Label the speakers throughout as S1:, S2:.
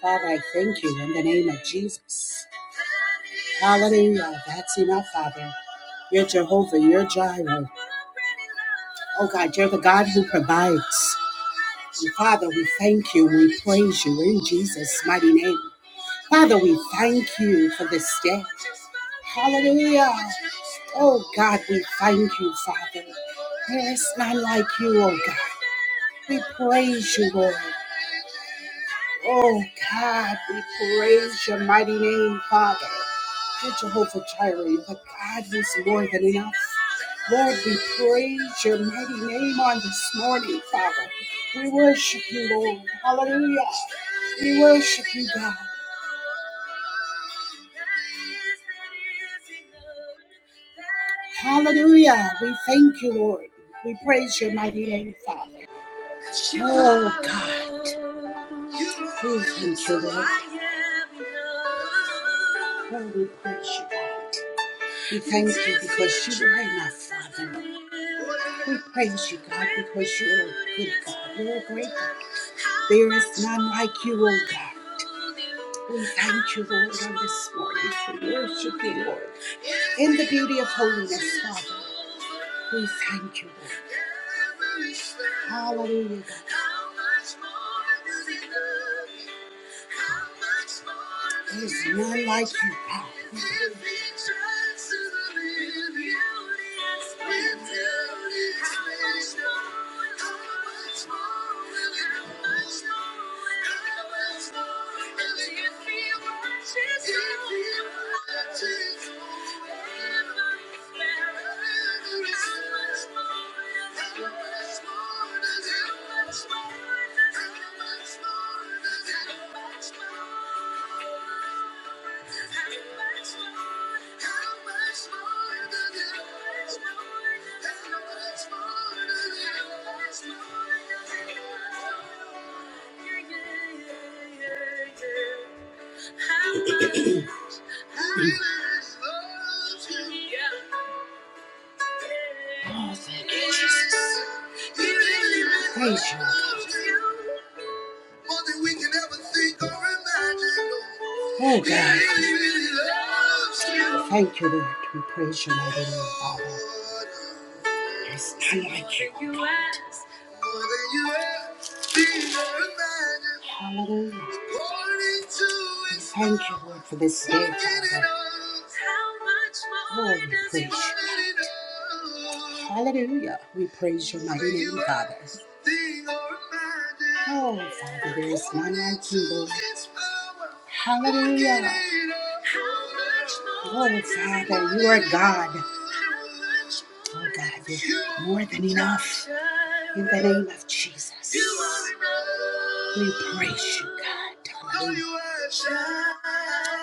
S1: Father, I thank you in the name of Jesus. Hallelujah. That's enough, Father. You're Jehovah, you're Jireh. Oh God, you're the God who provides. And Father, we thank you, we praise you in Jesus' mighty name. Father, we thank you for this day. Hallelujah. Oh God, we thank you, Father. There is none like you, oh God. We praise you, Lord. Oh God, we praise your mighty name, Father. Good Jehovah Jireh, the God who's more than enough. Lord, we praise your mighty name on this morning, Father. We worship you, Lord. Hallelujah. We worship you, God. Hallelujah. We thank you, Lord. We praise your mighty name, Father. Oh God. Oh, thank you, Lord. Oh, we praise you, God. We thank you because you are enough, Father. We praise you, God, because you are a good God. You're a great God. There is none like you, O God. We thank you, Lord, on this morning for worshiping, Lord, in the beauty of holiness, Father. We thank you, Lord. Hallelujah. God. There's none like you, God. How much more? How much, how much loves you? Oh, thank you, Jesus. Praise you, Lord more than we can ever think or imagine. Oh God. really, really Thank you, Lord. We praise your mighty name, Father. There's none like you, oh God. Hallelujah. We thank you, Lord, for this day, Father. Oh, we praise you, Hallelujah. We praise your mighty name, Father. Oh, Father, there is none like you, Lord. Hallelujah. Oh, Father, you are God. Oh, God, you're more than enough. In the name of Jesus, we praise you, God. Hallelujah.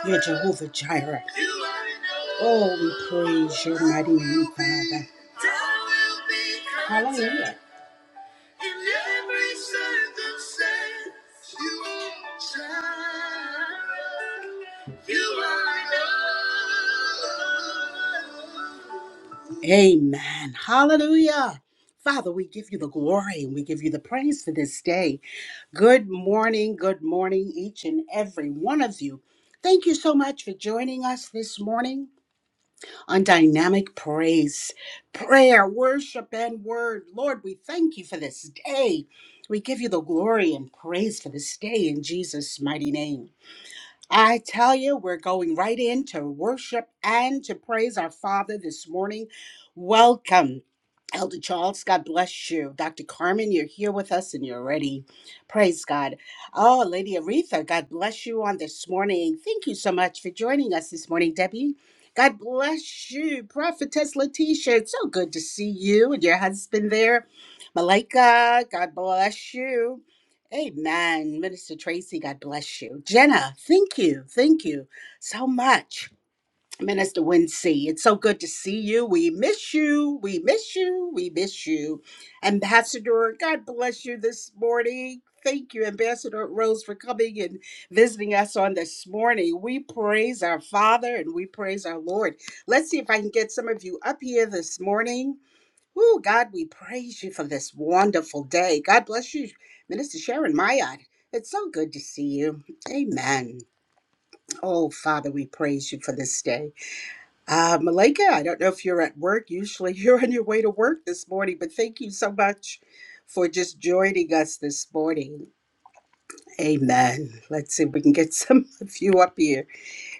S1: You're Jehovah Jireh. Oh, we praise your mighty name, Father. Hallelujah. In every circumstance, you are my child. You are enough. Amen. Hallelujah. Father, we give you the glory and we give you the praise for this day. Good morning, good morning, each and every one of you. Thank you so much for joining us this morning on dynamic praise, prayer, worship, and word. Lord, we thank you for this day. We give you the glory and praise for this day in Jesus' mighty name. I tell you, we're going right into worship and to praise our Father this morning. Welcome. Elder Charles, God bless you. Dr. Carmen, you're here with us and you're ready. Praise God. Oh, Lady Aretha, God bless you on this morning. Thank you so much for joining us this morning, Debbie. God bless you. Prophetess Letitia, it's so good to see you and your husband there. Malika, God bless you. Amen. Minister Tracy, God bless you. Jenna, thank you. Thank you so much. Minister Wincy, it's so good to see you. We miss you. We miss you. We miss you. Ambassador, God bless you this morning. Thank you, Ambassador Rose, for coming and visiting us on this morning. We praise our Father and we praise our Lord. Let's see if I can get some of you up here this morning. Oh, God, we praise you for this wonderful day. God bless you, Minister Sharon Mayad. It's so good to see you. Amen. Oh, Father, we praise you for this day. Uh, Malika, I don't know if you're at work. Usually you're on your way to work this morning, but thank you so much for just joining us this morning. Amen. Let's see if we can get some of you up here.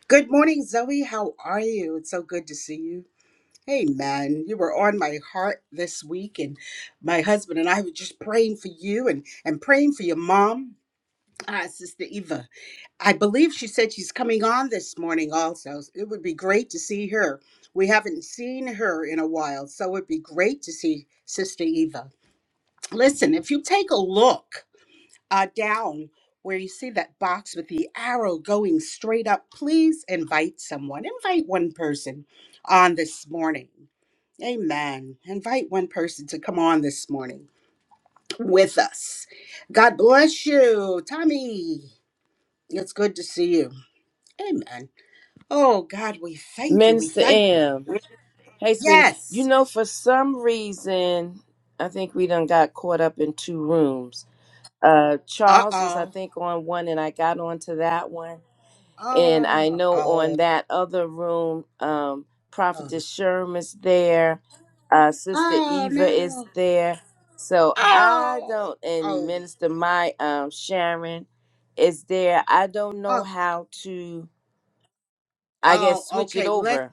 S1: Good morning, Zoe. How are you? It's so good to see you. Hey man, you were on my heart this week, and my husband and I were just praying for you and and praying for your mom, ah, Sister Eva. I believe she said she's coming on this morning also. It would be great to see her. We haven't seen her in a while, so it'd be great to see Sister Eva. Listen, if you take a look uh, down where you see that box with the arrow going straight up, please invite someone. Invite one person on this morning. Amen. Invite one person to come on this morning with us. God bless you, Tommy. It's good to see you. Amen. Oh, God, we thank you. We
S2: Minister
S1: thank you.
S2: M. Hey, sweetie. You
S1: Yes.
S2: know, for some reason, I think we done got caught up in two rooms. Uh,
S1: Uh
S2: Charles was, I
S1: oh.
S2: think, on one, and I got onto that one. And I
S1: Oh,
S2: know
S1: oh,
S2: on that other room, um,
S1: oh,
S2: Prophetess Sherman's there, uh, Sister
S1: oh,
S2: Eva is
S1: no.
S2: there. So I
S1: Oh,
S2: don't, and
S1: oh,
S2: Minister My um, Sharon is there. I don't know
S1: oh,
S2: how to, I guess,
S1: oh,
S2: switch it
S1: okay. Let's,
S2: over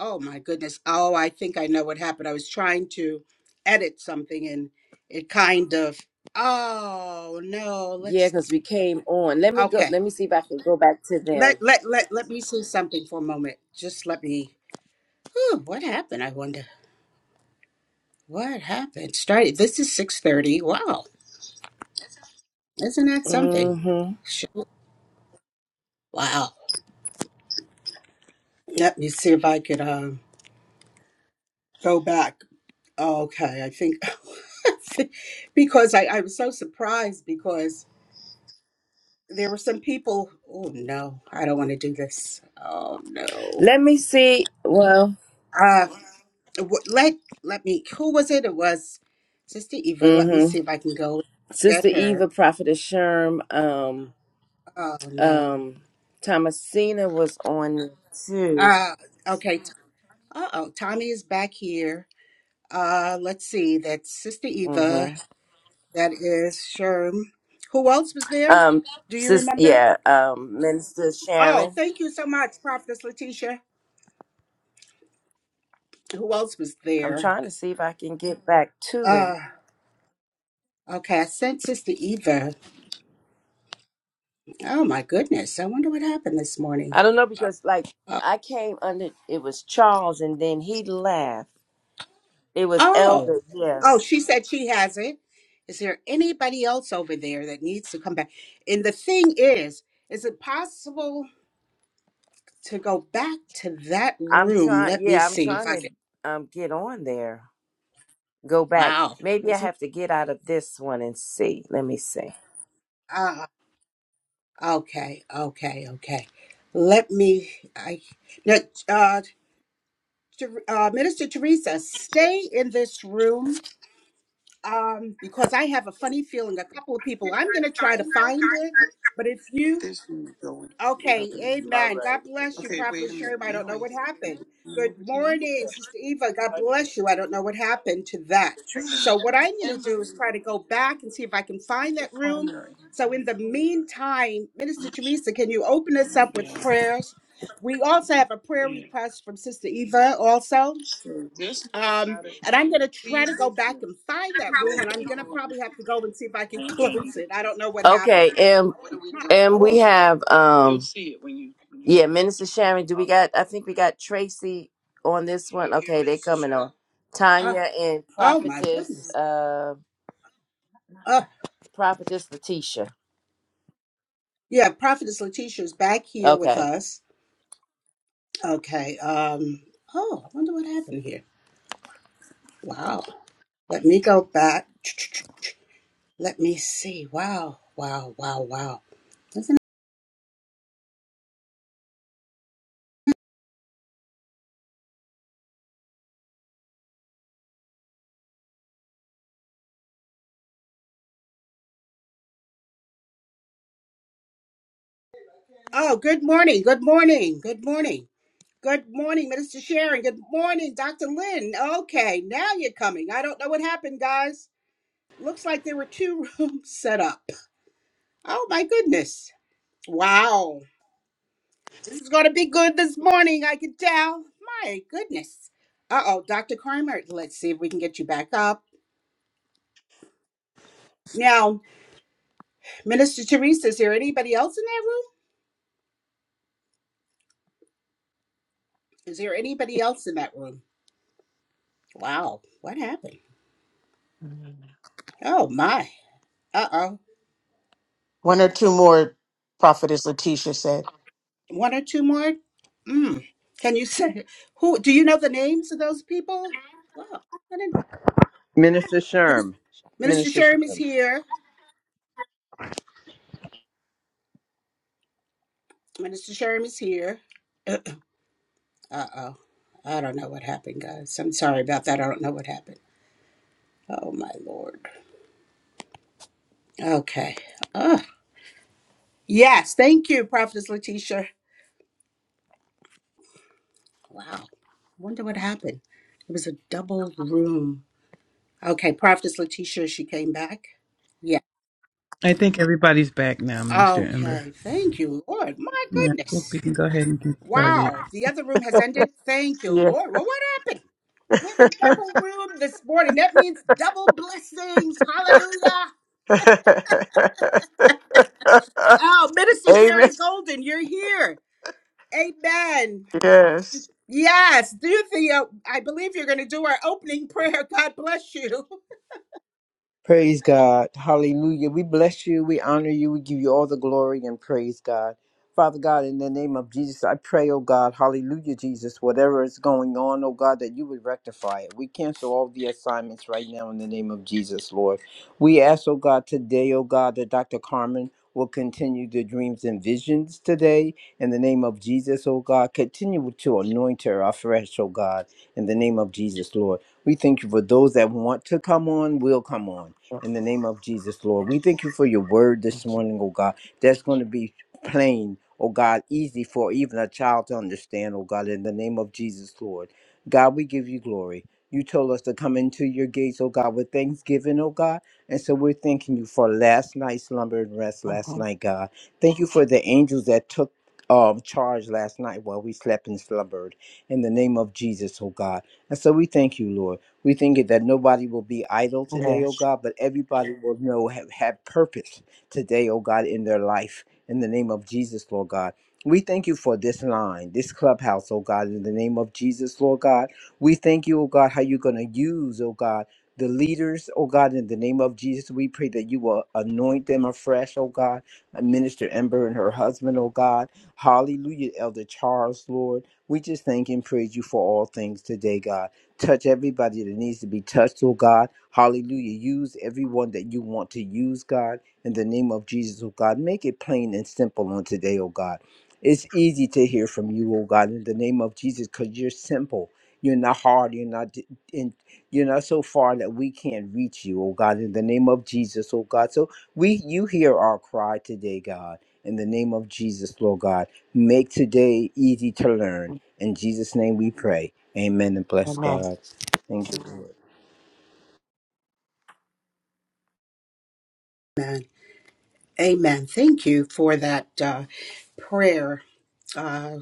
S1: oh, my goodness. Oh, I think I know what happened. I was trying to edit something and it kind of, oh, no. Let's
S2: Yeah, because we came on. Let me go.
S1: Okay.
S2: Let me see if I can go back to
S1: Let
S2: them.
S1: let let let me say something for a moment. Just let me. Whew, what happened? I wonder. What happened? Started. This is six thirty. Wow. Isn't that something?
S2: hmm
S1: Sh- Wow. Let me see if I could um go back. Okay. I think because I I was so surprised because there were some people. Oh no! I don't want to do this. Oh no!
S2: Let me see. Well,
S1: Uh, w- let let me. Who was it? It was Sister Eva. Let me
S2: hmm
S1: see if I can go get
S2: Sister
S1: her.
S2: Eva, Prophetess Sherm, um,
S1: Oh no.
S2: um, Thomasina was on too.
S1: Uh okay. Uh oh. Tommy is back here. Uh, let's see. That's Sister Eva.
S2: hmm
S1: That is Sherm. Who else was there?
S2: Um,
S1: Do you
S2: sis,
S1: remember?
S2: yeah, um, Minister
S1: Oh,
S2: Sharon.
S1: thank you so much, Prophetess Letitia. Who else was
S2: I'm
S1: there?
S2: trying to see if I can get back to
S1: Uh,
S2: it.
S1: okay. I sent Sister Eva. Oh my goodness. I wonder what happened this morning.
S2: I don't know because like I came under. It was Charles, and then he left. It was
S1: Oh,
S2: Elder. Yeah.
S1: oh, she said she hasn't. Is there anybody else over there that needs to come back? And the thing is, is it possible to go back to that
S2: I'm
S1: room?
S2: trying.
S1: Let me
S2: Yeah, I'm
S1: see if
S2: trying
S1: I can.
S2: to um get on there. Go back.
S1: Wow,
S2: Maybe I
S1: isn't
S2: have to get out of this one and see. Let me see.
S1: ah okay, okay, okay. Let me. I now, uh, Ther- uh, Minister Teresa, stay in this room um, because I have a funny feeling. A couple of people. I'm going to try to find it, but if you Okay,
S2: All
S1: amen.
S2: right.
S1: God bless you, Prophet Sherm. I don't know what happened. Good morning, Sister Eva. God bless you. I don't know what happened to that. So, what I'm going to do is try to go back and see if I can find that room. So, in the meantime, Minister Teresa, can you open us up with prayers? We also have a prayer request from Sister Eva, also. Um, and I'm going to try to go back and find that room, and I'm going to probably have to go and see if I can close it. I don't know what happened.
S2: Okay, and
S1: My
S2: and we
S1: Lord.
S2: have um yeah, Minister Sharon. Do we got? I think we got Tracy on this one. Okay, they coming on.
S1: Uh,
S2: Tanya and
S1: oh, my
S2: Prophetess,
S1: goodness.
S2: uh,
S1: Uh,
S2: Prophetess Letitia.
S1: yeah, Prophetess Letitia is back here with
S2: Okay.
S1: us. Okay. Um. Oh, I wonder what happened here. Wow. Let me go back. Let me see. Wow. Wow. Wow. Wow. Isn't it- Oh, good morning. Good morning. Good morning. Good morning, Minister Sharon. Good morning, Dr. Lynn. Okay, now you're coming. I don't know what happened, guys. Looks like there were two rooms set up. Oh my goodness. Wow. This is going to be good this morning, I can tell. My goodness. Uh oh, Dr. Kramer, let's see if we can get you back up. Now, Minister Teresa, is there anybody else in that room? Is there anybody else in that room? Wow, what happened?
S3: One
S1: Oh my. Uh oh.
S3: or two more, Prophetess Letitia said.
S1: One or two more? Mm. Can you say who? Do you know the names of those people? Oh, I
S4: Minister
S1: didn't-
S4: Sherm.
S1: Minister
S4: Minister
S1: Sherm is
S4: Sherm.
S1: here. Minister Sherm is here. Uh oh. I don't know what happened, guys. I'm sorry about that. I don't know what happened. Oh my lord. Okay. Oh yes, thank you, Prophetess Letitia. Wow. Wonder what happened. It was a double room. Okay, Prophetess Letitia, she came back. Yeah.
S5: I think everybody's back now, Minister Ember.
S1: Okay. Thank you, Lord. My
S5: Yeah, I think
S1: goodness.
S5: we can go ahead and get started.
S1: Wow. The other room has ended. Thank you,
S3: Yeah.
S1: Lord. Well, what happened? We have a double room this morning. That means double blessings. Hallelujah. Oh, Minister
S3: Amen.
S1: Sharon Golden, you're here. Amen.
S3: Yes. Yes,
S1: Yes, do the. Uh, I believe you're going to do our opening prayer. God bless you.
S4: Praise God. Hallelujah. We bless you. We honor you. We give you all the glory and praise God. Father God, in the name of Jesus, I pray, oh God, hallelujah, Jesus, whatever is going on, oh God, that you would rectify it. We cancel all the assignments right now in the name of Jesus, Lord. We ask, oh God, today, oh God, that Dr. Carmen will continue the dreams and visions today in the name of Jesus, oh God. Continue to anoint her afresh, oh God, in the name of Jesus, Lord. We thank you for those that want to come on, will come on in the name of Jesus, Lord. We thank you for your word
S3: Thank
S4: this
S3: you.
S4: morning, oh God. That's going to be plain, oh God, easy for even a child to understand, oh God, in the name of Jesus, Lord. God, we give you glory. You told us to come into your gates, oh God, with thanksgiving, oh God. And so we're thanking you for last night's slumber and rest last
S3: Mhm.
S4: night, God. Thank you for the angels that took um, charge last night while we slept and slumbered in the name of Jesus, oh God. And so we thank you, Lord. We think it that nobody will be idle today, oh
S3: Yes.
S4: God, but everybody will know, have, have purpose today, oh God, in their life. In the name of Jesus, Lord God. We thank you for this line, this clubhouse, oh God, in the name of Jesus, Lord God. We thank you, oh God, how you're going to use, oh God, the leaders, oh God, in the name of Jesus. We pray that you will anoint them afresh, oh God. Minister Ember and her husband, oh God. Hallelujah, Elder Charles, Lord. We just thank and praise you for all things today, God. Touch everybody that needs to be touched, oh God. Hallelujah. Use everyone that you want to use, God. In the name of Jesus, oh God. Make it plain and simple on today, oh God. It's easy to hear from you, oh God, in the name of Jesus, because you're simple. You're not hard. You're not d- in, you're not so far that we can't reach you, oh God, in the name of Jesus, oh God. So we you hear our cry today, God. In the name of Jesus, Lord God. Make today easy to learn. In Jesus' name we pray. Amen and bless
S3: Amen.
S4: God. Thank you, Lord.
S1: Amen. Amen. Thank you for that uh, prayer, uh,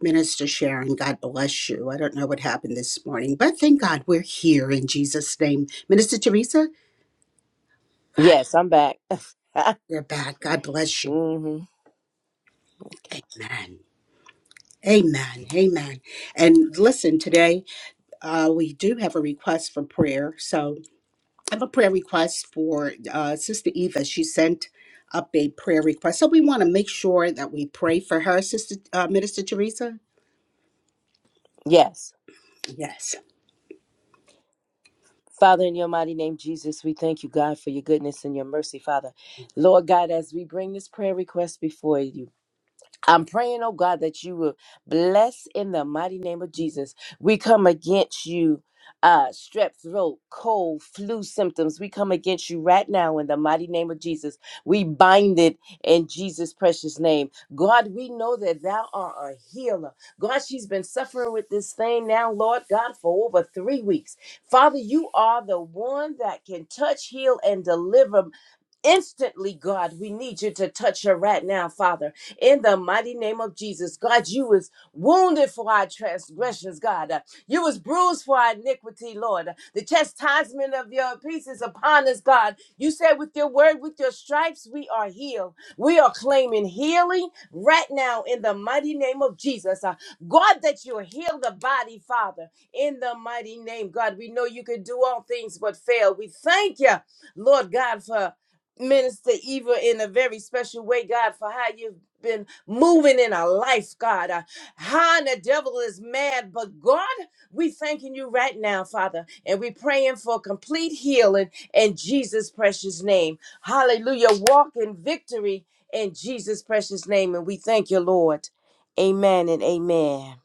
S1: Minister Sharon. God bless you. I don't know what happened this morning, but thank God we're here in Jesus' name. Minister Teresa, God,
S2: Yes, I'm back.
S1: you're back. God bless you.
S2: hmm Okay.
S1: Amen. Amen. Amen. And listen, today uh, we do have a request for prayer. So I have a prayer request for uh, Sister Eva. She sent up a prayer request. So we want to make sure that we pray for her, Sister uh, Minister Teresa.
S2: Yes.
S1: Yes.
S2: Father, in your mighty name, Jesus, we thank you, God, for your goodness and your mercy, Father. Lord God, as we bring this prayer request before you, I'm praying, oh God, that you will bless in the mighty name of Jesus. We come against you, uh, strep throat, cold, flu symptoms. We come against you right now in the mighty name of Jesus. We bind it in Jesus' precious name. God, we know that thou art a healer. God, she's been suffering with this thing now, Lord God, for over three weeks. Father, you are the one that can touch, heal, and deliver instantly, God. We need you to touch her right now, Father. In the mighty name of Jesus, God, you was wounded for our transgressions, God. Uh, You was bruised for our iniquity, Lord. Uh, The chastisement of your peace is upon us, God. You said with your word, with your stripes, we are healed. We are claiming healing right now in the mighty name of Jesus. Uh, God, that you heal the body, Father, in the mighty name, God. We know you can do all things but fail. We thank you Lord God, for Minister Eva in a very special way, God, for how you've been moving in our life, God. Uh, How the devil is mad, but God, we thanking you right now, Father, and we praying for complete healing in Jesus' precious name. Hallelujah. Walk in victory in Jesus' precious name, and we thank you, Lord. Amen and amen.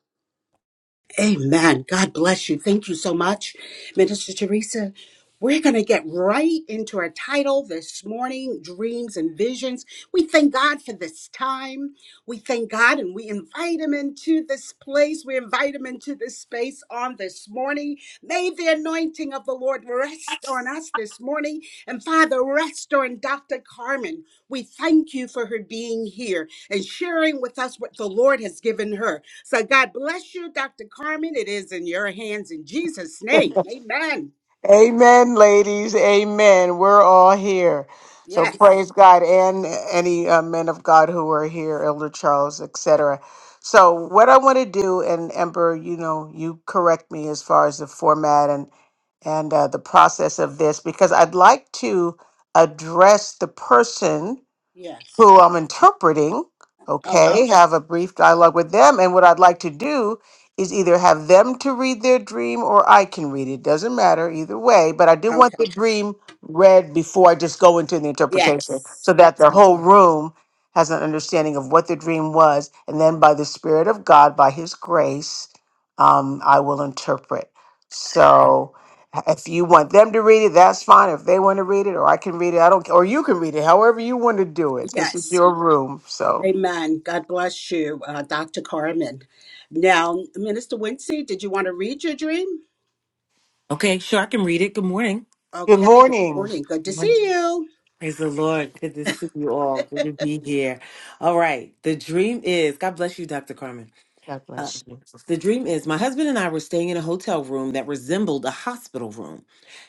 S1: Amen. God bless you. Thank you so much, Minister Teresa. We're going to get right into our title this morning Dreams and Visions. We thank God for this time. We thank God and we invite Him into this place. We invite Him into this space on this morning. May the anointing of the Lord rest on us this morning. And Father, rest on Dr. Carmen. We thank you for her being here and sharing with us what the Lord has given her. So God bless you, Dr. Carmen. It is in your hands in Jesus' name. Amen.
S3: Amen, ladies. Amen. We're all here. So
S1: Yes.
S3: praise God and any uh, men of God who are here, Elder Charles, etc. So what I want to do, and Ember, you know, you correct me as far as the format and and uh, the process of this, because I'd like to address the person
S1: Yes.
S3: who I'm interpreting,
S1: Okay.
S3: okay, have a brief dialogue with them. And what I'd like to do is either have them to read their dream or I can read it. Doesn't matter either way, but I do want
S1: Okay.
S3: the dream read before I just go into the interpretation
S1: Yes.
S3: so that the
S1: Absolutely.
S3: whole room has an understanding of what the dream was. And then by the Spirit of God, by His grace, um, I will interpret. So. If you want them to read it, that's fine. If they want to read it, or I can read it, I don't, care. or you can read it, however you want to do it. This is
S1: Yes.
S3: your room. So,
S1: Amen. God bless you, uh, Dr. Carmen. Now, Minister Wincy, did you want to read your dream?
S6: Okay, sure, I can read it. Good morning.
S3: good
S1: Okay. Good
S3: morning.
S1: morning. Good to
S6: Good morning.
S1: see you.
S6: Praise the Lord. Good to see you all. Good to be here. All right. The dream is God bless you, Dr. Carmen.
S3: God
S6: Uh,
S3: bless you.
S6: the dream is my husband and I were staying in a hotel room that resembled a hospital room.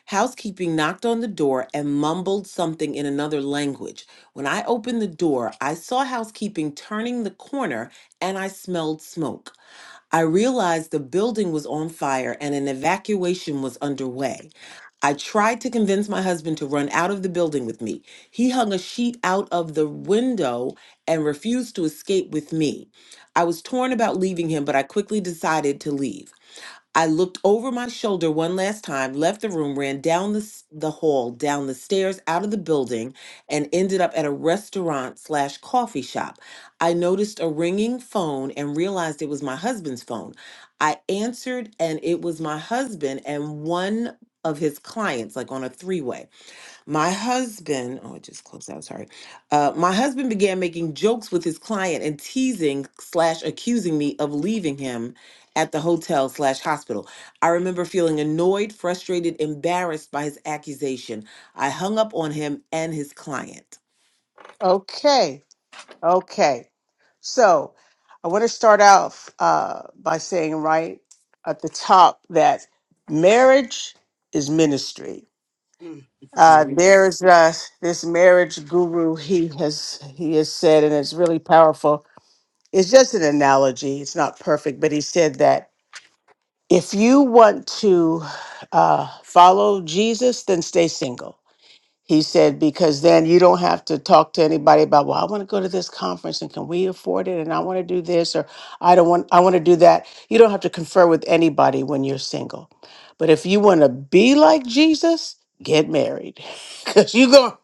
S6: Housekeeping knocked on the door and mumbled something in another language. When I opened the door, I saw housekeeping turning the corner and I smelled smoke. I realized the building was on fire and an evacuation was underway. I tried to convince my husband to run out of the building with me. He hung a sheet out of the window and refused to escape with me. I was torn about leaving him, but I quickly decided to leave. I looked over my shoulder one last time, left the room, ran down the, s- the hall, down the stairs, out of the building, and ended up at a restaurant slash coffee shop. I noticed a ringing phone and realized it was my husband's phone. I answered, and it was my husband and one of his clients, like on a three way. My husband, oh, it just closed out, sorry. Uh, my husband began making jokes with his client and teasing slash accusing me of leaving him at the hotel slash hospital. I remember feeling annoyed, frustrated, embarrassed by his accusation. I hung up on him and his client.
S3: Okay. Okay. So, I want to start off uh, by saying right at the top that marriage is ministry.
S1: Mm.
S6: Okay,
S3: Uh, there
S6: yes.
S3: is uh, this marriage guru. He has he has said, and it's really powerful. It's just an analogy. It's not perfect, but he said that If you want to uh, follow Jesus, then stay single. He said, because then you don't have to talk to anybody about, well, I want to go to this conference and can we afford it? And I want to do this or I don't want, I want to do that. You don't have to confer with anybody when you're single. But if you want to be like Jesus, get married because you're gonna.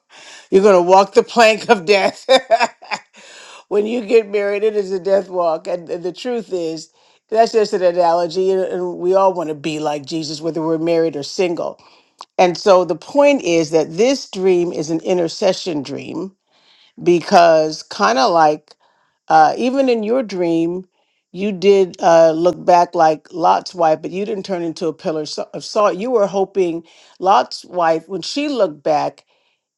S3: You're going to walk the plank of death. when you get married, it is a death walk. And and the truth is, that's just an analogy. And and we all want to be like Jesus, whether we're married or single. And so the point is that this dream is an intercession dream because, kind of like uh, even in your dream, you did uh, look back like Lot's wife, but you didn't turn into a pillar so- of salt. You were hoping Lot's wife, when she looked back,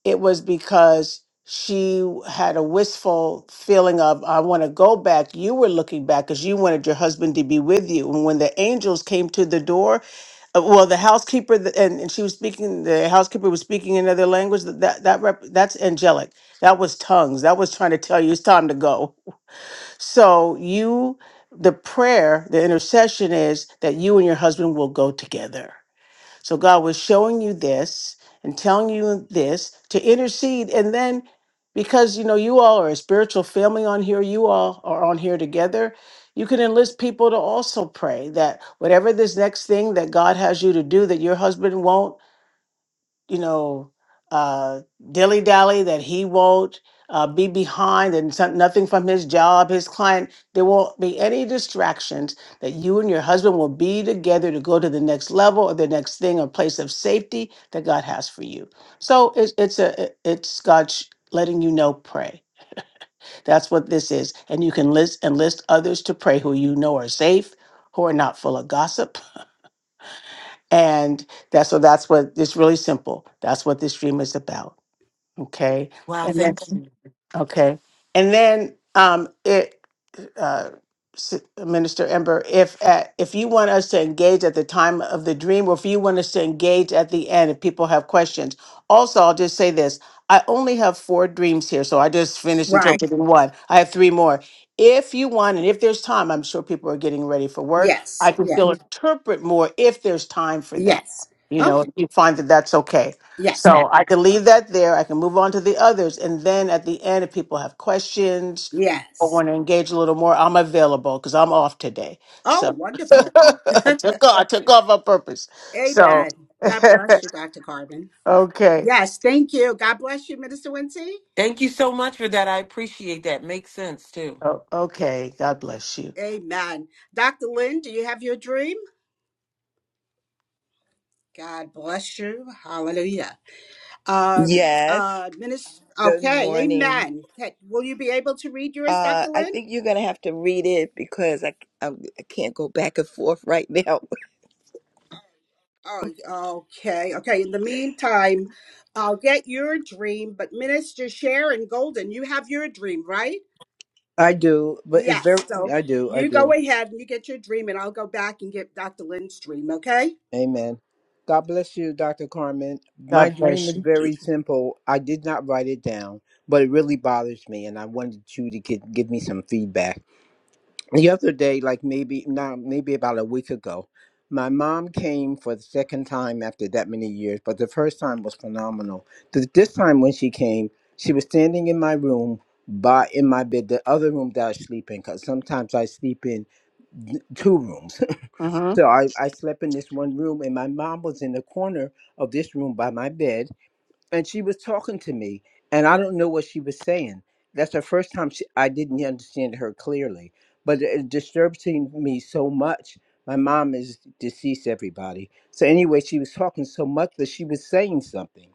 S3: it was because she had a wistful feeling of i want to go back you were looking back because you wanted your husband to be with you and when the angels came to the door uh, well the housekeeper th- and, and she was speaking the housekeeper was speaking another language that that, that rep, that's angelic that was tongues that was trying to tell you it's time to go so you the prayer the intercession is that you and your husband will go together so God was showing you this and telling you this to intercede. And then because you know you all are a spiritual family on here, you all are on here together. You can enlist people to also pray that whatever this next thing that God has you to do that your husband won't you know, uh, dilly dally that he won't uh, be behind and some, nothing from his job, his client. There won't be any distractions that you and your husband will be together to go to the next level or the next thing or place of safety that God has for you. So it's, it's a it- it's God sh- letting you know pray. That's what this is, and you can list and list others to pray who you know are safe, who are not full of gossip, and that's so that's what it's really simple. That's what this dream is about. Okay.
S6: Wow,
S3: And then,
S6: thank you.
S3: okay. And then um, it uh, S- uh, Minister Ember, if at, if you want us to engage at the time of the dream, or if you want us to engage at the end, if people have questions. Also, I'll just say this: I only have four dreams here, so I just finished
S1: Right.
S3: interpreting one. I have three more. If you want, and if there's time, I'm sure people are getting ready for work. I
S1: Yes.
S3: can
S1: Yes.
S3: still Mhm. interpret more if there's time for that.
S1: Yes.
S3: You know,
S1: Okay.
S3: if you find that that's okay.
S1: Yes.
S3: So
S1: That's
S3: I can leave that there. I can move on to the others, and then at the end, if people have questions I
S1: yes.
S3: want to engage a little more, I'm available because I'm off today.
S1: Oh,
S3: So
S1: wonderful.
S3: I took off, I took off on purpose. So
S1: Amen. God bless you, Dr. Carmen.
S3: okay,
S1: Yes, thank you. God bless you, Minister Wincy.
S6: Thank you so much for that. I appreciate that. Makes sense too.
S3: oh, okay. God bless you.
S1: Amen. Dr. Lynn, do you have your dream? God bless you. Hallelujah. Um,
S7: Yes.
S1: uh, Minister,
S7: Good
S1: okay,
S7: morning.
S1: amen. Okay, Will you be able to read yours,
S7: Uh,
S1: Dr.
S7: I
S1: Lynn?
S7: think you're going to have to read it because I, I, I can't go back and forth right now.
S1: Oh, okay, okay. In the meantime, I'll get your dream, but Minister Sharon Golden, you have your dream, right?
S4: I do, but it's very,
S1: Yes. So
S4: I do, I
S1: you
S4: do.
S1: go ahead and you get your dream, and I'll go back and get Dr. Lynn's dream, okay?
S4: Amen. God bless you, Dr. Carmen. My
S3: God
S4: dream
S3: bless
S4: is
S3: you.
S4: very simple. I did not write it down, but it really bothers me, and I wanted you to get, give me some feedback. the other day, like maybe now, maybe about a week ago, my mom came for the second time after that many years, but the first time was phenomenal. Th- This time when she came, she was standing in my room, by in my bed, the other room that I sleep in, because sometimes I sleep in th- two rooms.
S3: hmm
S4: so I, I slept in this one room, and my mom was in the corner of this room by my bed and she was talking to me and i don't know what she was saying that's the first time she, i didn't understand her clearly but it it disturbs to me so much my mom is deceased everybody so anyway she was talking so much but she was saying something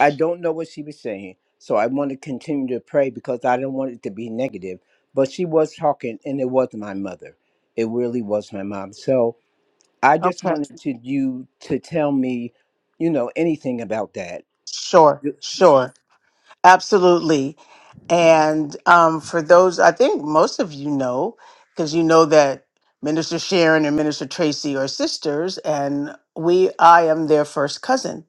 S4: i don't know what she was saying so i want to continue to pray because i don't want it to be negative but she was talking and it was my mother it really was my mom so i just
S3: Okay,
S4: wanted to you to tell me you know anything about that
S3: sure, sure. Absolutely. And um, for those, I think most of you know, because you know that Minister Sharon and Minister Tracy are sisters, and we, I am their first cousin.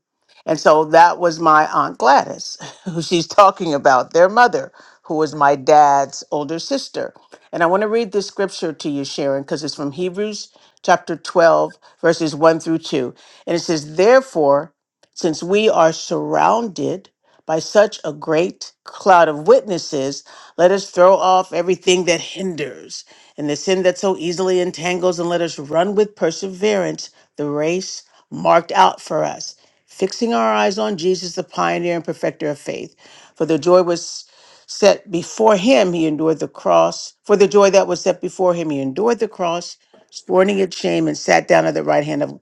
S3: And so that was my Aunt Gladys, who she's talking about, their mother, who was my dad's older sister. And I want to read this scripture to you, Sharon, because it's from Hebrews chapter 12, verses 1 through 2. And it says, Therefore, since we are surrounded by such a great cloud of witnesses, let us throw off everything that hinders and the sin that so easily entangles, and let us run with perseverance the race marked out for us, fixing our eyes on Jesus, the pioneer and perfecter of faith. For the joy was set before him, he endured the cross. For the joy that was set before him, he endured the cross, scorning its shame, and sat down at the right hand of,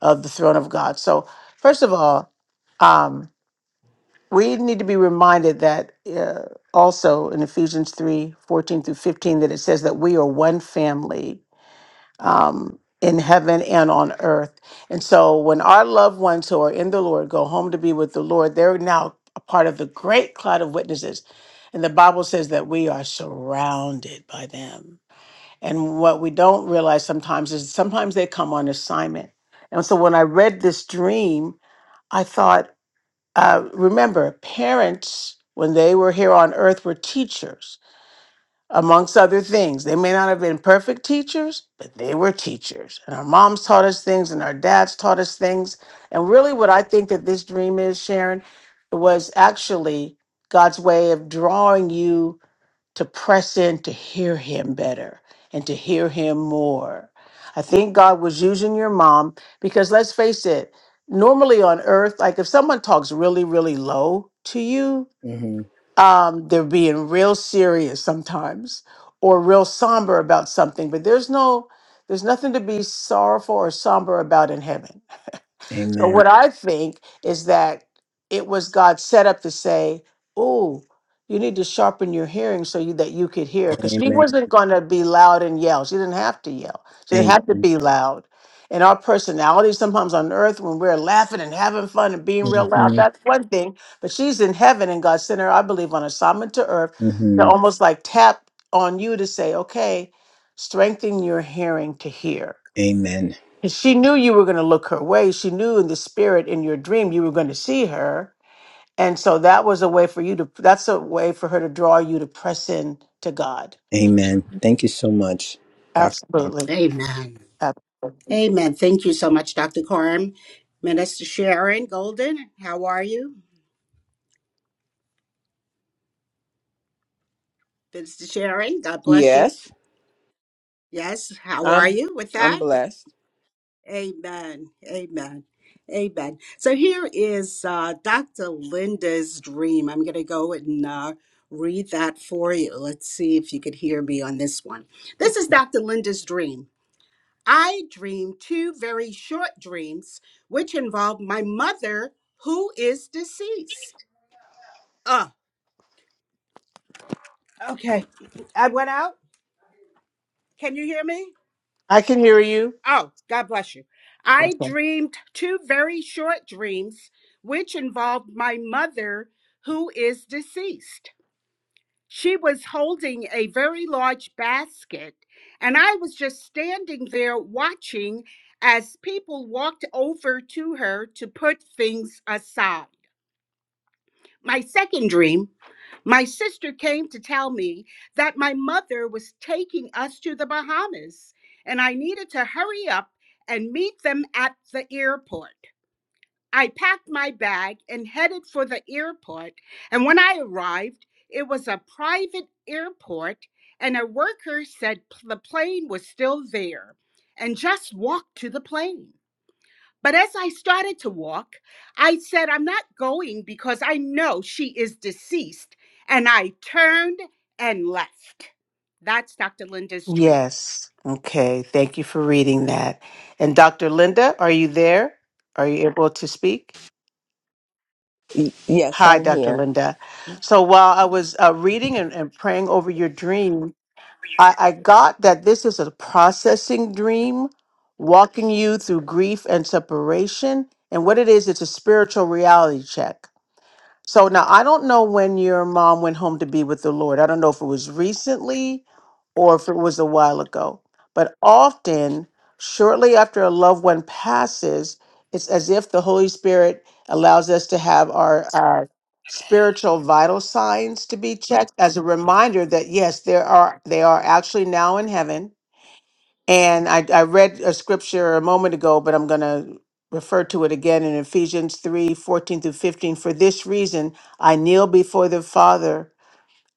S3: of the throne of God. So, first of all, um, we need to be reminded that uh, also in Ephesians 3 14 through 15, that it says that we are one family um, in heaven and on earth. And so when our loved ones who are in the Lord go home to be with the Lord, they're now a part of the great cloud of witnesses. And the Bible says that we are surrounded by them. And what we don't realize sometimes is sometimes they come on assignment. And so when I read this dream, I thought, uh, remember, parents, when they were here on earth, were teachers, amongst other things. They may not have been perfect teachers, but they were teachers. And our moms taught us things, and our dads taught us things. And really, what I think that this dream is, Sharon, was actually God's way of drawing you to press in to hear him better and to hear him more. I think God was using your mom because let's face it, normally on earth, like if someone talks really, really low to you, um, they're being real serious sometimes or real somber about something, but there's no, there's nothing to be sorrowful or somber about in heaven so
S4: Amen.
S3: what I think is that it was God set up to say, "Oh, you need to sharpen your hearing so you, that you could hear," because she
S4: Amen.
S3: wasn't going to be loud and yell. She didn't have to yell. She didn't have to
S4: Amen.
S3: be loud. And our personality sometimes on earth, when we're laughing and having fun and being real loud,
S4: hmm
S3: that's one thing. But she's in heaven, and God sent her, I believe, on assignment to earth to
S4: hmm
S3: almost like tap on you to say, "Okay, strengthen your hearing to hear."
S4: Amen.
S3: 'Cause she knew you were going to look her way. She knew in the spirit in your dream you were going to see her. And so that was a way for you to, that's a way for her to draw you to press in to God.
S4: Amen. Thank you so much, Dr. Carmen.
S3: Absolutely.
S1: Amen.
S3: Ab-
S1: Amen. Thank you so much, Dr. Carm. Minister Sharon Golden, how are you? Minister Sharon, God bless you.
S4: Yes,
S1: Yes, how are
S4: I'm.
S1: you with
S4: I'm
S1: that?
S4: blessed,
S1: Amen. Amen. Amen. So here is uh, Dr. Linda's dream. I'm going to go and uh, read that for you. Let's see if you could hear me on this one. This is Dr. Linda's dream. I dreamed two very short dreams, which involved my mother, who is deceased. Ah. Okay. I went out. Can you hear me?
S3: I can hear you.
S1: Oh, God bless you. I
S3: Okay.
S1: dreamed two very short dreams, which involved my mother, who is deceased. She was holding a very large basket, and I was just standing there watching as people walked over to her to put things aside. My second dream, my sister came to tell me that my mother was taking us to the Bahamas and I needed to hurry up and meet them at the airport. I packed my bag and headed for the airport, and when I arrived, it was a private airport, and a worker said p- the plane was still there and just walk to the plane. But as I started to walk, I said, I'm not going because I know she is deceased. And I turned and left. That's Dr. Linda's dream.
S3: Yes. Okay. Thank you for reading that. And Dr. Linda, are you there? Are you able to speak?
S7: Y- yes,
S3: Hi,
S7: I'm
S3: Dr.
S7: here.
S3: Linda. So while I was uh, reading and, and praying over your dream, I, I got that this is a processing dream, walking you through grief and separation. And what it is, it's a spiritual reality check. So now I don't know when your mom went home to be with the Lord. I don't know if it was recently or if it was a while ago. But often, shortly after a loved one passes, it's as if the Holy Spirit allows us to have our spiritual vital signs to be checked as a reminder that yes there are they are actually now in heaven and i, I read a scripture a moment ago but i'm going to refer to it again in ephesians 3 14 through 15 for this reason i kneel before the father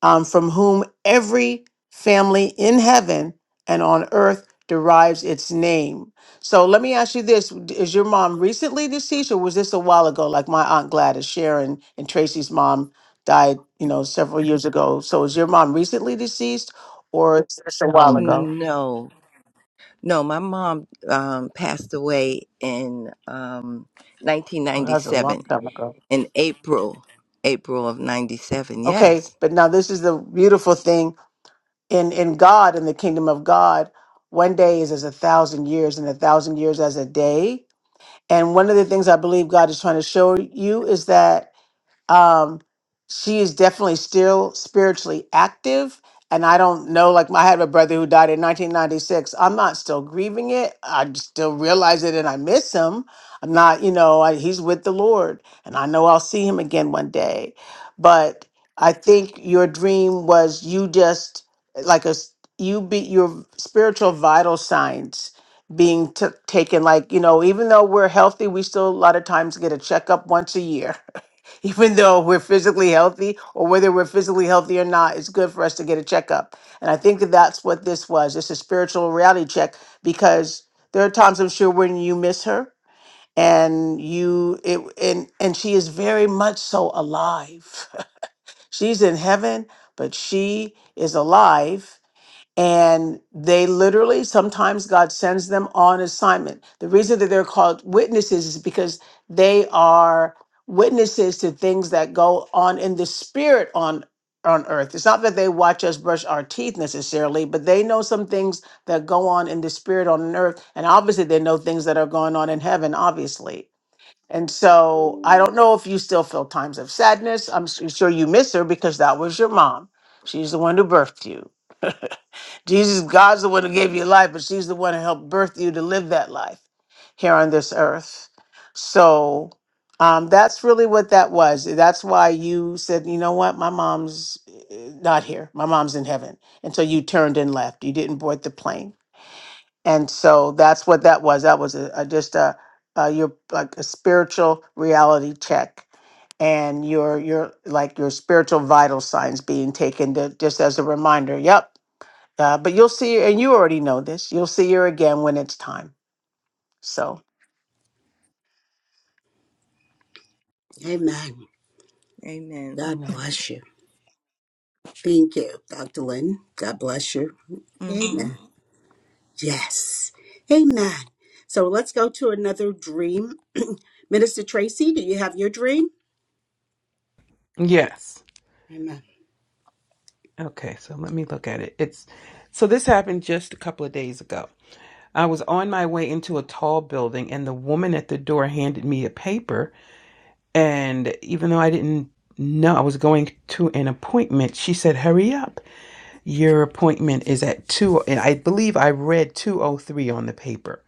S3: um, from whom every family in heaven and on earth derives its name. So let me ask you this Is your mom recently deceased, or was this a while ago, like my Aunt Gladys, Sharon, and Tracy's mom died, you know, several years ago? So is your mom recently deceased, or it's just a while Um, ago?
S7: No, no, my mom um, passed away in um,
S3: Oh, that was a
S7: 1997,
S3: long time ago.
S7: in April, April of 97.
S3: Okay,
S7: Yes.
S3: but now this is the beautiful thing in, in God, in the kingdom of God. One day is as a thousand years, and a thousand years as a day And one of the things I believe God is trying to show you is that um she is definitely still spiritually active and i don't know like my, i had a brother who died in 1996 i'm not still grieving it i just still realize it and i miss him i'm not you know I, he's with the lord and i know i'll see him again one day but i think your dream was you just like a s- you be your spiritual vital signs being t- taken like you know even though we're healthy we still a lot of times get a checkup once a year even though we're physically healthy or whether we're physically healthy or not, it's good for us to get a checkup. And I think that that's what this was. It's a spiritual reality check because there are times I'm sure when you miss her and you it and and she is very much so alive. She's in heaven, but she is alive and they literally, sometimes God sends them on assignment. The reason that they're called witnesses is because they are witnesses to things that go on in the spirit on on earth. It's not that they watch us brush our teeth necessarily, but they know some things that go on in the spirit on earth. And obviously they know things that are going on in heaven, obviously. And so I don't know if you still feel times of sadness. I'm s- sure you miss her because that was your mom. She's the one who birthed you. Jesus, God's the one who gave you life, but she's the one who helped birth you to live that life here on this earth. So um, that's really what that was. That's why you said, you know what, my mom's uh, not here. My mom's in heaven. And so you turned and left. You didn't board the plane. And so that's what that was. That was a, a, just a, a your like a spiritual reality check and your your like your spiritual vital signs being taken to, just as a reminder. Yep, uh, but you'll see, and you already know this, you'll see her again when it's time. So,
S1: Amen.
S7: Amen.
S1: God
S3: amen.
S1: bless you. Thank you, Dr. Lynn. God bless you.
S7: Mm-hmm.
S1: Amen. Yes. Amen. So let's go to another dream. Minister Tracy, do you have your dream?
S5: Yes.
S1: Amen.
S5: Okay, so let me look at it. It's so this happened just a couple of days ago. I was on my way into a tall building and the woman at the door handed me a paper and even though I didn't know I was going to an appointment, she said, "Hurry up. Your appointment is at 2." and I believe I read 203 on the paper."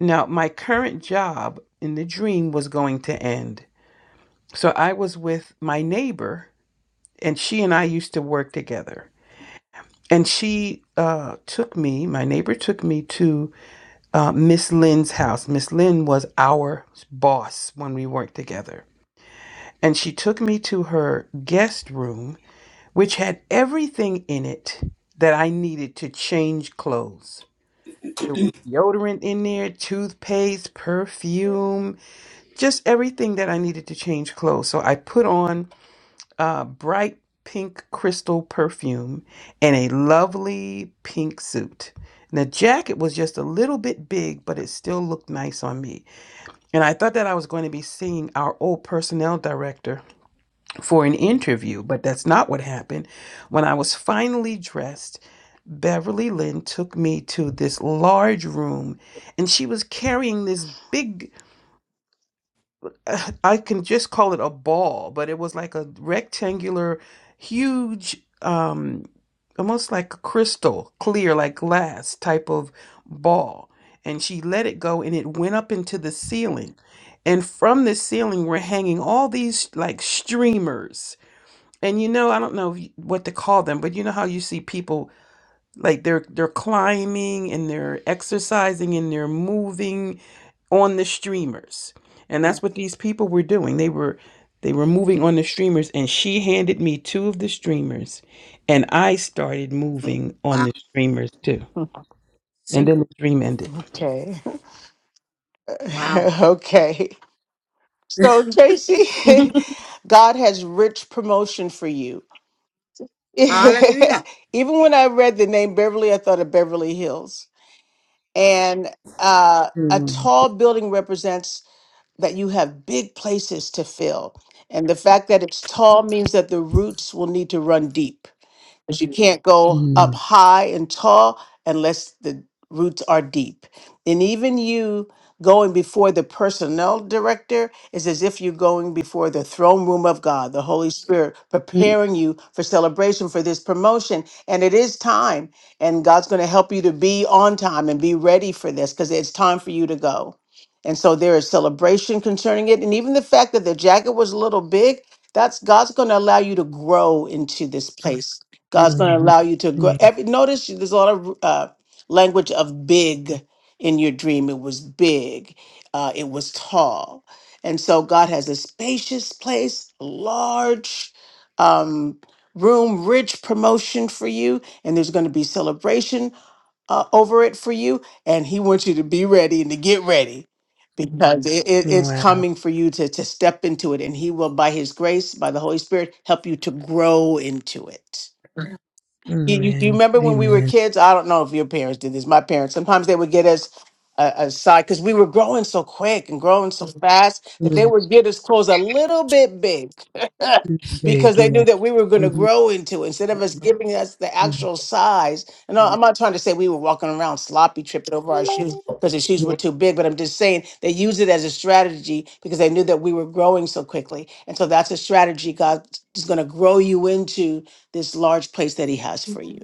S5: Now, my current job in the dream was going to end. So I was with my neighbor, and she and I used to work together. And she uh, took me, my neighbor took me to uh, Miss Lynn's house. Miss Lynn was our boss when we worked together. And she took me to her guest room, which had everything in it that I needed to change clothes deodorant in there, toothpaste, perfume, just everything that I needed to change clothes. So I put on uh, bright pink crystal perfume and a lovely pink suit. And the jacket was just a little bit big, but it still looked nice on me. And I thought that I was going to be seeing our old personnel director for an interview, but that's not what happened. When I was finally dressed, Beverly Lynn took me to this large room, and she was carrying this big I can just call it a ball, but it was like a rectangular, huge, um, almost like a crystal, clear, like glass type of ball. And she let it go and it went up into the ceiling. And from the ceiling were hanging all these like streamers. And you know, I don't know if you- what to call them, but you know how you see people like they're they're climbing and they're exercising and they're moving on the streamers and that's what these people were doing they were they were moving on the streamers and she handed me two of the streamers and i started moving on
S1: Wow.
S5: the streamers too and then
S1: Synchro.
S5: the dream ended
S3: Okay.
S1: Wow.
S3: okay. So, Tracy, God has rich promotion for you.
S1: Hallelujah.
S3: Even when I read the name Beverly, I thought of Beverly Hills. And uh, a tall building represents that you have big places to fill. And the fact that it's tall means that the roots will need to run deep. But you can't go up
S5: Mm,
S3: high and tall unless the roots are deep. And even you going before the personnel director is as if you're going before the throne room of God, the Holy Spirit,
S5: mm,
S3: preparing you for celebration for this promotion. And it is time. And God's going to help you to be on time and be ready for this because it's time for you to go. And so there is celebration concerning it. And even the fact that the jacket was a little big, that's God's going to allow you to grow into this place God's going to
S5: mm,
S3: allow you to
S5: mhm.
S3: grow.
S5: yeah.
S3: Every notice there's a lot of uh, language of big in your dream. It was big. Uh, it was tall, and so God has a spacious place, large um, room, rich promotion for you, and there's going to be celebration uh, over it for you. And He wants you to be ready and to get ready because it, it- it's
S5: wow
S3: coming for you to to step into it, and He will, by His grace, by the Holy Spirit, help you to grow into it. You, you, you
S5: amen
S3: remember when we were
S5: amen
S3: kids? I don't know if your parents did this. My parents sometimes they would get us a, a side because we were growing so quick and growing so fast that they
S5: yeah.
S3: would get us clothes a little bit big because
S5: big
S3: they knew
S5: yeah
S3: that we were going to
S5: Mhm.
S3: grow into it, instead of us giving us the
S5: Yeah.
S3: actual size. And I-
S1: Amen.
S3: I'm not trying to say we were walking around sloppy, tripping over our shoes because the shoes were too big, but I'm just saying they used it as a strategy because they knew that we were growing so quickly. And so that's a strategy God is going to grow you into this large place that He has for you.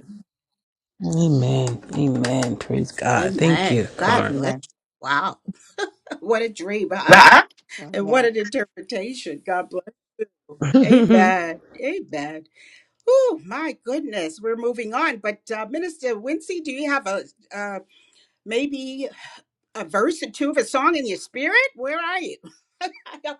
S5: Amen. Amen. Praise God. Thank you,
S1: Amen. God
S5: Carm.
S1: bless
S3: Amen.
S1: you. Wow. What a dream, huh?
S3: Nuh-uh.
S1: And what
S3: Amen.
S1: an interpretation. God bless you. Amen. Amen. Oh, my goodness. We're moving on. But uh, Minister Wincy, do you have a uh, maybe a verse or two of a song in your spirit? Where are you? I don't,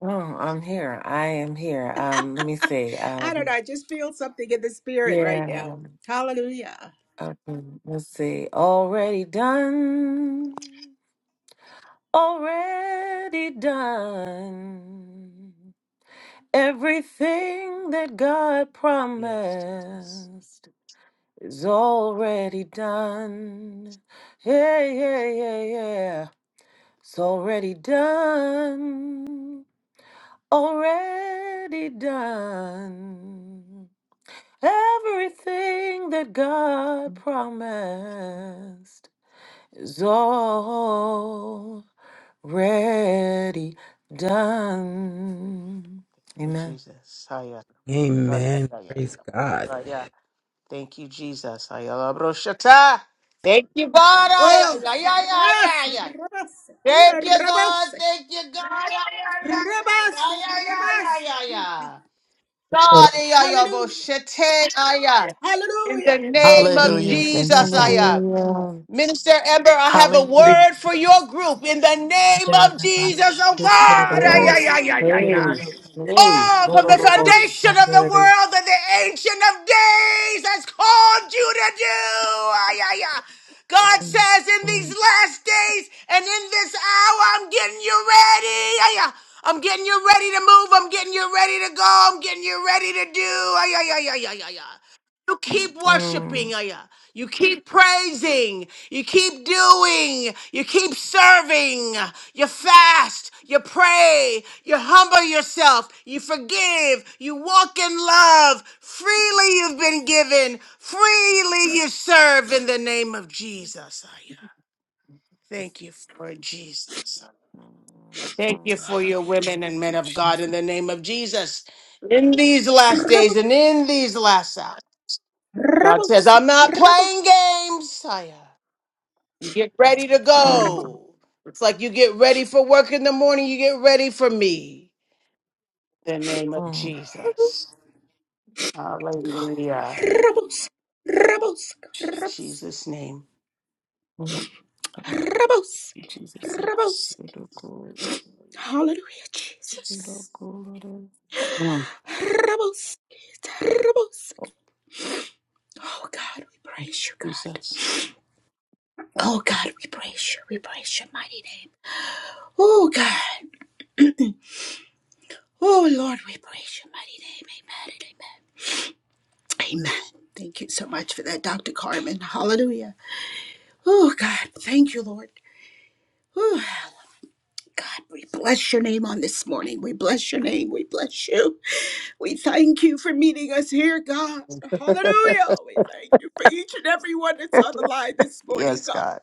S6: Oh, I'm here. I am here. Um, let me see.
S1: I don't know.
S6: Um,
S1: I just feel something in the spirit right
S6: yeah.
S1: now. Hallelujah.
S6: Um, let's see. Already done. Already done. Everything that God
S3: Yes. yes.
S6: promised is already done. Yeah, yeah, yeah, yeah. It's already done. Already done. Everything that God promised is already done.
S3: Thank you,
S6: Amen.
S3: Jesus. Haya. Haya,
S5: Amen.
S3: haya,
S5: Praise God.
S3: haya. Thank you, Jesus. Haya, labroshata. Thank you, God. Haya,
S1: Oh,
S3: haya, haya,
S1: rabasa,
S3: haya.
S1: rabasa, yeah,
S3: Thank you, God.
S1: rabasa,
S3: Thank you, God. Haya, haya, haya,
S1: rabasa,
S3: haya, haya,
S1: rabasa.
S3: haya. God, haya,
S1: Hallelujah.
S3: yaboshete, haya. In the
S1: Hallelujah.
S3: name of
S8: Hallelujah. Thank you,
S3: Jesus,
S8: Father.
S3: haya.
S6: Hallelujah.
S3: Minister Ember, I have a
S9: Hallelujah.
S3: word for your group in the name of
S9: Um,
S3: Jesus. Oh God. Ay, ay,
S6: Yes.
S3: ay,
S1: Hallelujah.
S3: ay, ay,
S6: Hey.
S3: ay.
S6: Hey.
S3: Oh, from the
S1: Rabas.
S3: foundation of the world that the Ancient of Days has called you to do. Ay, ay, ay. God
S6: Mm,
S3: says in these
S6: mm,
S3: last days and in this hour, I'm getting you ready. Ay, ay. I'm getting you ready to move. I'm getting you ready to go. I'm getting you ready to do. Ay, ay, ay, ay, ay, ay, ay. You keep
S6: mm,
S3: worshiping, oh yeah. You keep praising. You keep doing. You keep serving. You fast, you pray, you humble yourself, you forgive, you walk in love. Freely you've been given, freely you serve in the name of Jesus. Ayah. Thank you for Jesus. Thank you
S6: mm.
S3: for your women and men of God
S6: Jesus.
S3: in the name of Jesus. In these last
S1: Rabos.
S3: days and in these last hours, God says,
S1: Rabos.
S3: I'm not
S1: Rabos.
S3: playing games. Ayah. You get ready to
S6: Mm,
S3: go. It's like you get ready for work in the morning, you get ready for me. the name of
S6: mm,
S3: Jesus. Hallelujah.
S1: Rabos.
S3: In
S1: Rabos.
S6: Jesus.
S3: Jesus' name.
S6: Mm, Thank
S1: Rabos.
S6: you, Jesus.
S1: Rabos.
S3: Yes,
S1: Hallelujah,
S3: Jesus.
S1: Jesus.
S3: Mm,
S1: Rabos. Rabos. Oh God, we praise you, God.
S3: Jesus.
S1: Oh God, we praise you. We praise your mighty name. Oh God. oh Lord, we praise your mighty name. Amen and amen. Amen. Thank you so much for that, Dr. Carmen. Hallelujah. Oh God, thank you, Lord. Whew. God, we bless your name on this morning. We bless your name. We bless you. We thank you for meeting us here, God. Hallelujah. We thank you for each and every one that's on the line this morning,
S3: Yes,
S1: God.
S3: God.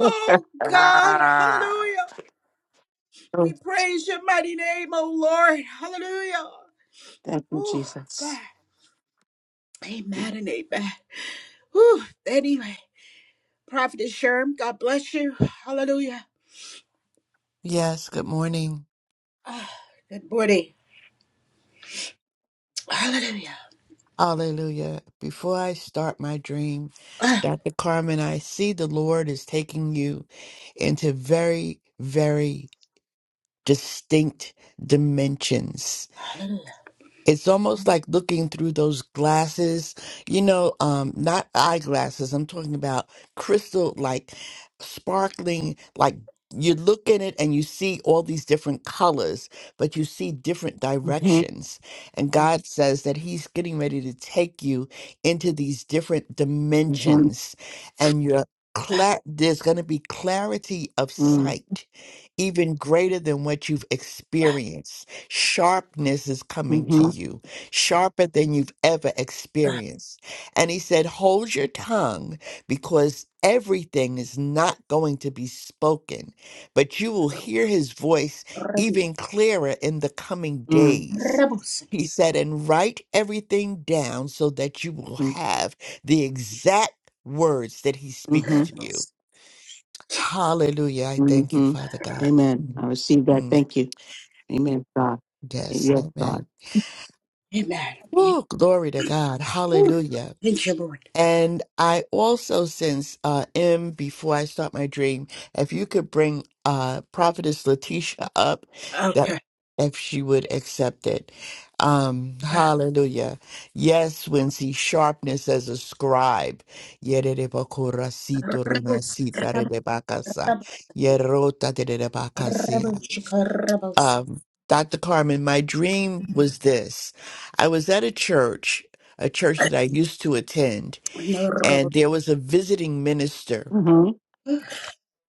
S1: Oh, God.
S3: Ah.
S1: Hallelujah.
S3: Oh,
S1: We praise your mighty name, oh Lord. Hallelujah.
S3: thank you,
S1: Oh, God.
S3: Jesus.
S1: Amen and amen. Whew. Anyway, Prophet Sherm, God bless you. Hallelujah.
S8: Yes, good morning.
S1: Ah, good morning. Hallelujah.
S8: Hallelujah. Before I start my dream,
S1: Ah,
S8: Dr. Carmen, I see the Lord is taking you into very, very distinct dimensions.
S1: hallelujah.
S8: it's almost like looking through those glasses you know um not eyeglasses i'm talking about crystal like sparkling like you look in it and you see all these different colors but you see different
S3: hmm
S8: directions and god says that he's getting ready to take you into these different
S3: hmm
S8: dimensions and you're cla- there's going to be clarity of
S3: hmm
S8: sight even greater than what you've experienced Sharpness is coming to
S3: hmm
S8: you, sharper than you've ever experienced. And he said, Hold your tongue because everything is not going to be spoken, but you will hear his voice
S1: Rubbish.
S8: even clearer in the coming days.
S1: Rubbles.
S8: He said, And write everything down so that you will
S3: hmm
S8: have the exact words that he speaks
S3: hmm
S8: to you.
S1: Rubbles.
S8: Hallelujah. I thank you,
S3: hmm
S8: Father God.
S3: Amen. I receive that.
S8: Mm,
S3: Thank you. Amen, God.
S8: Yes,
S3: Yes,
S8: amen.
S3: God.
S1: Amen.
S8: Woo, glory to God.
S1: Whew.
S8: Hallelujah.
S1: Thank you, Lord.
S8: And I also since uh M before I start my dream, if you could bring uh Prophetess Letitia up that
S1: Okay.
S8: if she would accept it. Um
S1: Uh,
S8: hallelujah. Yes, Wincy sharpness as a scribe. Yerebakorasito
S1: Rubbles.
S8: remasita
S1: Rubble.
S8: rebakasa.
S1: Rubble.
S8: Yerota
S1: Rubble. shika, Rubbles.
S8: um, Dr. Carmen, my dream was this. I was at a church, a church that I used to attend,
S1: And
S8: and there was a visiting minister
S3: hmm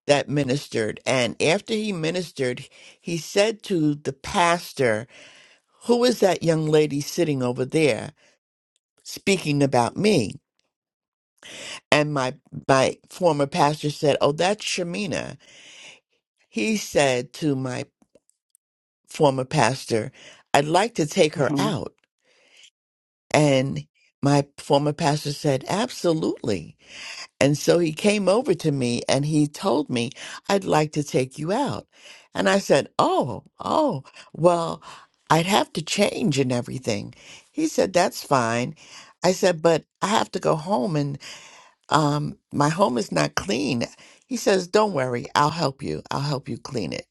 S8: that ministered. And after he ministered, he said to the pastor, Who is that young lady sitting over there speaking about me? And my, my former pastor said, Oh, that's Shamina. He said to my former pastor, I'd like to take her out. And my former pastor said, Absolutely. And so he came over to me and he told me, I'd like to take you out. And I said, Oh, oh, well, I'd have to change and everything. He said, That's fine. I said, But I have to go home and um, my home is not clean. He says, Don't worry, I'll help you. I'll help you clean it.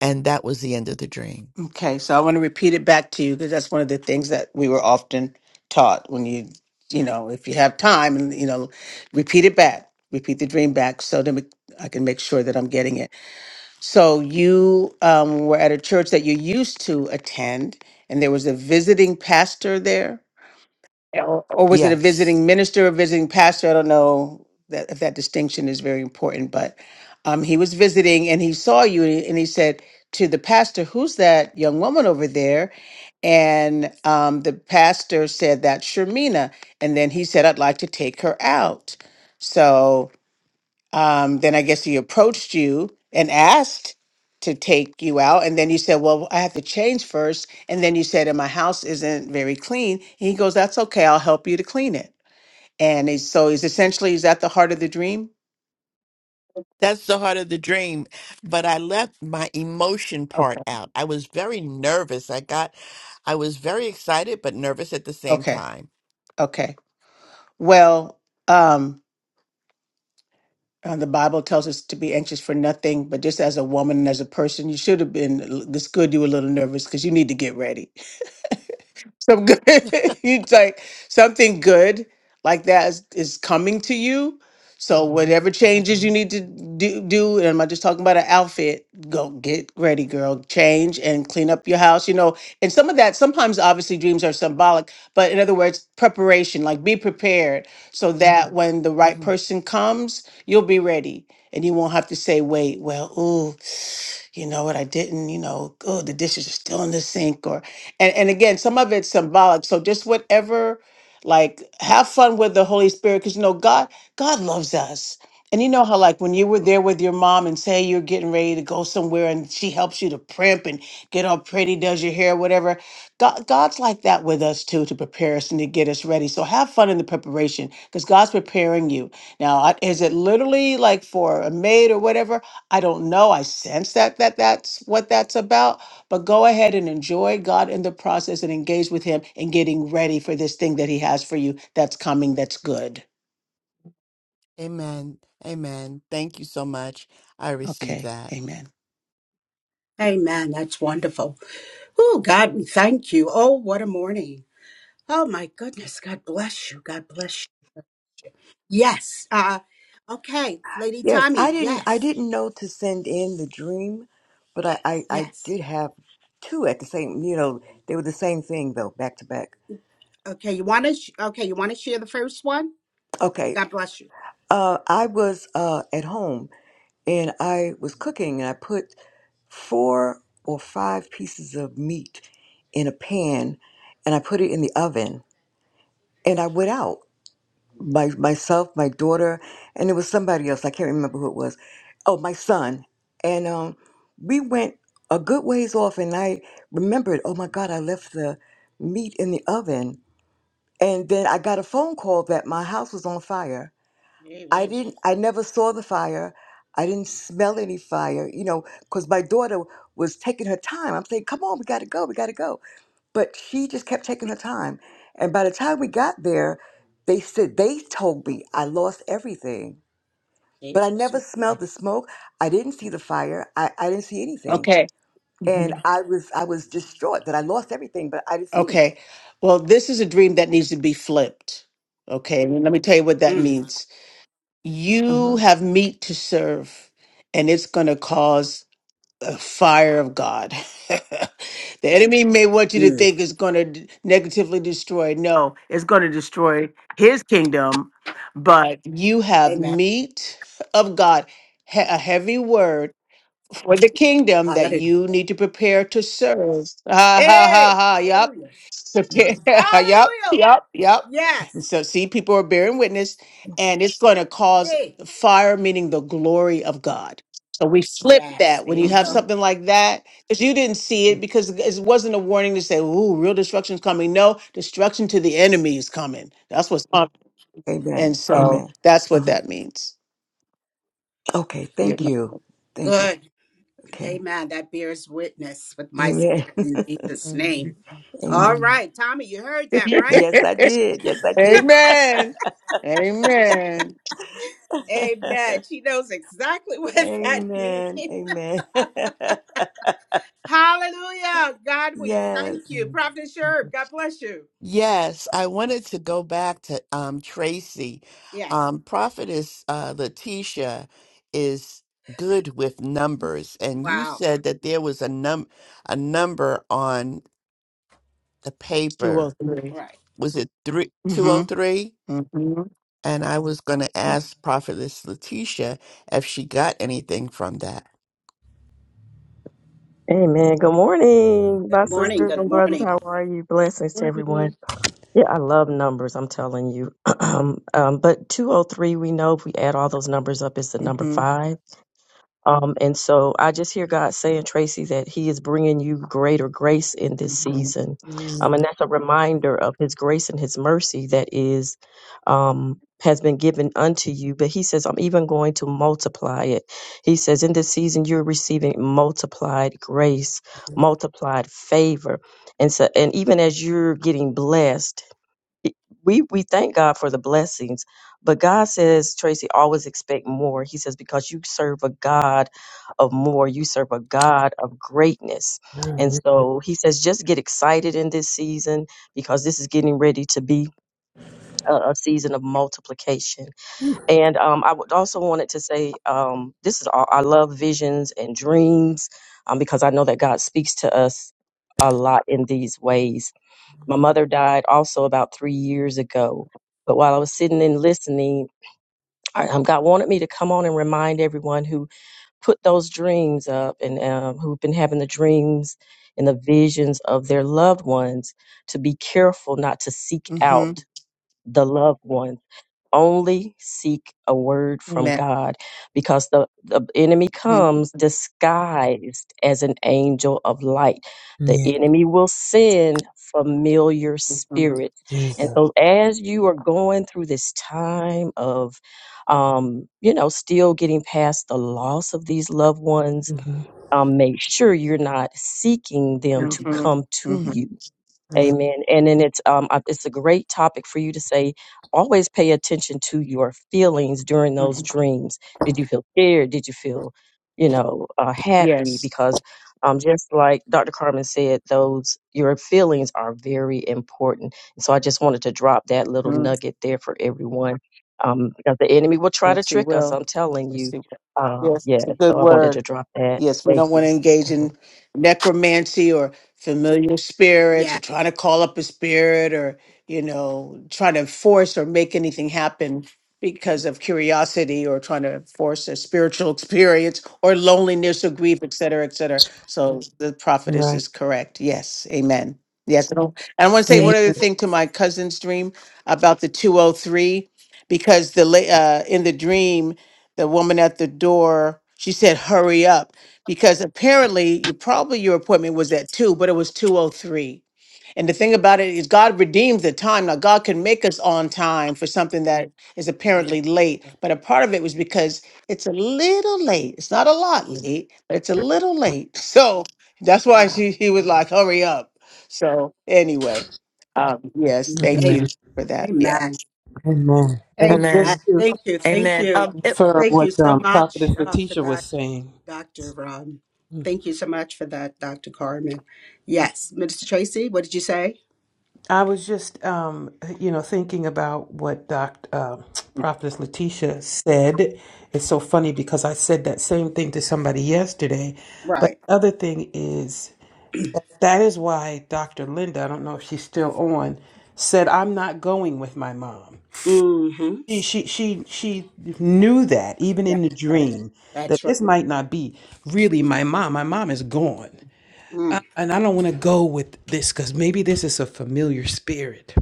S8: And that was the end of the dream.
S3: Okay, so I want to repeat it back to you because that's one of the things that we were often taught when you, you know, if you have time and, you know, repeat it back, repeat the dream back so then we, I can make sure that I'm getting it. So you um, were at a church that you used to attend and there was a visiting pastor there. Or or was it a
S8: Yes.
S3: visiting minister or visiting pastor? I don't know that if that distinction is very important, but um, he was visiting and he saw you and he and he said to the pastor, "Who's that young woman over there?" And um, the pastor said, "That's Shermina." And then he said, "I'd like to take her out." So um, then I guess he approached you and asked to take you out. And then you said, Well, I have to change first. And then you said, And my house isn't very clean. And he goes, That's okay. I'll help you to clean it. And he's, so he's essentially, is that the heart of the dream?
S8: That's the heart of the dream. But I left my emotion part
S3: Okay.
S8: out. I was very nervous. I got, I was very excited, but nervous at the same
S3: Okay.
S8: time.
S3: Okay. Well, um, uh, the Bible tells us to be anxious for nothing, but just as a woman and as a person, you should have been. this good you were a little nervous because you need to get ready some good you like something good like that is, is coming to you so whatever changes
S8: hmm
S3: you need to do do and i'm not just talking about an outfit go get ready girl change and clean up your house you know and some of that sometimes obviously dreams are symbolic but in other words preparation like be prepared so Mhm. that Mhm. when the right
S8: hmm
S3: person comes you'll be ready and you won't have to say wait well ooh you know what, I didn't, you know, oh, the dishes are still in the sink or and, and again, some of it's symbolic. So just whatever, like have fun with the Holy Spirit, because you know, God, God loves us. And you know how like when you were there with your mom and say you're getting ready to go somewhere and she helps you to primp and get all pretty, does your hair, whatever. God, God's like that with us too to prepare us and to get us ready. So have fun in the preparation because God's preparing you. Now, I- is it literally like for a maid or whatever? I don't know. I sense that that that's what that's about. But go ahead and enjoy God in the process and engage with Him in getting ready for this thing that He has for you that's coming. That's good.
S8: Amen. Amen. Thank you so much. I received
S3: Okay.
S8: that.
S3: Amen.
S1: Amen. That's wonderful. Oh, God, we thank you. Oh, what a morning. Oh, my goodness. God bless you. God bless you. Yes. Uh, okay, Lady
S10: Yes, I
S1: Tommy.
S10: didn't I
S1: Yes.
S10: didn't know to send in the dream, but I, I, I
S1: Yes.
S10: did have two at the same you know, they were the same thing though, back to back.
S1: Okay, you want to? Sh- okay, you want to share the first one?
S10: Okay.
S1: God bless you.
S10: Uh I was uh at home and I was cooking and I put four or five pieces of meat in a pan and I put it in the oven and I went out. my myself, my daughter, and it was somebody else. I can't remember who it was. Oh, my son. And um, we went a good ways off, and I remembered. Oh my God, I left the meat in the oven, and then I got a phone call that my house was on fire. I
S1: Jesus.
S10: didn't. I never saw the fire. I didn't smell any fire, you know, because my daughter was taking her time. I'm saying, "Come on, we got to go, we got to go." But she just kept taking her time. And by the time we got there, they said, they told me I lost everything. But I
S1: Jesus.
S10: never smelled the smoke. I didn't see the fire. I, I didn't see anything.
S3: Okay. Mm-hmm.
S10: And I was I was distraught that I lost everything, but I didn't see anything.
S3: Okay. Well, this is a dream that needs to be flipped. Okay. And let me tell you what that means. You
S10: hmm
S3: have meat to serve, and it's going to cause a fire of God. the enemy may want you to
S1: Mm.
S3: think it's going to negatively destroy. No, it's going to destroy his kingdom, but you have
S1: Amen.
S3: meat of God, he- a heavy word for the kingdom that
S1: Hallelujah.
S3: you need to prepare to serve. Ha ha ha
S1: Hey,
S3: ha. Yep.
S1: hallelujah.
S3: Prepare. yep.
S1: Hallelujah.
S3: Yep. Yep.
S1: Yes.
S10: hmm
S3: So see, people are bearing witness, and it's going to cause
S1: Yay.
S3: fire, meaning the glory of God. So we flip
S1: Yes.
S3: that
S1: There
S3: when
S1: you
S3: you have
S10: hmm
S1: go.
S3: something like that, because you didn't see it, because it wasn't a warning to say, "Ooh, real destruction's coming." No, destruction to the enemy is coming. That's what's coming, and
S10: Amen.
S3: so
S10: Amen.
S3: that's what
S10: Uh-huh.
S3: that means.
S10: Okay.
S3: Yeah.
S10: Thank you. Thank you.
S1: Good.
S10: Okay.
S1: Amen. That bears witness with my
S10: Amen.
S1: spirit in Jesus' name.
S8: Amen.
S1: All
S10: Amen.
S8: Amen.
S1: right, Tommy, you heard that, right?
S10: Yes, I did. Yes, I did.
S3: Amen. Amen.
S1: Amen. She knows exactly what that means.
S10: amen. Amen.
S1: Hallelujah. God, we
S10: yes.
S1: thank you.
S8: Mm.
S1: Prophet
S8: Thank
S1: Sherb,
S8: you.
S1: God bless you.
S8: Yes, I wanted to go back to um, Tracy.
S1: Yes.
S8: Um, Prophetess uh, Letitia is good with numbers, and you
S1: Wow.
S8: said that there was a num a number on the
S3: Two or
S8: paper.
S3: 3
S1: All Right.
S8: Was it three two oh
S3: Mm-hmm.
S8: three?
S3: Mm-hmm.
S8: And I was going to ask Prophetess Letitia if she got anything from that.
S11: Amen. Good morning,
S1: Good
S11: my
S1: morning.
S11: sisters
S1: Good
S11: and brothers.
S1: morning.
S11: How are you? Blessings to everyone.
S5: morning.
S11: Yeah, I love numbers. I'm telling you. um, but 203, we know if we add all those numbers up, it's the number
S3: Mm-hmm.
S11: five. Um, and so I just hear God saying, Tracy, that He is bringing you greater grace in this
S3: Mm-hmm.
S11: season. Um,
S5: Mm,
S11: and that's a reminder of His grace and His mercy that is, um, has been given unto you. But He says, I'm even going to multiply it. He says, in this season, you're receiving multiplied grace, multiplied favor. And so, and even as you're getting blessed, it- we we thank God for the blessings, but God says, Tracy, always expect more. He says because you serve a God of more, you serve a God of greatness, and
S5: mm,
S11: so He says just get excited in this season because this is getting ready to be a, a season of multiplication.
S5: mm,
S11: And um, I would also wanted to say um, this is all, I love visions and dreams um, because I know that God speaks to us a lot in these ways my mother died also about three years ago. But while I was sitting and listening, I, um, God wanted me to come on and remind everyone who put those dreams up and um, who've been having the dreams and the visions of their loved ones to be careful not to seek
S3: Mm-hmm.
S11: out the loved ones only seek a word from
S3: Amen.
S11: God because the, the enemy
S3: Mm-hmm.
S11: comes disguised as an angel of light. The
S5: Yeah,
S11: enemy will send familiar
S3: Mm-hmm.
S11: spirits. And
S5: Jesus.
S11: so, as you are going through this time of, um, you know, still getting past the loss of these loved ones,
S5: hmm
S11: um, make sure you're not seeking them to come to
S3: Mm-hmm.
S11: you
S5: Yeah,
S11: Amen. And then it's um uh, it's a great topic for you to say. Always pay attention to your feelings during those
S3: Mm-hmm.
S11: dreams. Did you feel scared? Did you feel, you know, uh, happy?
S3: Yes.
S11: Because um, just like Dr. Carmen said, those your feelings are very important. And so I just wanted to drop that little
S3: Mm-hmm.
S11: nugget there for everyone, um, because the enemy will try to
S3: Yes, he
S11: trick us.
S3: will.
S11: I'm telling
S3: Yes,
S11: you.
S3: he will.
S11: Um,
S3: Yes,
S11: yeah.
S3: it's a good
S11: So I wanted to
S3: word.
S11: drop that.
S3: Yes, we
S11: Thank
S3: don't want
S11: you.
S3: to engage in
S11: Mhm.
S3: necromancy or familiar spirits or
S1: Yeah.
S3: trying to call up a spirit or, you know, trying to force or make anything happen because of curiosity or trying to force a spiritual experience or loneliness or grief, et cetera, et cetera. So the prophetess
S5: right.
S3: is correct. Yes. Amen. Yes. And I want to say
S1: Amen.
S3: one
S5: Amen.
S3: other thing to my cousin's dream about the 203 because the la- uh, in the dream, the woman at the door she said, "Hurry up," because apparently you probably your appointment was at two, but it was two o three. And the thing about it is, God redeems the time. Now, God can make us on time for something that is
S1: Yes.
S3: apparently late,
S1: Yes.
S3: but a part of it was because it's a little late. It's not a lot late, but it's a little late. So that's why
S1: Wow.
S3: she he was
S1: Wow.
S3: like, "Hurry up." So anyway, um, yes, thank
S1: Amen.
S3: you
S5: Amen.
S3: for that. Yeah.
S1: Amen.
S5: Amen. And
S1: Amen.
S6: Amen.
S5: just to
S1: Thank you. Thank
S6: Amen.
S1: you.
S6: Um, it-
S5: infer
S1: Thank you
S5: what
S1: so
S5: um,
S1: much
S5: Prophetess
S1: uh, for
S5: Letitia was
S1: that,
S5: saying,
S1: Dr. Ron. Thank you so much for that, Dr. Carmen. Yes. Minister Tracy, what did you say?
S5: I was just, um, you know, thinking about what Dr. Uh, Prophetess Letitia said. It's so funny because I said that same thing to somebody yesterday. But
S1: Right.
S5: the other thing is, That is why Dr. Linda, I don't know if she's still on, said I'm not going with my mom.
S1: Mm-hmm.
S5: She she she she knew that even in the
S1: That's right.
S5: dream that
S1: That's right.
S5: this might not be really my mom. My mom is gone.
S1: Mm,
S5: And I don't want to go with this because maybe this is a familiar spirit.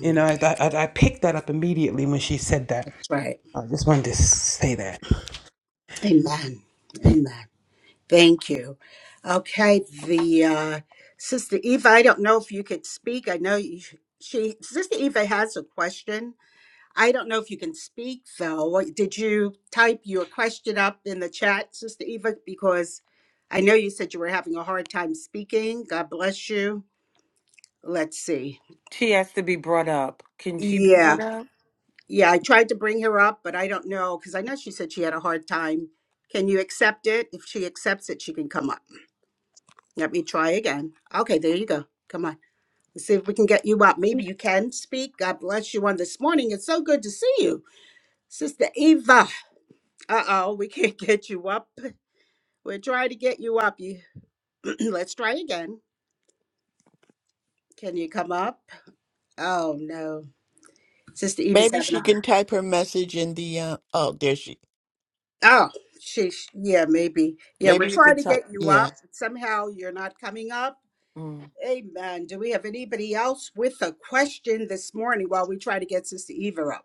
S5: You know, I, I, I picked that up immediately when she said that.
S1: that's right.
S5: I just wanted to say that.
S1: Amen. Amen. Thank you. Okay. The uh, Sister Eva, I don't know if you could speak. I know you, she, Sister Eva has a question I don't know if you can speak though. Did you type your question up in the chat, Sister Eva? Because I know you said you were having a hard time speaking. God bless you. Let's see.
S6: She has to be brought up. Can she be
S1: Yeah,
S6: brought up?
S1: yeah, I tried to up, but I don't know because I know she said she had a hard time. Can you accept it? If she accepts it, she can come up. Let me try again. Okay, there you go. Come on. Let's see if we can get you up. Maybe you can speak. God bless you on this morning. It's so good to see you, Sister Eva. Uh oh, we can't get you up. We're trying to get you up. You let's try again. Can you come up? Oh no. Sister Eva's
S8: Maybe
S1: having
S8: she
S1: a
S8: can type her message in the. Uh, oh, there she.
S1: Oh, she. Yeah, maybe. Yeah,
S8: Maybe
S1: we're
S8: you
S1: trying
S8: could
S1: to
S8: type.
S1: get you
S8: Yeah.
S1: up. Somehow you're not coming up.
S6: Mm.
S1: Amen. Do we have anybody else with a question this morning while we try to get Sister Eva up?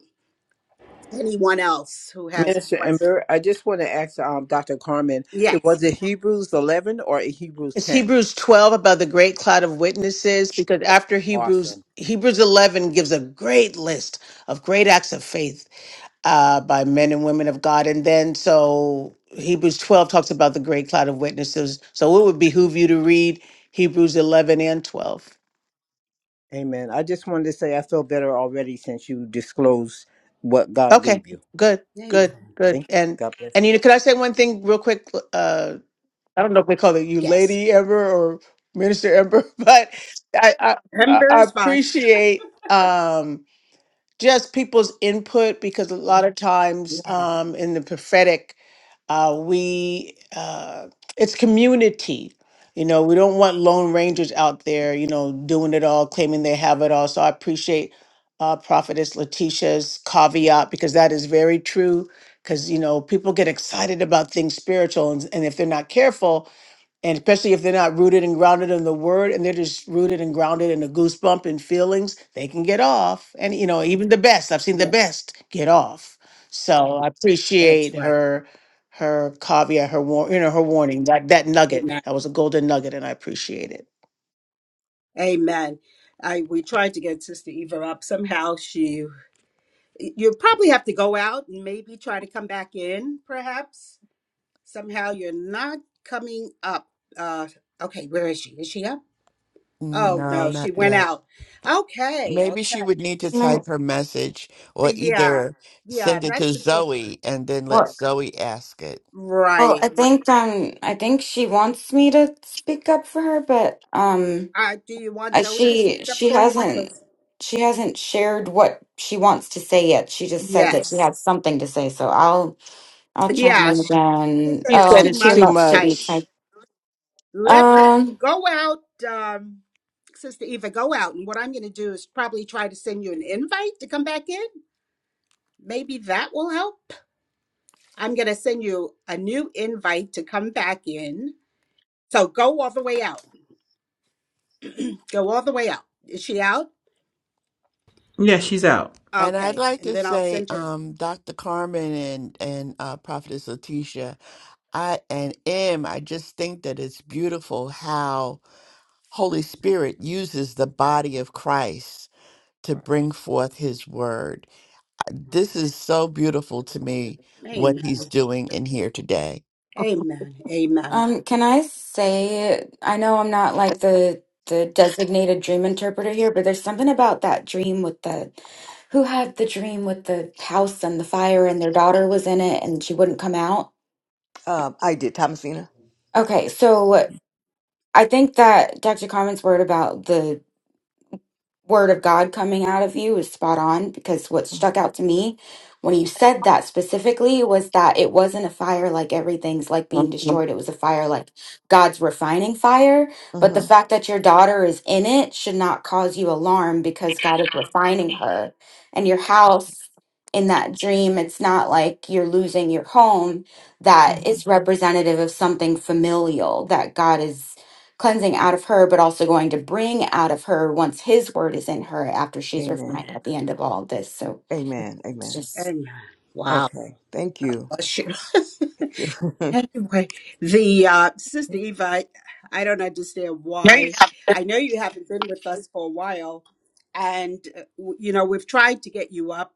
S1: Anyone else who has a
S4: Minister
S1: question?
S4: Ember. I just want to ask um, Dr. Carmen. It
S1: Yes.
S4: was it Hebrews 11 or Hebrews
S3: It's
S4: 10?
S3: Hebrews 12 about the great cloud of witnesses because after Hebrews
S4: Awesome.
S3: Hebrews 11 gives a great list of great acts of faith uh, by men and women of God, and then so Hebrews 12 talks about the great cloud of witnesses. So it would behoove you to read Hebrews 11 and 12.
S4: Amen. I just wanted to say I feel better already since you disclosed what God
S3: Okay,
S4: gave you.
S3: good, good,
S1: Amen.
S3: good.
S4: Thank you.
S3: And
S4: God bless you.
S3: and you know, can I say one thing real quick? Uh, I don't know if we call it you,
S1: Yes.
S3: Lady Ember or Minister Ember, but I I, I
S1: Ember
S3: I
S1: is fine.
S3: appreciate. Um, just people's input because a lot of times
S1: Yes.
S3: um, in the prophetic uh, we uh, it's community you know we don't want lone rangers out there you know doing it all claiming they have it all so i appreciate uh, prophetess letitia's caveat because that is very true because you know people get excited about things spiritual and, and if they're not careful and especially if they're not rooted and grounded in the word and they're just rooted and grounded in the goosebump and feelings they can get off and you know even the best i've seen the
S1: Yes.
S3: best get off so i
S1: That's
S3: appreciate
S1: right.
S3: her her caveat her war- you know her warning that that nugget
S1: Amen.
S3: that was a golden nugget and i appreciate it
S1: Amen. I we tried to get Sister Eva up. Somehow she you probably have to go out and maybe try to come back in, perhaps. Somehow you're not coming up. Uh, okay, where is she? Is she up? Oh,
S8: No,
S1: no,
S8: not
S1: she went
S8: yet.
S1: out. Okay,
S8: Maybe she
S1: okay.
S8: would need to type
S12: No,
S8: her message or
S1: Yeah,
S8: either
S1: yeah,
S8: send it
S1: that's
S8: to
S1: the children.
S8: Zoe and then let
S12: Well,
S8: Zoe ask it.
S12: well,
S1: Right,
S12: I
S1: right.
S12: think um, I think she wants me to speak up for her, but um,
S1: Uh, do you want
S12: I,
S1: Zoe to
S12: she
S1: speak up
S12: she
S1: for you?
S12: hasn't
S1: Because,
S12: she hasn't shared what she wants to say yet. She just said that she
S1: yes.
S12: had something to say, so I'll I'll chime
S1: Yeah,
S12: in
S1: she
S12: again.
S1: said
S3: you
S1: it's
S12: Oh,
S3: said
S1: too
S12: and
S3: it's
S12: too
S3: too
S1: much to
S12: much to be
S1: type.
S3: much
S12: typed.
S1: Let me
S12: Um,
S1: go out, um, Sister Eva, go out. And what I'm going to do is probably try to send you an invite to come back in. maybe that will help. I'm going to send you a new invite to come back in. So go all the way out. Go all the way out. Is she out?
S5: Yeah, she's out.
S8: And I'd
S1: Okay.
S8: like
S1: And
S8: to
S1: then I'll
S8: say,
S1: send her.
S8: um, Dr. Carmen and, and uh, Prophetess Letitia, I and M, I just think that it's beautiful how Holy Spirit uses the
S1: Oh,
S8: body of Christ to
S1: right,
S8: bring forth his word.
S1: right.
S8: This is so beautiful to me, what
S1: Amen.
S8: he's doing in here today.
S1: Amen. Amen.
S12: Um, can I say, I know I'm not like the the designated dream interpreter here, but there's something about that dream with the who had the dream with the house and the fire and their daughter was in it and she wouldn't come out.
S10: Um, I did, Thomasina.
S12: Okay, so I think that Dr. Carmen's word about the word of God coming out of you is spot on because what stuck out to me when you said that specifically was that it wasn't a fire like everything's like being
S3: Mm.
S12: destroyed. It was a fire like God's refining fire. But the
S10: Mm-hmm.
S12: fact that your daughter is in it should not cause you alarm because God is refining her. And your house in that dream, it's not like you're losing your home. That
S10: Mm-hmm.
S12: is representative of something familial that God is cleansing out of her, but also going to bring out of her once his word is in her after she's
S10: Amen.
S12: refined at the end of all this. So
S10: Amen.
S12: it's
S10: Amen.
S12: just
S1: Amen. Wow.
S10: Okay. Thank you.
S1: Bless you.
S10: Thank you.
S1: Anyway, the uh, Sister Eva, I, I don't understand
S3: Yeah, you
S1: why.
S3: have-
S1: I know you haven't been with us for a while, and uh, w- you know we've tried to get you up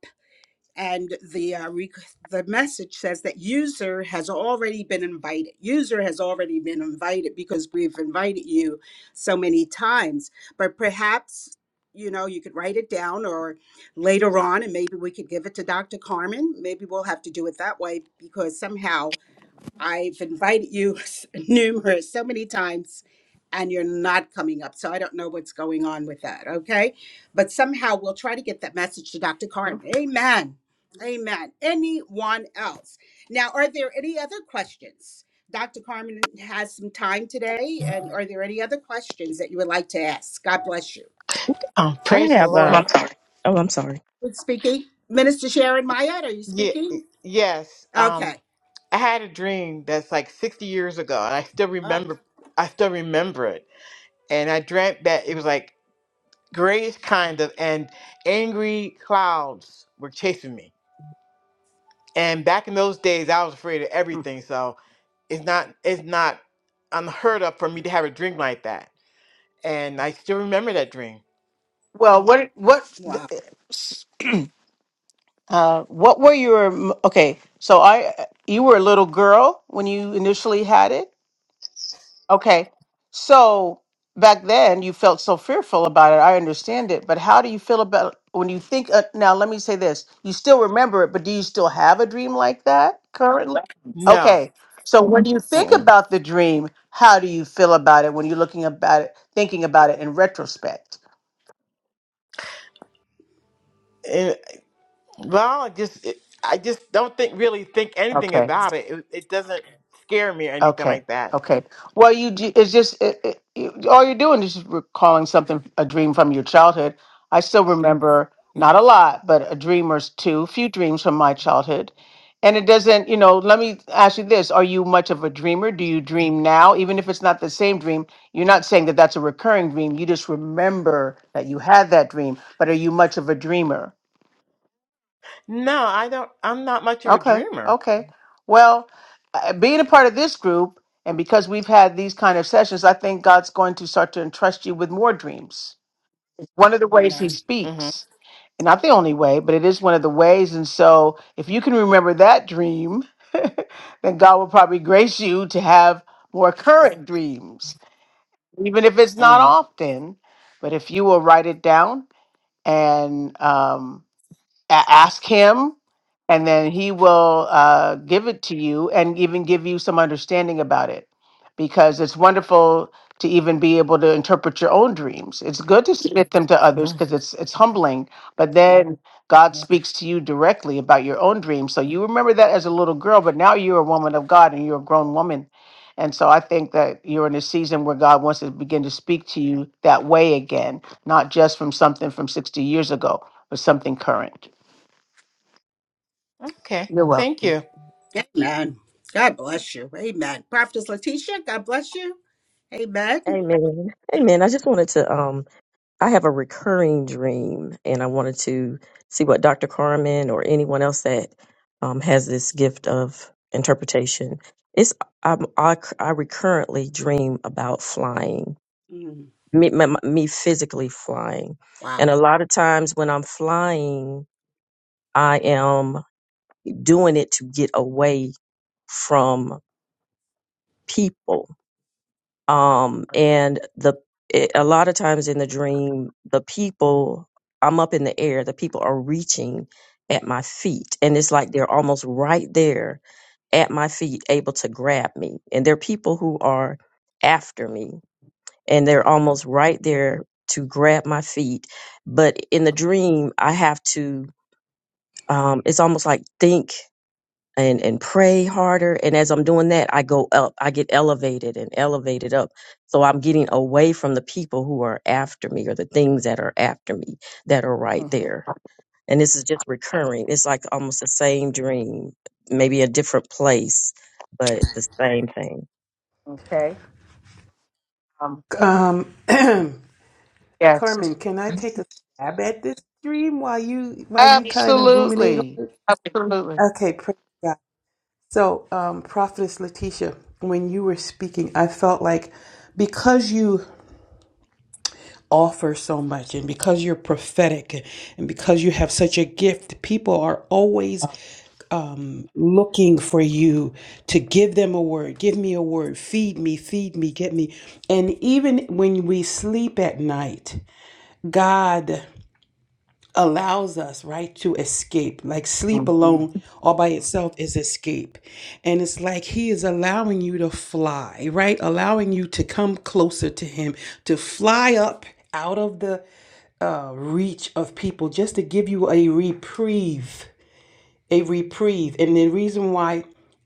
S1: and the uh, rec the message says that user has already been invited. User has already been invited because we've invited you so many times. But perhaps you know you could write it down, or later on, and maybe we could give it to Dr. Carmen. Maybe we'll have to do it that way because somehow I've invited you numerous, so many times, and you're not coming up. So I don't know what's going on with that. Okay. But somehow we'll try to get that message to Dr.
S3: oh,
S1: Carmen. Amen. Amen. Anyone else? Now, are there any other questions? Dr. Carmen has some time today. And are there any other questions that you would like to ask? God bless you.
S11: I
S9: praise the
S11: have
S9: Lord.
S11: a.
S3: i'm sorry
S11: Oh, I'm sorry.
S1: Who's speaking? Minister Sharon Mayette, are you
S9: Yeah,
S1: speaking?
S9: yes. Um,
S1: Okay.
S9: I had a dream that's like 60 years ago, and I still
S1: Ah,
S9: remember. I still remember it, and I dreamt that it was like grayish kind of, and angry clouds were chasing me. And back in those days, I was afraid of everything, so it's not it's not unheard of for me to have a dream like that. And I still remember that dream
S3: Well, what what
S1: wow.
S3: uh, what were your okay? So I you were a little girl when you initially had it. Okay, so back then you felt so fearful about it. I understand it, but how do you feel about when you think uh, now? Let me say this: you still remember it, but do you still have a dream like that currently?
S9: No.
S3: Okay, so when you think
S9: Mm-mm.
S3: about the dream, how do you feel about it when you're looking about it, thinking about it in retrospect?
S9: It, well, I just it, I just don't think really think anything
S3: Okay.
S9: about it. it. It doesn't scare me or anything
S3: Okay.
S9: like that.
S3: Okay. Well, you ju- it's just it, it, you- all you're doing is just recalling something a dream from your childhood. I still remember not a lot, but a dream or two, few dreams from my childhood. And it doesn't, you know, let me ask you this. Are you much of a dreamer? Do you dream now? Even if it's not the same dream, you're not saying that that's a recurring dream. You just remember that you had that dream, but are you much of a dreamer?
S9: No, I don't. I'm not much of a
S3: Okay,
S9: dreamer.
S3: okay. Well, uh, being a part of this group, and because we've had these kind of sessions, I think God's going to start to entrust you with more dreams. It's One of the ways He
S1: Amen.
S9: Mm-hmm.
S3: speaks, and not the only way, but it is one of the ways. And so, if you can remember that dream, then God will probably grace you to have more current dreams, even if it's not
S9: Mm-hmm.
S3: often. But if you will write it down and um, a- ask him and then he will uh, give it to you and even give you some understanding about it because it's wonderful to even be able to interpret your own dreams it's good to submit them to others because
S9: hmm
S3: it's it's humbling but then god speaks to you directly about your own dreams so you remember that as a little girl but now you're a woman of god and you're a grown woman and so i think that you're in a season where god wants to begin to speak to you that way again not just from something from 60 years ago but something current
S9: Okay,
S3: you're welcome.
S9: thank you.
S1: Amen. God bless you. Amen. Prophetess Letitia, God bless you. Amen.
S11: Amen. Amen. I just wanted to um I have a recurring dream and I wanted to see what Dr. Carmen or anyone else that um has this gift of interpretation. It's I'm, I I recurrently dream about flying.
S1: Mm,
S11: Me, my, my- me physically flying. And
S1: Wow.
S11: a lot of times when I'm flying, I am doing it to get away from people um and the it, a lot of times in the dream the people i'm up in the air the people are reaching at my feet and it's like they're almost right there at my feet able to grab me and they're people who are after me and they're almost right there to grab my feet but in the dream i have to um it's almost like think and and pray harder and as i'm doing that i go up i get elevated and elevated up so i'm getting away from the people who are after me or the things that are after me that are right
S3: hmm
S11: there and this is just recurring it's like almost the same dream maybe a different place but the same thing
S3: Okay. Um,
S5: Um,
S3: yes.
S5: Carmen, can I take a stab at this dream while you while you kind of ruminate on
S3: Absolutely.
S5: it?
S3: Absolutely.
S5: Okay, praise God. So, um, Prophetess Letitia, when you were speaking, I felt like because you offer so much and because you're prophetic and because you have such a gift, people are always um, looking for you to give them a word. Give me a word. Feed me, feed me, get me. And even when we sleep at night, God. allows us right to escape like sleep
S3: hmm
S5: alone all by itself is escape and it's like he is allowing you to fly right allowing you to come closer to him to fly up out of the uh, reach of people just to give you a reprieve a reprieve. And the reason why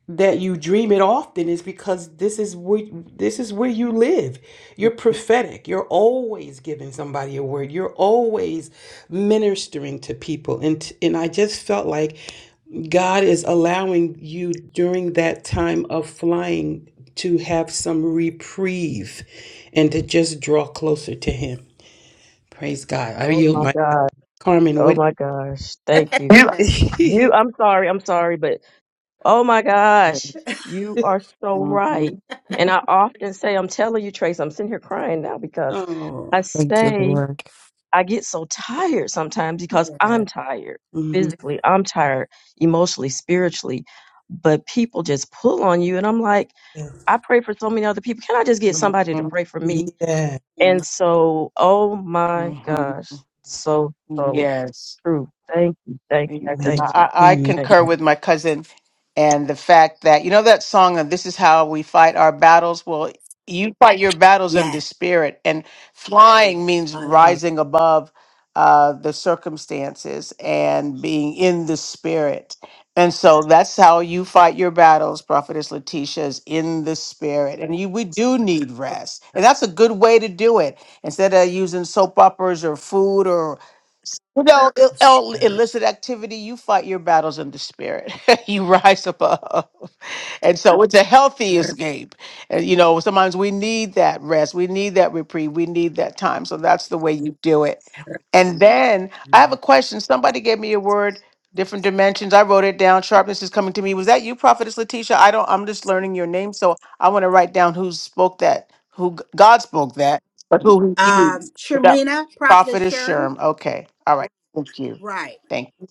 S5: that you dream it often is because this is where this is where you live. You're prophetic. You're always giving somebody a word. You're always ministering to people. And and I just felt like God is allowing you during that time of flying to have some reprieve and to just draw closer to him. Praise God. I
S11: oh
S5: yield
S11: my
S5: my
S11: god
S5: Carmen
S11: oh
S5: what
S11: my gosh thank you
S3: You.
S1: Amen.
S11: you i'm sorry i'm sorry but Oh my gosh, you are so
S3: Mhm.
S11: right. And I often say, I'm telling you, Trace, I'm sitting here crying now because
S5: oh.
S11: I
S8: Thank you,
S11: say
S8: Lord.
S11: I get so tired sometimes because
S1: Yeah.
S11: I'm tired
S5: mhm.
S11: physically, I'm tired emotionally, spiritually, but people just pull on you. And I'm like, I pray for so many other people. Can I just get somebody to
S3: Mhm.
S11: pray for me?
S5: Yeah.
S11: And
S1: Amen.
S11: so, oh my
S3: Mhm.
S11: gosh, so, so
S3: Yes.
S11: true. Thank you, thank
S3: Yes,
S11: you,
S5: Amen.
S3: and
S11: thank you.
S3: I, I
S5: Amen.
S11: Thank you.
S3: concur with my cousin and the fact that you know that song of this is how we fight our battles. Well, you fight your battles in the
S1: Yes.
S3: spirit, and flying means
S1: Hallelujah.
S3: rising above uh, the circumstances and being in the spirit. And so that's how you fight your battles, Prophetess Letitia, is in the spirit. And you, we do need rest. And that's a good way to do it. Instead of using soap operas or food you know, il- il- illicit activity, you fight your battles in the spirit. you rise above. And so it's a healthy escape. And you know, sometimes we need that rest, we need that reprieve, we need that time. So that's the way you do it. And then I have a question. Somebody gave me a word, different dimensions. I wrote it down. Sharpness is coming to me. Was that you, Prophetess Letitia? I don't I'm just learning your name, so I want to write down who spoke that, who g- God spoke that, but who he
S1: Um,
S3: used. That
S1: Shermina, Prophetess
S3: Prophetess
S1: Sherm.
S3: Sherm. Okay. All right. Thank you.
S1: Right.
S3: Thank you.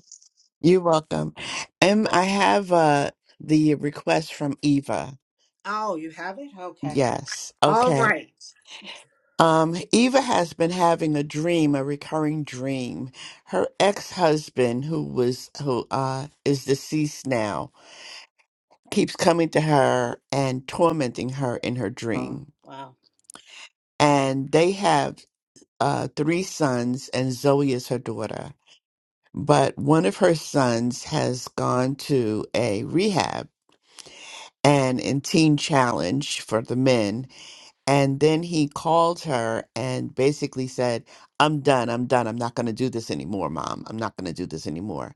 S8: You're welcome. Um, I have uh the request from Eva.
S1: Oh, you have it? Okay.
S8: Yes.
S1: All
S8: Okay.
S1: right.
S8: Um, Eva has been having a dream, a recurring dream. Her ex-husband, who was who uh is deceased now, keeps coming to her and tormenting her in her
S3: Mhm.
S8: dream.
S1: Wow.
S8: And they have uh three sons, and Zoe is her daughter. But one of her sons has gone to a rehab and in Teen Challenge for the men. And then he called her and basically said, I'm done. I'm done. I'm not going to do this anymore, mom. I'm not going to do this anymore.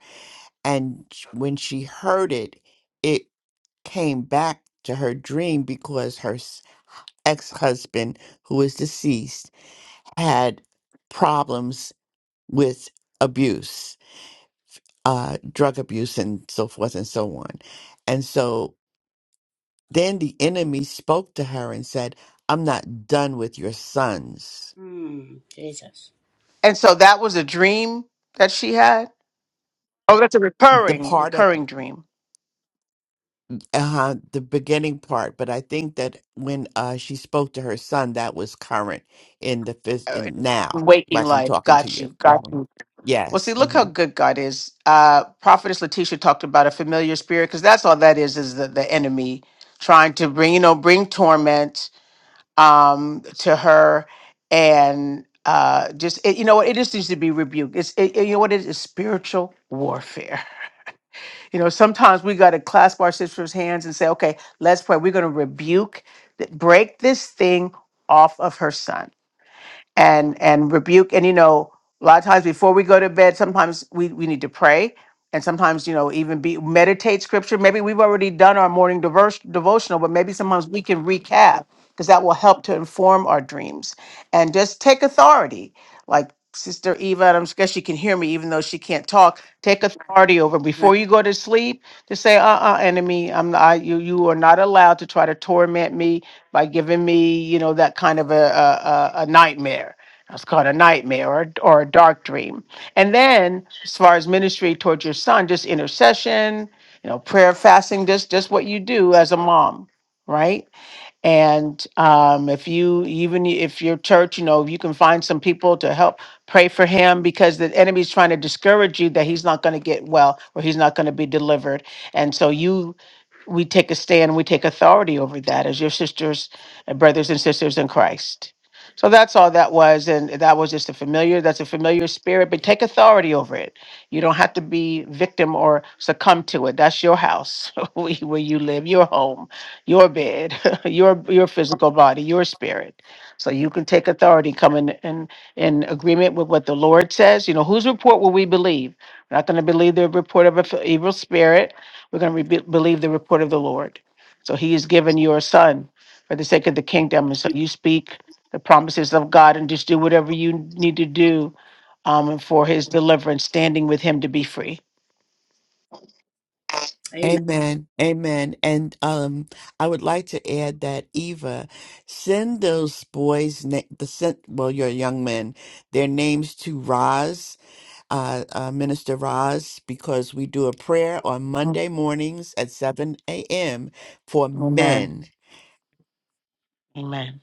S8: And sh- when she heard it, it came back to her dream because her ex husband, who is deceased, had problems with abuse, uh, drug abuse, and so forth and so on. And so Then the enemy spoke to her and said, I'm not done with your sons.
S1: Mm, Jesus.
S3: And so that was a dream that she had? Oh, that's a
S8: The
S3: recurring,
S8: part of
S3: recurring dream.
S8: uh, the beginning part, but I think that when uh, she spoke to her son, that was current in the phys-
S3: Uh,
S8: in now,
S3: Waking
S8: like I'm
S3: life.
S8: talking to
S3: Got you.
S8: you.
S3: Got
S8: hmm
S3: you. Well, see,
S8: Yes.
S3: look how
S8: hmm
S3: good God is. Uh, Prophetess Letitia talked about a familiar spirit because that's all that is, is the, the enemy trying to bring, you know, bring torment um, to her. And uh, just, it, you know what? It just needs to be rebuked. It's, it, it- you know what? It is spiritual warfare. You know, sometimes we got to clasp our sister's hands and say, okay, let's pray. We're going to rebuke, th- break this thing off of her son and and rebuke and you know a lot of times before we go to bed sometimes we we need to pray and sometimes you know even be meditate scripture maybe we've already done our morning diverse, devotional but maybe sometimes we can recap because that will help to inform our dreams and just take authority like sister eva and i'm sure she can hear me even though she can't talk take authority over
S1: Right.
S3: before you go to sleep to say uh-uh enemy i'm I you you are not allowed to try to torment me by giving me, you know, that kind of a, a, a a nightmare. That's called a nightmare or, or a dark dream. And then, as far as ministry towards your son, just intercession, you know, prayer, fasting, just just what you do as a mom, right? And um, if you, even if your church, you know, you can find some people to help pray for him because the enemy's trying to discourage you that he's not going to get well or he's not going to be delivered. And so you, we take a stand, we take authority over that as your sisters and brothers and sisters in Christ. So that's all that was. And that was just a familiar, that's a familiar spirit, but take authority over it. You don't have to be victim or succumb to it. That's your house where you where you live, your home your bed, your your physical body, your spirit. So you can take authority, come in, in in agreement with what the Lord says. You know, whose report will we believe? We're not going to believe the report of an evil spirit. We're going to be believe the report of the Lord. So He has given your son for the sake of the kingdom, and so you speak the promises of God and just do whatever you need to do um, for His deliverance, standing with Him to be free.
S1: Amen.
S8: Amen. Amen. And um, I would like to add that Eva, send those boys, na- the sent, well, your young men, their names to Roz uh, uh, Minister Roz because we do a prayer on
S3: Mm.
S8: Monday mornings at 7 a.m. for
S3: Amen.
S8: men.
S3: Amen.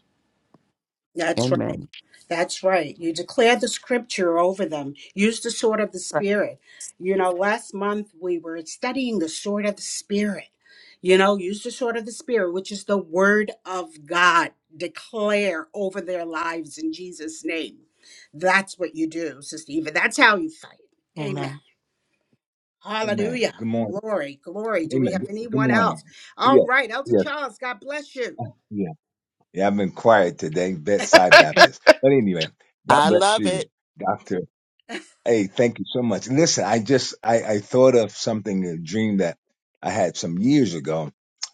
S1: That's right.
S8: Amen.
S1: That's right. You declare the scripture over them. Use the sword of the
S3: Right.
S1: spirit. You know, last month we were studying the sword of the spirit. You know, use the sword of the spirit, which is the word of God. Declare over their lives in Jesus' name. That's what you do, Sister Eva. That's how you fight.
S3: Amen.
S1: Amen.
S13: Amen.
S1: Hallelujah.
S13: Good morning.
S1: Glory, glory. Do we
S13: Amen.
S1: have
S13: Good
S1: anyone
S13: morning.
S1: else? All
S13: Yes.
S1: right, Elder
S13: Yes.
S1: Charles, God bless you.
S13: Uh, Yeah. Yeah. I've been quiet today, bedside Baptist. But anyway, God
S8: I
S13: bless
S8: love
S13: you,
S8: it.
S13: Doctor. Hey, thank you so much. Listen, I just I, I thought of something, a dream that I had some years ago,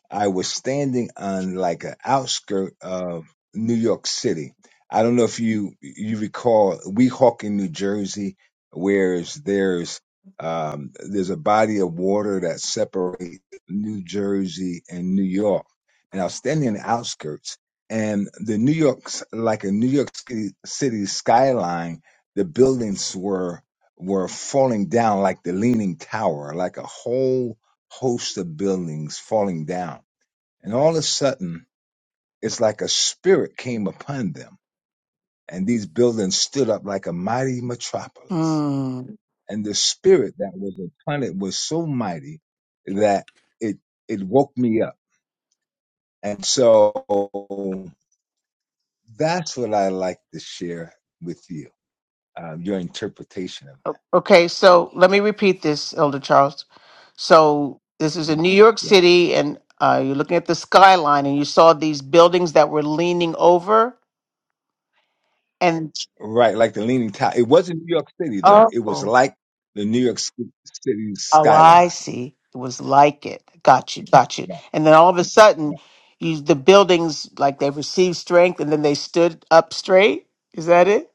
S13: I was standing on like an outskirt of New York City. I don't know if you you recall Weehawken, New Jersey, whereas there's um, there's a body of water that separates New Jersey and New York. And I was standing in the outskirts, and the New York's like a New York City, City skyline. The buildings were were falling down like the Leaning Tower, like a whole host of buildings falling down and all of a sudden, it's like a spirit came upon them, and these buildings stood up like a mighty metropolis.
S3: Hmm.
S13: And the spirit that was upon it was so mighty that it it woke me up. And so that's what I like to share with you, um, your interpretation of that.
S3: Okay, so let me repeat this, Elder Charles. So this is in New York
S13: Yeah.
S3: City, and uh, you're looking at the skyline, and you saw these buildings that were leaning over, and
S13: Right, like the Leaning Tower. It wasn't New York City though. It was
S3: oh,
S13: like the New York Ci- City
S3: Oh, I
S13: skyline.
S3: see. It was like it. Got you. Got you.
S13: Yeah,
S3: And then all of a sudden,
S13: yeah.
S3: you the buildings like they received strength, and then they stood up straight. Is that it?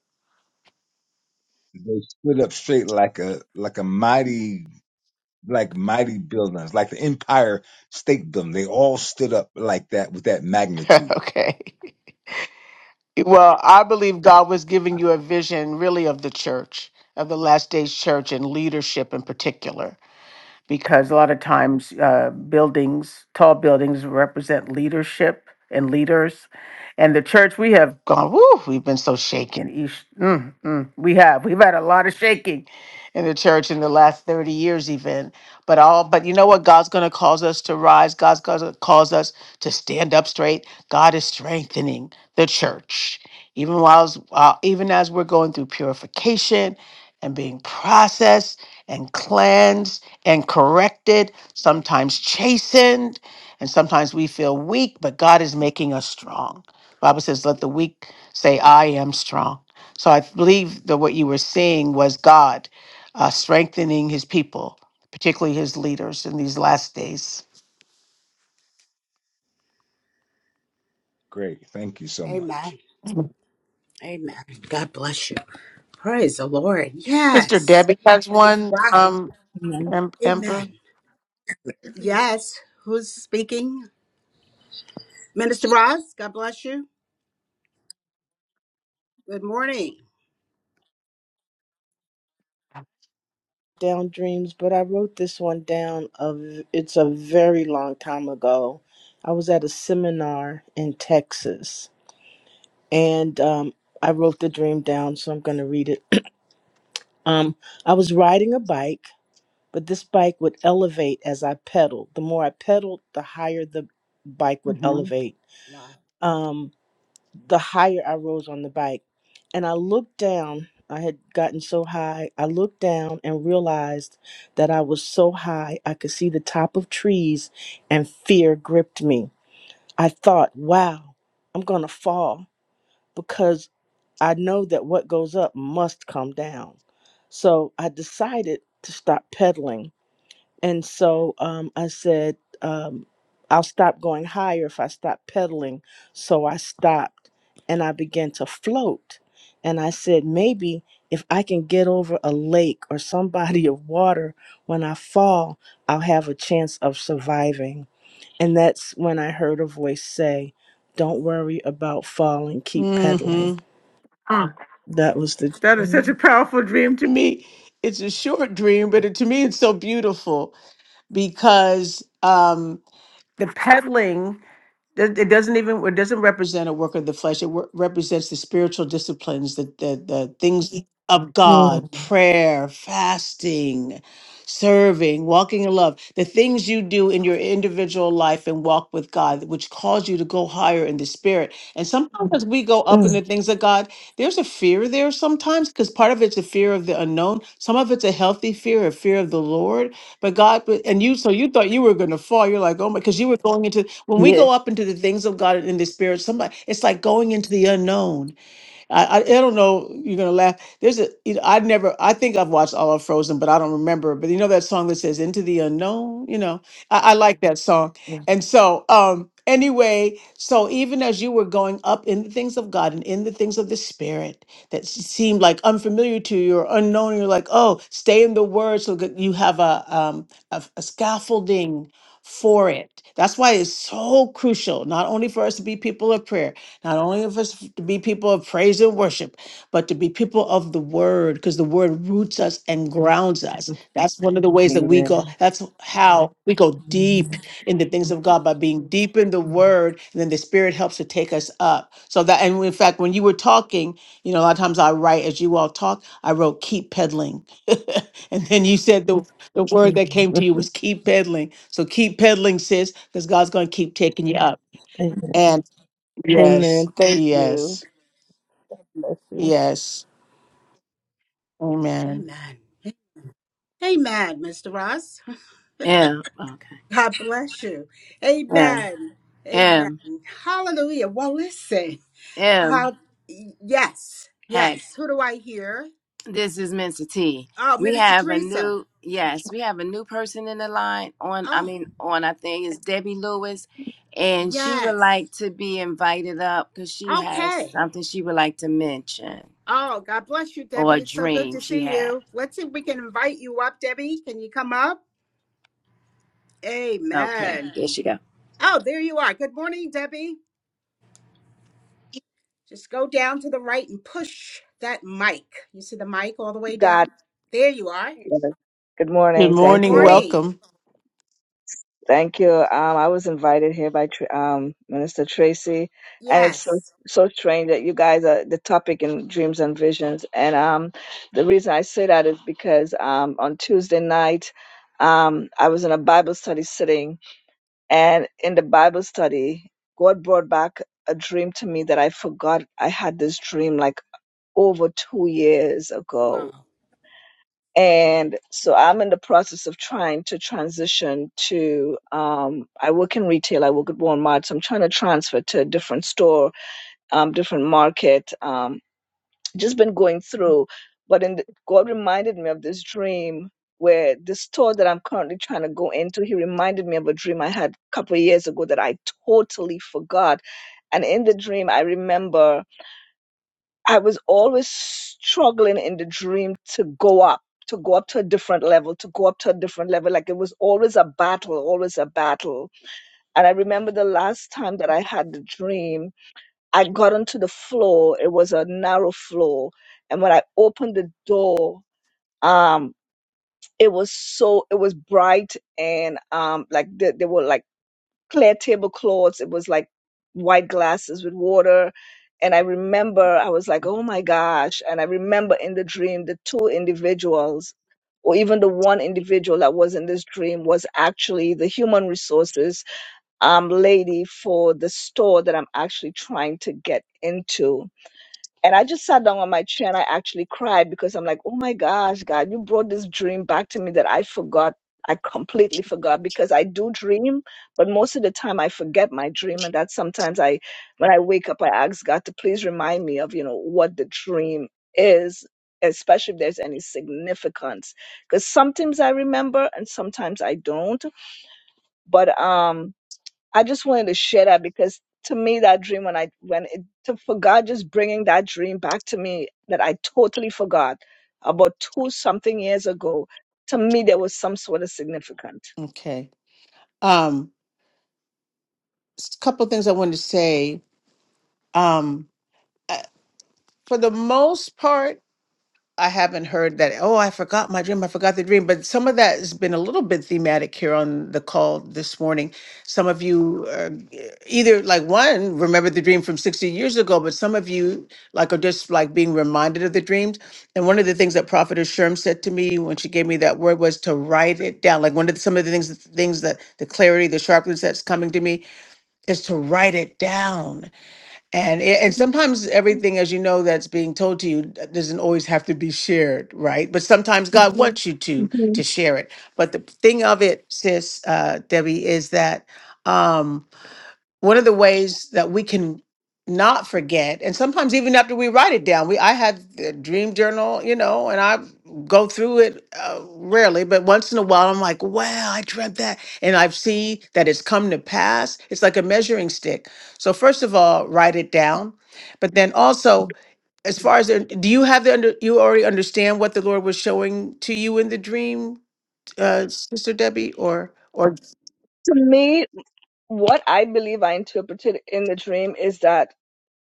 S13: They stood up straight like a like a mighty like mighty buildings, like the Empire State Building. They all stood up like that with that magnitude.
S3: okay. Well, I believe God was giving you a vision, really, of the church, of the last days church, and leadership in particular. because a lot of times uh, buildings, tall buildings, represent leadership and leaders. And the church, we have gone, woo, we've been so shaken. Eesh, mm, mm, we have. We've had a lot of shaking in the church in the last 30 years, even. But all, but you know what? God's going to cause us to rise. God's going to cause us to stand up straight. God is strengthening the church. Even while, uh, even as we're going through purification and being processed and cleansed and corrected, sometimes chastened, and sometimes we feel weak, but God is making us strong. Bible says, let the weak say, I am strong. So I believe that what you were seeing was God uh, strengthening his people, particularly his leaders in these last days.
S13: Great. Thank you so much.
S1: Amen. Amen. God bless you. Praise the Lord.
S3: Sister
S1: Yes.
S3: Debbie has one,
S1: Wow.
S3: um,
S14: Amen.
S3: Em- Ember.
S1: Amen. Yes. Who's speaking? Minister Ross, God bless you. Good morning.
S14: down dreams, but I wrote this one down of it's a very long time ago. I was at a seminar in Texas and um, I wrote the dream down, so I'm going to read it. um, I was riding a bike, but this bike would elevate as I pedaled. The more I pedaled, the higher the bike would
S3: hmm
S14: elevate.
S1: Wow.
S14: Um, the higher I rose on the bike. And I looked down, I had gotten so high. I looked down and realized that I was so high, I could see the top of trees, and fear gripped me. I thought, wow, I'm going to fall because I know that what goes up must come down. So I decided to stop pedaling and so um, I said, um, I'll stop going higher if I stop pedaling. So I stopped and I began to float. And I said, maybe if I can get over a lake or some body of water when I fall, I'll have a chance of surviving. And that's when I heard a voice say, Don't worry about falling, keep pedaling.
S3: hmm
S14: That was the
S3: That is such
S14: dream.
S3: a powerful dream to me. It's a short dream, but it, to me, it's so beautiful because um, the peddling. It it doesn't even it doesn't represent a work of the flesh. It wo- represents the spiritual disciplines, the the, the things Mhm. of
S14: Mm,
S3: God, prayer, fasting, serving, walking in love, the things you do in your individual life and walk with God, which cause you to go higher in the spirit. And sometimes as we go up in the
S14: mm.
S3: things of God, there's a fear there sometimes because part of it's a fear of the unknown. Some of it's a healthy fear, a fear of the Lord but God, put- and you, so you thought you were going to fall. You're like, oh my, because you were going into, when we
S14: Yeah.
S3: go up into the things of God in the spirit, somebody, it's like going into the unknown. I, I I don't know. You're gonna laugh. There's a you know I never I think I've watched all of Frozen, but I don't remember. But you know that song that says "Into the Unknown." You know I, I like that song. And so um anyway, so even as you were going up in the things of God and in the things of the Spirit that s- seemed like unfamiliar to you or unknown, you're like, oh, stay in the Word so that you have a um a, a scaffolding for it. That's why it's so crucial, not only for us to be people of prayer, not only of us to be people of praise and worship, but to be people of the word, because the word roots us and grounds us. That's one of the ways that we go.
S14: Amen.
S3: That's how we go deep
S14: Mhm.
S3: in the things of God by being deep in the word. And then the spirit helps to take us up. So that, and in fact, when you were talking, you know, a lot of times I write as you all talk, I wrote keep peddling. and then you said the, the word that came
S14: Mhm.
S3: to you was keep peddling. So keep peddling, sis, because God's going to keep taking you up. Yes.
S14: Amen. Thank you.
S3: Yes.
S14: Bless you.
S3: Yes. Amen.
S1: Amen. Amen, Mr. Ross.
S2: M. Okay.
S1: God bless you.
S2: M.
S1: Amen. Amen.
S2: M.
S1: Hallelujah. Well, listen. Uh, yes.
S2: M.
S1: Yes. Who do I hear?
S2: This is Mr. T.
S1: Oh,
S2: We
S1: Minister
S2: have a
S1: Teresa.
S2: new yes, we have a new person in the line on I
S1: Oh,
S2: mean on I think is Debbie Lewis and she would like to be invited up because she has
S1: okay.
S2: something she would like to mention
S1: Oh, God bless you,
S2: or
S1: Debbie.
S2: a
S1: It's so good
S2: dream
S1: to
S2: she
S1: see
S2: had.
S1: you. Let's see if we can invite you up, Debbie. Can you come up?
S2: Okay,
S1: Amen.
S2: there she go.
S1: Oh, there you are. Good morning, Debbie. Just go down to the right and push that mic. You see the mic all the way
S15: God.
S1: down? There you are.
S15: Good
S3: Good
S15: morning.
S1: Good
S15: Thank
S3: morning.
S15: you.
S1: morning.
S3: Welcome.
S15: Thank you. Um, I was invited here by Tr- um, Minister Tracy, and it's so,
S1: Yes.
S15: so strange that you guys are the topic in dreams and visions. And um, the reason I say that is because um, on Tuesday night, um, I was in a Bible study sitting, and in the Bible study, God brought back a dream to me that I forgot I had this dream like over two years ago
S1: Wow.
S15: and so i'm in the process of trying to transition to um, i work in retail i work at walmart so i'm trying to transfer to a different store um, different market um, just been going through but in the, god reminded me of this dream where the store that i'm currently trying to go into he reminded me of a dream i had a couple of years ago that i totally forgot and in the dream i remember I was always struggling in the dream to go up, to go up to a different level, to go up to a different level. Like it was always a battle, always a battle. And I remember the last time that I had the dream, I got onto the floor. It was a narrow floor. And when I opened the door, um, it was so, it was bright and um, like there, there were like clear tablecloths. It was like white glasses with water. And I remember I was like, oh my gosh. And I remember in the dream, the two individuals, or even the one individual that was in this dream, was actually the human resources um, lady for the store that I'm actually trying to get into and I just sat down on my chair and I actually cried because I'm like, oh my gosh, God, you brought this dream back to me that I forgot. I completely forgot because I do dream, but most of the time I forget my dream. And that sometimes I, when I wake up, I ask God to please remind me of, you know, what the dream is, especially if there's any significance. Because sometimes I remember and sometimes I don't. But, um, I just wanted to share that because to me that dream when I when it to, for God just bringing that dream back to me that I totally forgot about two something years ago. To me, there was some sort of significant.
S3: Okay. Um, a couple things I wanted to say. Um, uh, for the most part. I haven't heard that, oh, I forgot my dream, I forgot the dream. But some of that has been a little bit thematic here on the call this morning. Some of you uh, e- either like one remember the dream from 60 years ago, but some of you like are just like being reminded of the dreams. And one of the things that Prophetess Sherm said to me when she gave me that word was to write it down. Like one of the, some of the things things that the clarity, the sharpness that's coming to me is to write it down and it, and sometimes everything, as you know, that's being told to you uh, doesn't always have to be shared, right? But sometimes God Mhm. wants you to
S15: Mhm.
S3: to share it. But the thing of it, sis uh, Debbie, is that. Um, one of the ways that we can not forget and sometimes even after we write it down we i had a dream journal you know and i go through it uh, rarely but once in a while i'm like wow i dreamt that and i see that it's come to pass it's like a measuring stick so first of all write it down but then also as far as the- do you have the under you already understand what the lord was showing to you in the dream uh sister debbie or or
S15: To me, what I believe I interpreted in the dream is that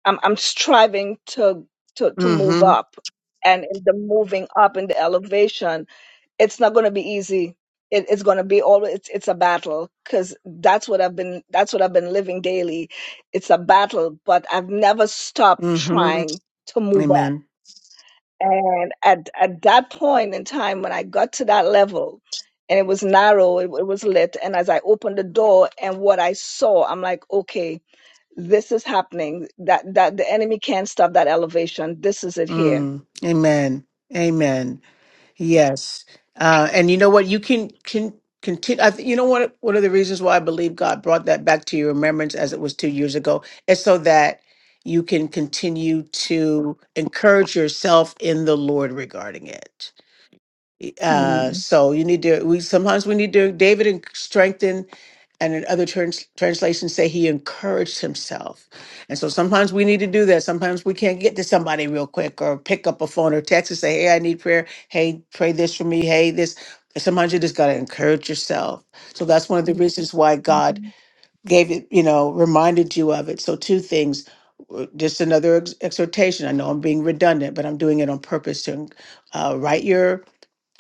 S15: I'm I'm striving to to to move
S3: mm-hmm
S15: up, and in the moving up in the elevation, it's not going to be easy. It, it's going to be always it's, it's a battle because that's what I've been that's what I've been living daily. It's a battle, but I've never stopped
S3: mm-hmm
S15: trying to move up.
S3: amen
S15: And at at that point in time when I got to that level. And it was narrow, it, it was lit. And as I opened the door and what I saw, I'm like, okay, this is happening. That that the enemy can't stop that elevation. This is it here.
S3: Mm, amen. Amen. Yes. Uh, and you know what? You can can continue. I th- you know what? One of the reasons why I believe God brought that back to your remembrance, as it was two years ago, is so that you can continue to encourage yourself in the Lord regarding it. Uh,
S15: Mm.
S3: so you need to. We sometimes we need to. David en- strengthened, and in other trans, translations say he encouraged himself. And so sometimes we need to do that. Sometimes we can't get to somebody real quick, or pick up a phone or text and say, "Hey, I need prayer. Hey, pray this for me. Hey, this." Sometimes you just gotta encourage yourself. So that's one of the Mhm. reasons why God
S15: Mhm.
S3: gave it. You know, reminded you of it. So two things. w- Just another ex- exhortation. I know I'm being redundant, but I'm doing it on purpose to uh, write your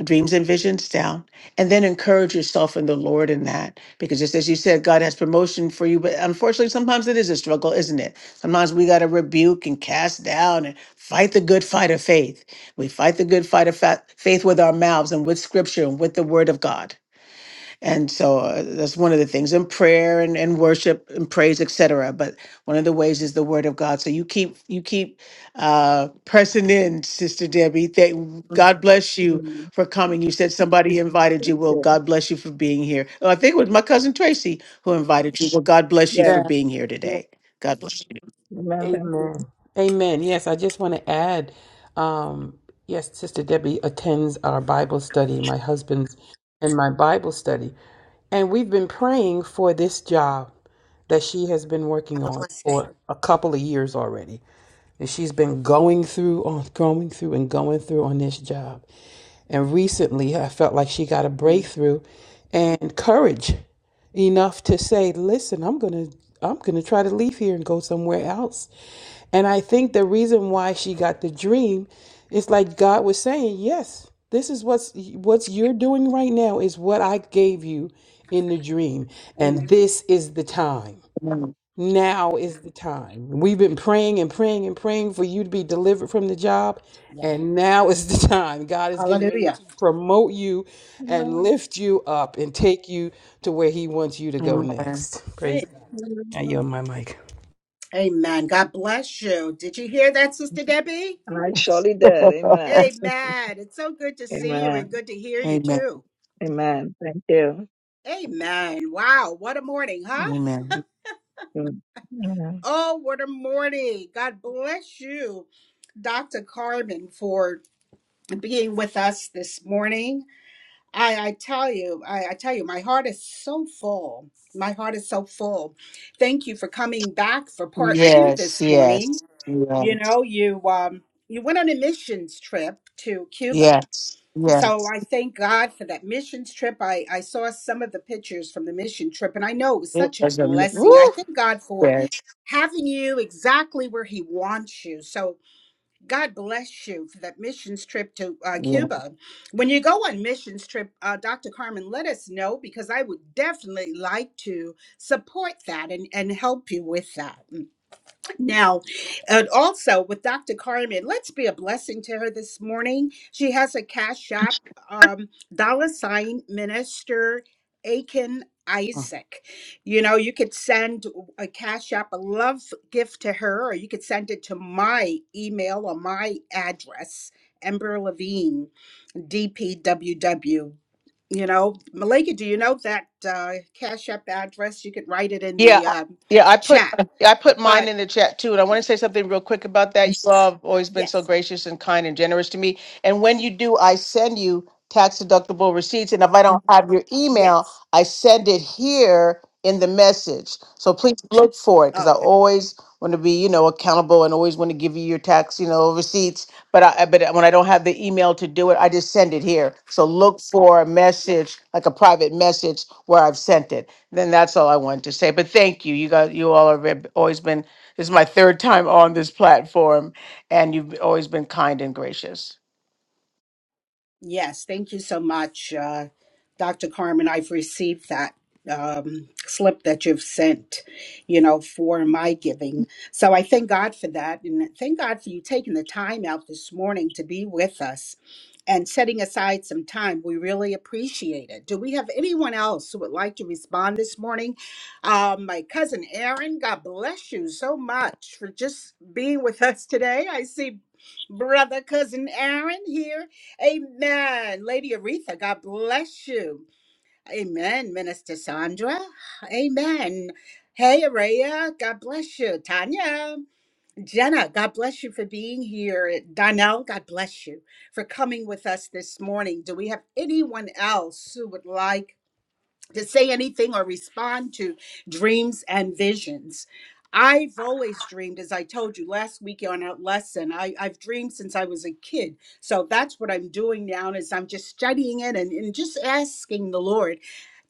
S3: dreams and visions down and then encourage yourself in the lord in that because just as you said god has promotion for you but unfortunately sometimes it is a struggle isn't it sometimes we got to rebuke and cast down and fight the good fight of faith we fight the good fight of fa- faith with our mouths and with scripture and with the word of god and so uh, that's one of the things in prayer and, and worship and praise etc but one of the ways is the word of god so you keep you keep uh pressing in sister debbie thank god bless you
S15: Mm.
S3: for coming you said somebody invited you
S15: Thank
S3: well
S15: you.
S3: god bless you for being here oh, i think it was my cousin tracy who invited you well god bless you
S15: Yes.
S3: for
S5: Yeah,
S3: being here
S5: yeah.
S3: today god bless you
S15: Amen. Thank you.
S5: Amen. Amen. Yes, I just want to add, um, yes, Sister Debbie attends our Bible study, my husband's and my Bible study. And we've been praying for this job that she has been working
S1: Have a
S5: on
S1: blessed day.
S5: for a couple of years already. And she's been going through on going through and going through on this job. And recently I felt like she got a breakthrough and courage. enough to say, listen, I'm going to I'm going to try to leave here and go somewhere else. And I think the reason why she got the dream is like God was saying, yes, this is what's what's you're doing right now is what I gave you in the dream
S1: Amen.
S5: and this is the time.
S3: Amen.
S5: Now is the time. We've been praying and praying and praying for you to be delivered from the job.
S1: Yeah.
S5: And now is the time. God is getting ready to
S1: Hallelujah.
S5: promote you and
S15: Amen.
S5: lift you up and take you to where He wants you to go
S3: Amen.
S5: next. Praise
S1: Hey.
S5: God. I
S15: Amen.
S5: yield my mic.
S1: Amen. God bless you. Did you hear that, Sister Debbie?
S15: And I surely did. Amen.
S1: Amen. It's so good to see you and
S15: Amen.
S1: good to hear you
S3: Amen.
S1: too.
S15: Amen. Thank you.
S1: Amen. Wow. What a morning, huh?
S3: Amen.
S15: Mm.
S1: Oh, what a morning. God bless you, Dr. Carmen, for being with us this morning. I, I tell you, I, I tell you, my heart is so full. My heart is so full. Thank you for coming back for part two
S3: Yes,
S1: this morning.
S3: yes,
S1: You
S3: yes,
S1: know, you um, you went on a mission trip to Cuba.
S3: yes,
S1: So
S3: yes.
S1: I thank God for that missions trip. Of the no, it was
S3: It
S1: such a
S3: was a
S1: blessing, and I
S3: woo.
S1: thank God for
S3: Yes,
S1: having you exactly where He wants you. So God bless you for that missions trip to uh,
S3: yes.
S1: Cuba. When you go on missions trip, uh, Dr. Carmen, let us know because I would definitely like to support that and and help you with that. Now, and also with Dr. Carmen, let's be a blessing to her this morning. She has a cash app, um, dollar sign minister Aiken Isaac. You know, you could send a cash app, a love gift to her, or you could send it to my email or my address, Ember Levine, DPWW. You know, Malika, do you know that uh, cash app address? You could write it in
S3: Yeah,
S1: the um,
S3: yeah, I put
S1: chat.
S3: I put mine
S1: But
S3: in the chat too, and I want to say something real quick about that. You all have always been
S1: yes.
S3: so gracious and kind and generous to me. And when you do, I send you tax deductible receipts, and if I don't have your email,
S1: Yes.
S3: I send it here in the message. So please look for it because I
S1: Okay.
S3: always want to be you know accountable and always want to give you your tax you know receipts. But I I- but when I don't have the email to do it, I just send it here. So look for a
S1: Right.
S3: message like a private message where I've sent it. Then that's all I wanted to say. But thank you. You guys, you all have been- always been. This is my third time on this platform, and you've always been kind and gracious.
S1: Yes. Thank you so much, uh, Dr. Carmen. I've received that um, slip that you've sent, you know, for my giving. So I thank God for that. And thank God for you taking the time out this morning to be with us and setting aside some time. We really appreciate it. Do we have anyone else who would like to respond this morning? Um, my cousin Aaron, God bless you so much for just being with us today. I see Brother Cousin Aaron here. Amen. Lady Aretha, God bless you. Amen. Minister Sandra. Amen. Hey, Araya, God bless you. Tanya, Jenna, God bless you for being here. Donnell, God bless you for coming with us this morning. Do we have anyone else who would like to sing or respond to dreams and visions? I've always last week on our lesson. I, I've dreamed since I was a kid. So that's what I'm doing now is I'm just studying it and, and just asking the Lord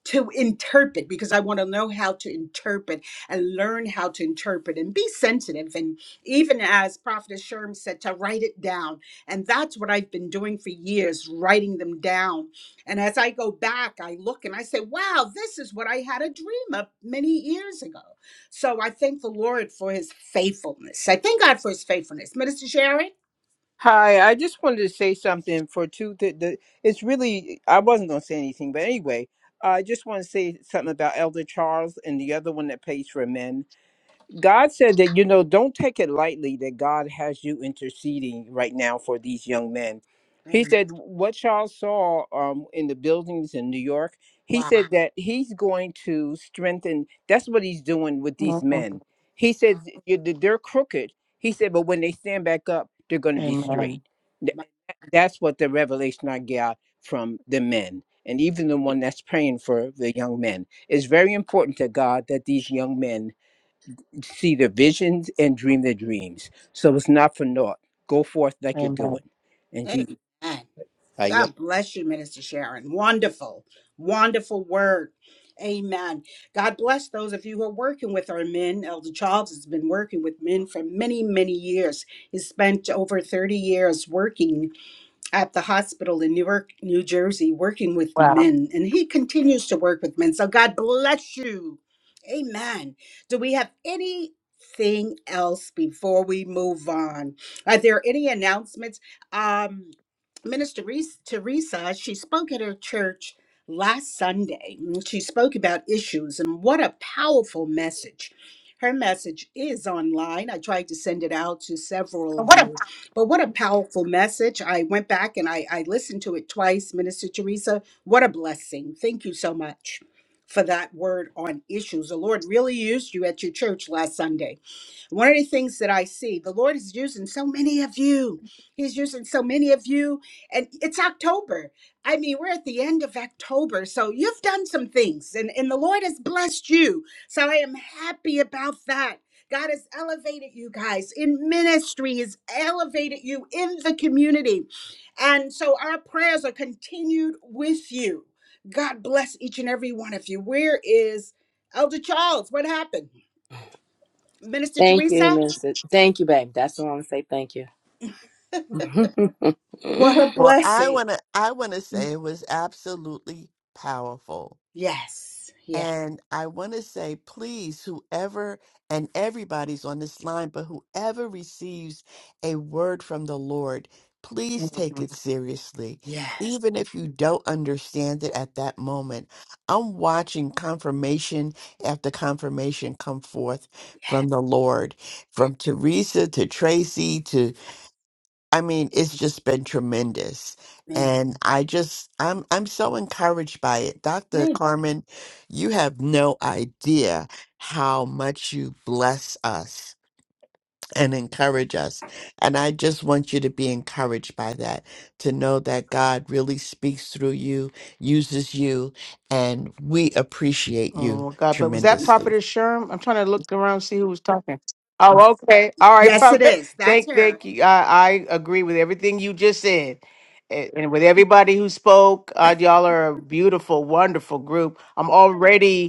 S1: to interpret because I want to know how to interpret and learn how to interpret and be sensitive. And even as Prophet Sherm said, to write it down. And that's what I've been doing for years, writing them down. And as I go back, I look and I say, wow, this is what I had a dream of many years ago. So I thank the Lord for his faithfulness. I thank God for his faithfulness. Minister Sharon?
S4: Hi, I just wanted to say something for two. The, the it's really I wasn't going to say anything, but anyway, I just want to say something about Elder Charles and the other one that pays for men. God said that, you know, don't take it lightly that God has you interceding right now for these young men. He
S1: Amen.
S4: said, what y'all saw um, in the buildings in New York, he
S1: Wow.
S4: said that he's going to strengthen. That's what he's doing with these
S3: Mhm.
S4: men. He said "You- th- they're crooked. He said, but when they stand back up, they're going to be
S3: Amen.
S4: straight. Th- That's what the revelation I got from the men. And even the one that's praying for the young men. It's very important to God that these young men see their visions and dream their dreams. So it's not for naught. Go forth like you're
S3: Amen.
S4: doing. And Jesus,
S1: Amen.
S4: I yield.
S1: God bless you, Minister Sharon. Wonderful, wonderful word. Amen. God bless those of you who are working with our men. Elder Charles has been working with men for many, many years. He spent over 30 years working at the hospital in Newark, New Jersey, working with
S3: Wow.
S1: men, and he continues to work with men. So God bless you. Amen. Do we have anything else before we move on? Are there any announcements? Um, Minister Rees- Teresa, she spoke at her church last Sunday. and She spoke about issues, and what a powerful message. Her message is online. I tried to send it out to several of
S3: What a
S1: you, but what a powerful message. I went back and I, I listened to it twice, Minister Teresa. What a blessing. Thank you so much for that word on issues. The Lord really used you at your church Sunday one of the things that I see, the Lord is using so many of you. He's using so many of you. And it's October. I mean, we're at the end of October. So you've done some things, and, and the Lord has blessed you. So I am happy about that. God has elevated you guys in ministry, He's elevated you in the community. And so our prayers are continued with you. God bless each and every one of you. Where is Elder Charles? What happened? Minister
S2: Thank you,
S1: Teresa?
S2: Mr. Thank you, babe. That's what I want to say. Thank you.
S1: What a
S8: Well, I
S1: blessing.
S8: want to I want to say it was absolutely powerful
S1: Yes, yes,
S8: And I want to say, please, whoever and everybody's on this line, but whoever receives a word from the Lord, please take it seriously.
S1: yes,
S8: Even if you don't understand it at that moment, I'm watching confirmation after confirmation come forth from the Lord,
S1: yes.
S8: from Teresa to Tracy I mean, it's just been tremendous.
S1: Amen.
S8: And I just I'm I'm so encouraged by it. Dr.
S1: Amen.
S8: Carmen, you have no idea how much you bless us and encourage us. And I just want you to be encouraged by that, to know that God really speaks through you, uses you, and we appreciate you
S3: Oh God. But was that
S8: tremendously.
S3: Prophetess Sherm? I'm trying to look around see who was talking. Oh, okay. All right,
S1: Yes, it
S3: Prophet.
S1: is. That's
S3: Thank,
S1: her.
S3: thank you. I, I agree with everything you just said. And and with everybody who spoke, uh, y'all are a beautiful, wonderful group. I'm already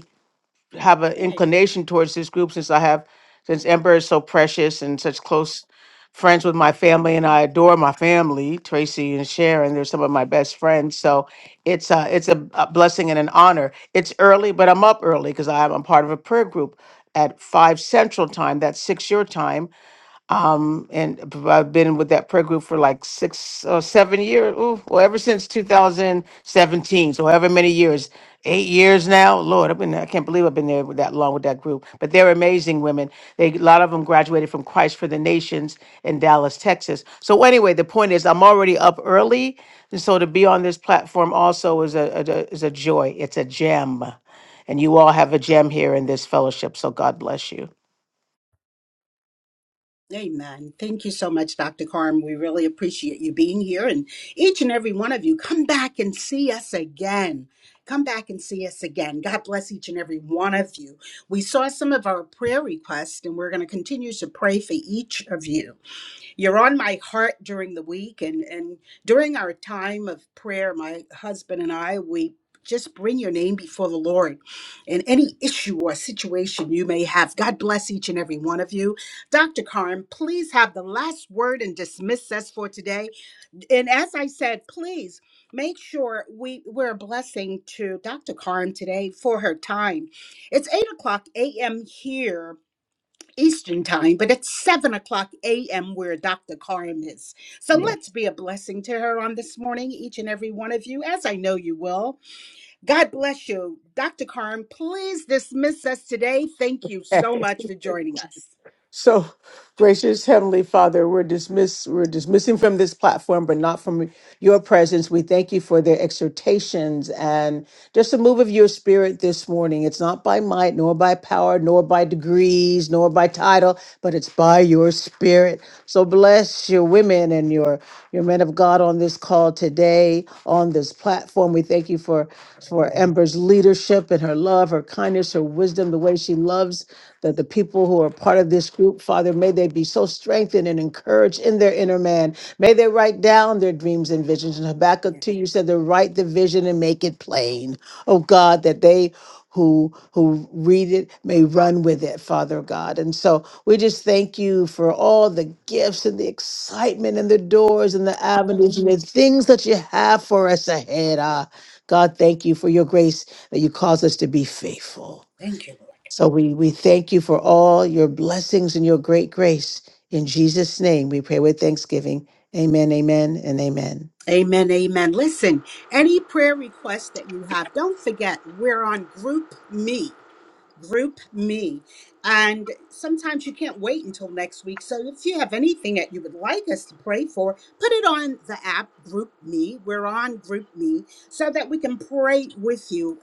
S3: have an
S1: Hey.
S3: inclination towards this group since I have since Ember is so precious and such close friends with my family and I adore my family, Tracy and Sharon. They're some of my best friends. So it's a, it's a, a blessing and an honor. It's early, but I'm up early because I'm a part of a prayer group at five central time. That's six your time um, and b- I've been with that prayer group for like six or seven years, ooh, well, ever since 2017. So however many years, eight years now. Lord, I've been there. I can't believe I've been there with that long with that group. But they're amazing women. They a lot of them graduated from Christ for the Nations in Dallas, Texas. So anyway, the point is, I'm already up early, and so to be on this platform also is a, a is a joy. It's a gem, and you all have a gem here in this fellowship. So God bless you.
S1: Amen. Thank you so much, Dr. Carm. We really appreciate you being here. And each and every one of you, come back and see us again. Come back and see us again. God bless each and every one of you. We saw some of our prayer requests, and we're going to continue to pray for each of you. you're on my heart during the week and and during our time of prayer my husband and i we just bring your name before the lord and any issue or situation you may have god bless each and every one of you dr carm please have the last word and dismiss us for today and as i said please make sure we we're a blessing to dr carm today for her time it's 8 o'clock am here Eastern time, but it's 7 o'clock a.m. where Dr. Karim is. So
S3: Yeah.
S1: let's be a blessing to her on this morning, each and every one of you, as I know you will. God bless you. Dr. Karim, please dismiss us today. Thank you so much for joining us.
S3: So, gracious Heavenly Father, we're dismiss we're dismissing from this platform, but not from your presence. We thank you for their exhortations and just a move of your spirit this morning. It's not by might, nor by power, nor by degrees, nor by title, but it's by your spirit. So bless your women and your your men of God on this call today, on this platform. We thank you for for Ember's leadership and her love, her kindness, her wisdom, the way she loves that the people who are part of this group, Father, may they be so strengthened and encouraged in their inner man. May they write down their dreams and visions. And
S1: Yeah.
S3: Habakkuk 2, you said to write the vision and make it plain. Oh God, that they who who read it may run with it, Father God. And so we just thank you for all the gifts and the excitement and the doors and the
S1: Hallelujah.
S3: avenues and the things that you have for us ahead. Ah, God, thank you for your grace that you cause us to be faithful.
S1: Thank you, Lord.
S3: So we, we thank you for all your blessings and your great grace. In Jesus' name, we pray with thanksgiving. Amen, amen, and amen.
S1: Amen, amen. Listen, any prayer requests that you have, don't forget we're on Group Me. Group me. And sometimes you can't wait until next week. So if you have anything that you would like us to pray for, put it on the app Group Me. We're on Group Me so that we can pray with you,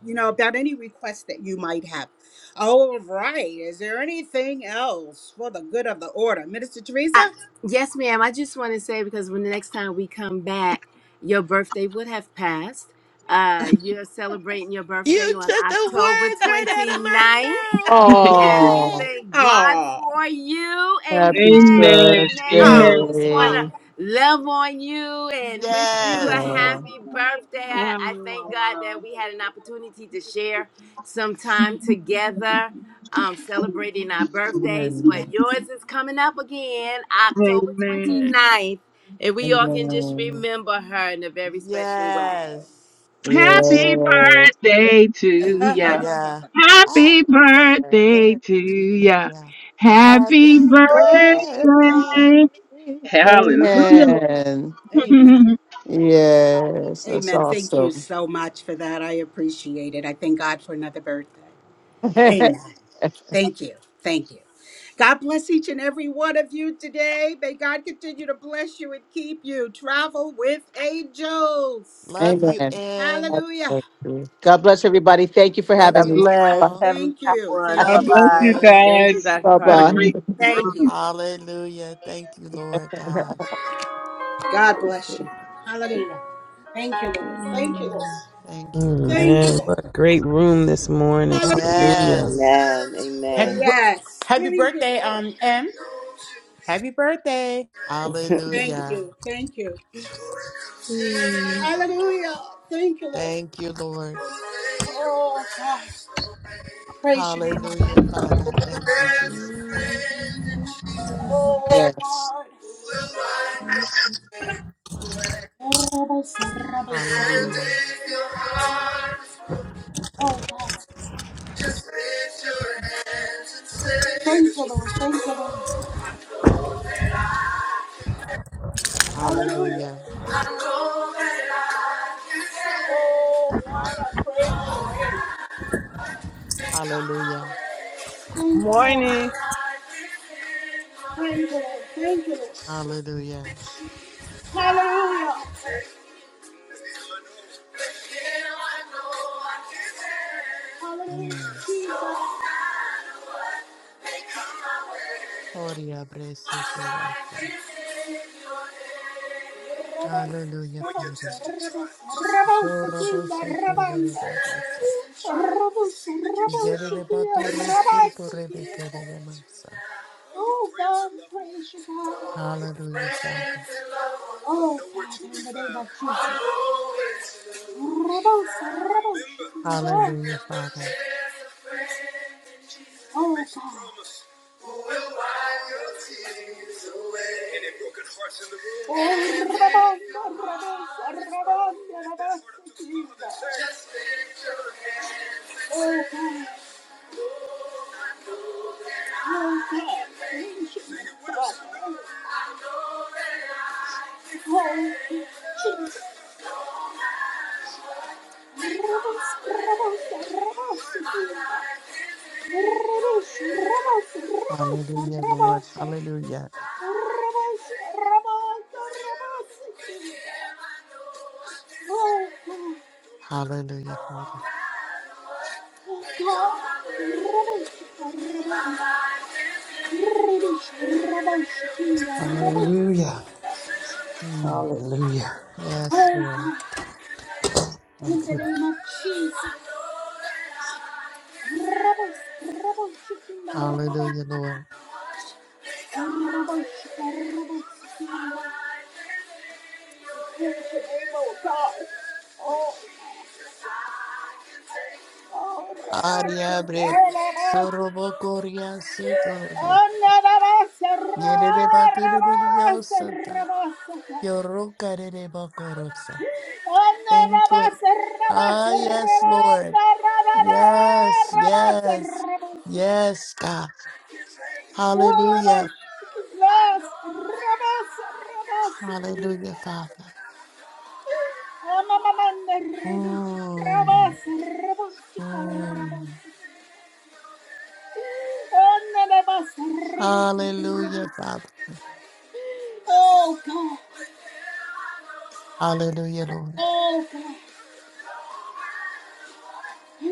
S1: you know, about any request that you might have. All right. Is there anything else for the good of the order? Minister
S2: I,
S1: Teresa?
S2: yes, ma'am. I just want to say because when the next time we come back, your birthday would have passed. Uh, you're celebrating your birthday
S8: You
S2: on
S8: took the
S2: October
S8: words right out
S2: 29th.
S8: of
S2: And we
S8: my mouth.
S3: Oh,
S8: Yay!
S2: thank God
S1: Oh,
S2: for you. Amen.
S3: happy
S5: Amen.
S2: Amen. So
S1: oh,
S5: Amen.
S2: we just want
S3: birthday.
S1: oh.
S2: to love on you and wish you a
S8: Yes.
S3: Oh,
S2: happy birthday. I, I
S5: Wow.
S2: thank God that
S5: wow.
S2: we had an opportunity to share some time together
S1: Yeah,
S2: um, celebrating our birthdays.
S1: yeah,
S2: But
S3: Amen.
S2: yours is coming up again,
S1: yeah.
S2: October
S5: Amen.
S2: 29th. And we all can just
S3: Amen.
S2: remember her in a very special way.
S8: Yes.
S3: Yes.
S5: Happy birthday to ya.
S8: Tia.
S5: Happy
S8: Happy
S5: birthday
S8: birthday,
S5: to ya.
S8: Tia.
S5: Happy
S8: Happy birthday.
S5: birthday. Hallelujah.
S3: Amen.
S1: Amen.
S5: God
S3: Yes, that's
S1: Amen. Thank you
S3: awesome.
S1: so much for that. I appreciate it. I thank God for another birthday. Amen. Thank you. Thank you. God bless each and every one of you today. May God continue to bless you and keep you. Travel with angels.
S8: Love you,
S3: Amen. God
S8: M.
S1: Hallelujah.
S3: bless you. God bless everybody. Thank you for
S8: Love
S14: God
S3: having
S8: you
S3: me.
S14: bless.
S3: Bye.
S8: all.
S14: Have a
S1: Thank
S14: great
S1: you.
S14: one.
S1: Thank
S14: Bye
S1: you.
S8: Bless
S5: bless
S14: bye.
S5: you
S8: you.
S2: Thank you,
S5: guys.
S2: Dr.
S5: What a
S3: Baba.
S2: Carmen.
S5: great
S1: Thank you.
S5: room.
S8: Hallelujah. Thank you, Lord God.
S1: God bless you. Hallelujah. Thank you, Lord. Thank you, Lord.
S8: Thank you,
S5: Mm,
S8: Lord.
S1: Thank you,
S5: man,
S1: Lord.
S5: what a great room this morning.
S1: Hallelujah.
S5: Hallelujah.
S8: Yes.
S9: Happy,
S2: Amen.
S9: bir-
S1: Yes.
S9: happy
S1: Thank you,
S9: birthday,
S1: Lord.
S9: um, M. Happy birthday.
S1: Thank
S8: Hallelujah.
S1: you. Thank you.
S2: Amen.
S1: Hallelujah. Thank you, Lord.
S8: Thank you, Lord.
S1: Oh, God. Praise your name, oh
S8: Hallelujah, Father.
S1: God.
S8: Thank you,
S1: Praise
S8: Jesus.
S3: Yes.
S1: your name.
S8: Hallelujah.
S1: Thank you.
S8: Hallelujah. Hallelujah.
S1: Oh,
S8: Hallelujah.
S1: hallelujah. Hallelujah.
S8: Mm.
S1: Jesus.
S8: Gloria, blessed be thy God. Hallelujah, Father. Zorro bose kerere bagasa. Zerere batoro suto rebe kerere masa.
S1: Oh God, we praise you, God.
S8: Hallelujah, Father.
S1: Oh, Father, in the name of Jesus. Rebels, rebels,
S8: Hallelujah, Father.
S1: Jesus. Oh, God. Oh, rebels, rebels, rebels, rebels, Jesus. Oh, God. Oh, God. Oh, Jesus. In the name of Jesus, Rabbos, Rabbos, Rabbos, Rabbos,
S8: Hallelujah, Lord. Hallelujah. Hallelujah, Father.
S5: Hallelujah.
S8: Mm.
S5: Hallelujah.
S8: Yes, Lord. Hallelujah, Lord.
S1: Rabbos, Rabbos, Rabbos, Rabbos, Rabbos,
S8: Ariabre. Zorro bocoria sito. Yerere batirere Yorokarerebakorosa. Thank you. Ah, yes, Lord. Yes, yes, yes, God. Hallelujah. Hallelujah, Father. Mm, mm. Hallelujah, Father.
S1: Oh, God.
S8: Hallelujah, Lord.
S1: Oh, God. Oh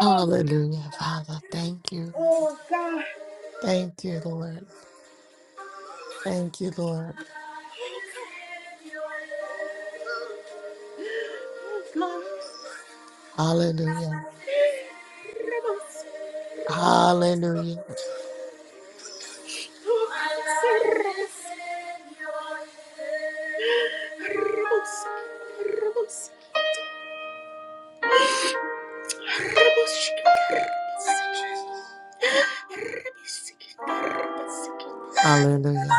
S8: Hallelujah, Father. Thank you.
S1: God.
S8: Thank you, Lord. Thank you, Lord. Hallelujah. Hallelujah. Hallelujah.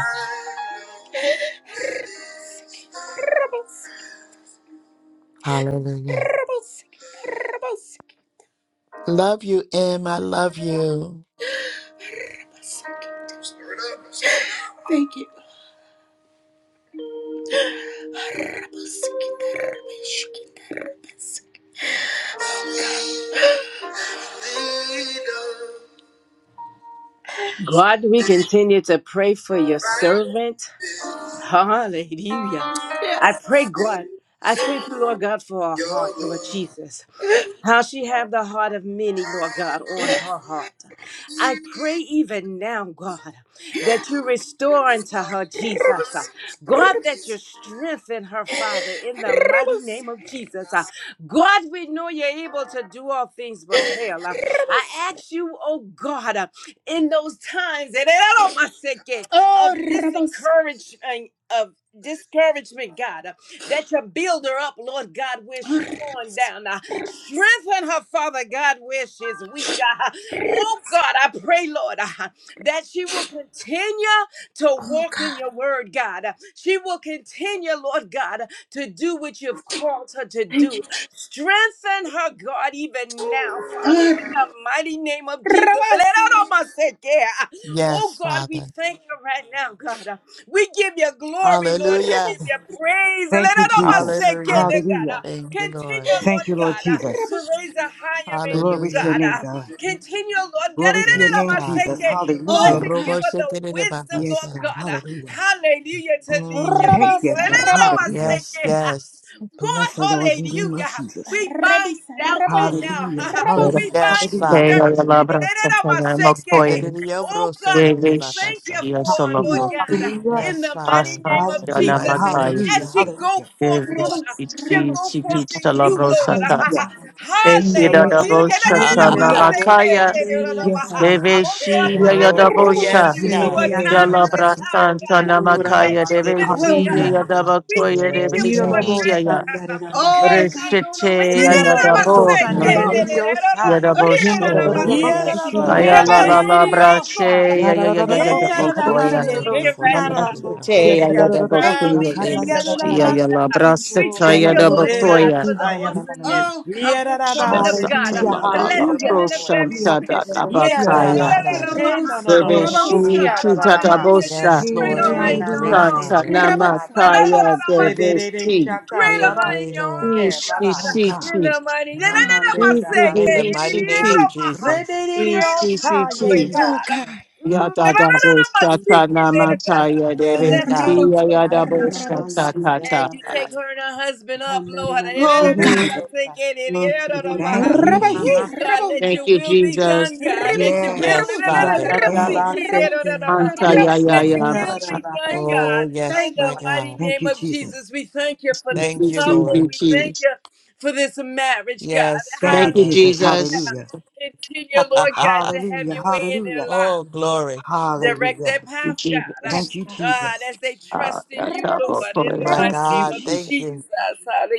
S8: Hallelujah. Love you, Em. I love you.
S1: Stir it up. Stir it up. Lead
S2: God, we continue to pray for your servant. Hallelujah. I
S1: Yes.
S2: pray, God. I thank you, Lord God, for her
S1: your
S2: heart, Lord
S1: love.
S2: Jesus. How she have the heart of many, Lord God, on her heart. I pray even now, God, that you restore unto her, Jesus. Uh, God, that you strengthen her, Father, in the mighty name of Jesus. Uh, God, we know you're able to do all things but fail. Uh, I ask you, oh God, uh, in those times, and I don't know my second, of disencouragement of discouragement, God, uh, that you build her up, Lord God, where she's torn down. Uh, strengthen her, Father God, where she's weak. Uh, oh, God, I pray, Lord, uh, that she will continue to walk in your word, God. Uh, She will continue, Lord God, uh, to do what you've called her to do. Strengthen her, God, even now, Father, in the mighty name of Jesus. Oh,
S8: Yes,
S2: God, we
S8: Father.
S2: thank you right now, God. uh, we give you glory, Lord. We give
S8: Hallelujah.
S2: you praise.
S10: Thank
S2: Let
S10: you,
S2: it almost
S10: Jesus.
S2: say, "Can
S8: Hallelujah.
S2: God, uh,
S10: Hallelujah.
S8: Thank you,
S2: Continue,
S8: Lord.
S10: Thank
S2: Lord
S10: you, Lord
S2: God, uh,
S10: Jesus.
S2: to raise a higher in you,
S10: Glory to your
S8: Hallelujah.
S2: God.
S10: name,
S2: uh,
S10: God.
S2: Continue, Lord God. Let
S10: Glory to your
S2: it
S8: Yes,
S10: name,
S2: almost
S8: God.
S2: say,
S10: Jesus.
S2: "Can God,
S8: So
S2: to
S10: Hallelujah.
S2: give
S8: robo
S2: us the
S8: shekere
S2: wisdom,
S10: Yes,
S2: Lord
S8: bakasa.
S10: God.
S2: God. uh,
S10: Hallelujah.
S2: Hallelujah, to lead your
S8: Mm.
S10: Thank
S1: Rabas,
S10: you,
S2: people. Let
S10: sir.
S2: it
S1: rabas,
S2: almost
S10: Hallelujah.
S2: say,
S8: Yes,
S2: "Can."
S8: yes.
S2: God,
S10: Bless the Lord in the name of
S2: hallelujah.
S10: Jesus.
S2: We bind
S1: rebis,
S2: doubt right
S1: rabos,
S2: now.
S10: Hallelujah.
S1: rabos.
S2: we
S10: Hallelujah.
S2: bind
S8: Yes,
S10: Hallelujah.
S3: Hey,
S8: Father.
S3: I
S2: discouragement.
S3: love her. I'm not
S8: In the
S3: going.
S8: name of
S2: Oh
S8: bro
S2: God, and
S8: shekere
S2: we
S3: Devish,
S2: thank you
S8: bakasa.
S3: you
S2: for
S3: solo
S2: Lord
S10: Hallelujah.
S3: bro.
S1: Oh
S2: God,
S1: God,
S2: in
S10: Hallelujah.
S8: Yes,
S2: the mighty
S8: Father.
S3: Asman,
S2: name of
S8: In
S3: you
S8: the
S3: na
S10: Hallelujah.
S8: mighty
S2: Jesus.
S8: name of
S3: makai.
S2: As
S10: Hallelujah.
S2: she
S8: Jesus.
S2: go
S10: Hallelujah.
S2: forth, Lord,
S3: Devish,
S1: rabos,
S2: she'll
S3: iti
S2: go
S1: rabos,
S3: siti
S10: Yes,
S2: forth
S10: God,
S2: in
S3: solo
S2: you,
S3: bro
S10: Jesus.
S2: Lord.
S3: sata.
S10: Hallelujah.
S3: Hey, you
S2: Hallelujah.
S3: da da
S10: Yes, God.
S9: Damahaya.
S3: bro sata
S9: Yine
S3: na
S9: de baba
S10: Hallelujah.
S3: makaya.
S9: hoşlan
S10: Yes, God.
S9: yasanda.
S10: Hall-
S2: Oh
S3: Devish,
S2: God, for how
S3: you
S8: oh,
S3: da
S2: you've
S9: Yıkanır
S3: bro
S1: rabos.
S2: proven
S9: olsun
S8: yes,
S10: Yeah,
S2: it to
S9: derdi
S2: her
S8: God.
S2: time
S10: yeah,
S9: yasanda.
S10: yeah.
S2: after time,
S3: santa
S2: God,
S3: na
S9: Uğra
S2: that
S8: Mhm.
S3: makaya.
S9: damam
S2: you're with
S9: derdi
S3: Devish,
S2: her,
S1: Oh
S3: you
S10: Hallelujah.
S3: da
S1: God,
S2: God.
S9: yasanda.
S3: bro
S2: We
S3: koye.
S2: thank you
S8: Yes,
S3: Devish,
S9: Yine de
S10: Yeah.
S2: for it
S9: baba
S8: God.
S2: right now.
S3: ya.
S9: hoşlan derdi
S1: oh
S2: Have thine
S1: God,
S2: own way.
S3: Restete,
S10: Yeah,
S3: you da
S9: Irarabo
S1: rabos,
S3: bro.
S10: Kododos,
S9: kosandere
S1: rabos,
S9: de
S10: Yandorodos,
S3: Mhm. You
S9: diosaye.
S1: rabos,
S8: Oh,
S10: Yandorodos,
S1: rebis,
S8: yes,
S9: Irarabo
S3: Aya
S2: Have
S8: Father.
S3: la
S1: rabas.
S3: la
S2: thine
S9: shandere
S10: Ikinananananos,
S9: de
S2: own
S3: la
S2: way, God.
S9: diosa.
S3: brashe ya ya ya ya ya
S10: Yadadadadados,
S3: ya
S2: Hey,
S1: Thank you,
S2: God,
S1: Jesus.
S3: bokoya.
S2: we
S8: Oh,
S9: Yendaramande
S2: thank you
S10: Shakadadadadados,
S8: robo
S2: right
S8: shekere
S2: now.
S9: hesiaramo
S3: Namaste ya
S8: bakasa.
S3: ya da
S9: tereyasa.
S10: Yandorodos,
S1: Thank
S2: Uh,
S1: you,
S2: we
S3: bokoya
S2: thank
S3: baby.
S1: Jesus.
S2: you, Lord
S3: Ya
S10: Shakananananas,
S3: ya
S2: Jesus.
S3: la
S9: Yanaramasi
S2: Uh,
S3: brashe
S2: We
S3: ta
S9: kiyoro
S2: thank
S3: ya
S2: you,
S3: da
S2: Lord
S10: Yalalalos,
S2: God,
S3: bokoya.
S2: for the
S9: matereyamahaya.
S2: awesomeness
S10: Ikinananananas.
S1: Oh, God.
S2: of this woman of
S9: Irarabase
S2: God. Uh,
S3: Shasata
S10: Hallelujah,
S3: la
S9: kena
S3: la
S2: Bless
S3: la
S9: nandero
S2: him
S10: hallelujah.
S2: in a
S9: rabohoya.
S2: very
S3: broshanta da
S2: special
S3: da
S10: Yatodos,
S2: way,
S8: Yes,
S3: bakaya.
S10: Yandorodos.
S9: Irarabase
S8: Father.
S2: God.
S9: kena
S1: Rebels,
S3: Baby
S9: nonomo
S10: Oh,
S2: Oh
S1: rebels,
S10: God.
S3: she
S2: God,
S3: kita da
S9: sikiyararabaha.
S2: hallelujah.
S1: rebels,
S2: Just
S3: bosa.
S8: Yes, Lord.
S10: Hey,
S2: cradle her
S8: We
S2: in your
S8: agree,
S10: hallelujah.
S2: arms,
S9: Yenamande
S3: Santa
S8: Father.
S2: Jesus.
S1: rebels,
S9: kiyarabas.
S3: namakaya
S1: rebels.
S3: baby
S9: Rebere de
S3: she.
S9: shaka
S8: We
S2: Cradle her in
S8: agree,
S9: rabande
S2: your
S8: Lord.
S2: arms,
S9: Shake
S3: Ishi
S2: God.
S9: rabande.
S10: Oh, God.
S2: In
S3: siti.
S2: the mighty la, la,
S1: Oh,
S2: la, la,
S1: God.
S9: Ramandere
S3: Ibi
S8: In the
S3: di
S9: Davasete.
S8: mighty
S3: ishi
S8: name of
S3: ti.
S8: Jesus.
S2: Cradle
S3: Ishi
S2: her,
S9: Rebeliosa,
S2: Father
S3: siti.
S10: We
S1: Oh,
S2: God.
S9: Yedidasa.
S1: God.
S2: Mm, la,
S3: Yada da
S2: la, la,
S3: bo shata
S10: Thank you.
S2: God.
S3: namataya deve.
S8: Yes,
S2: Bless her
S8: God.
S1: Rebels,
S3: Iya
S2: household,
S3: yada bo
S9: Adana
S1: rebels.
S3: shata
S9: Mahaya and
S2: as
S3: kata.
S9: Verna
S2: you take
S9: Mahaya.
S2: her and her husband up, Lord.
S9: Candana Mahaya,
S1: Oh,
S10: Thank
S3: Mhm,
S10: you.
S1: God.
S9: Yedidiosa.
S3: mhm.
S10: Thank you,
S8: Mm.
S1: Rebels,
S10: Jesus.
S9: Mama,
S2: Woo, God, let
S1: rebels,
S3: Thank
S2: your
S3: you,
S2: will be done,
S3: Jesus.
S2: God. Let
S1: rebels,
S2: your
S10: Yes,
S2: will
S8: Yes,
S1: rebels,
S8: Father.
S1: rebels,
S10: yes,
S1: rebels,
S9: Yadadabasete.
S3: Anta ya
S1: rebels.
S10: yes,
S3: ya
S2: let
S10: Lord.
S2: your
S3: ya
S2: will
S3: bacha.
S2: be
S9: Yadadabasete.
S2: done,
S1: Thank you,
S2: God.
S8: Oh,
S1: Lord.
S2: In
S8: yes,
S1: Thank you,
S8: my
S2: the
S1: Lord.
S2: mighty
S8: God.
S10: Thank
S2: name
S10: you,
S2: of
S10: Jesus.
S2: Jesus, we thank you for
S3: Thank
S2: this
S8: Thank you,
S2: couple.
S8: Lord.
S3: you,
S2: We thank
S3: Jesus.
S2: you for this marriage, God.
S8: Yes,
S10: Thank you,
S3: Thank you,
S8: Father.
S10: Jesus.
S2: Hallelujah.
S3: Jesus.
S10: Hallelujah.
S2: Continue, Lord God, to have
S10: Hallelujah.
S2: your way in their
S10: Hallelujah.
S8: oh,
S2: lives,
S8: glory.
S2: Direct
S10: Hallelujah.
S2: their path, God.
S10: Thank
S1: Yes,
S10: you,
S1: God.
S2: God,
S10: Jesus.
S2: as they
S3: Ah,
S2: trust in you,
S3: yata bo
S1: Rebels,
S2: Lord, in the
S8: My
S3: koya.
S2: mighty
S10: Thank
S1: rebels.
S2: name
S10: you,
S8: God.
S2: of
S8: Thank
S10: Jesus.
S8: you.
S2: Jesus.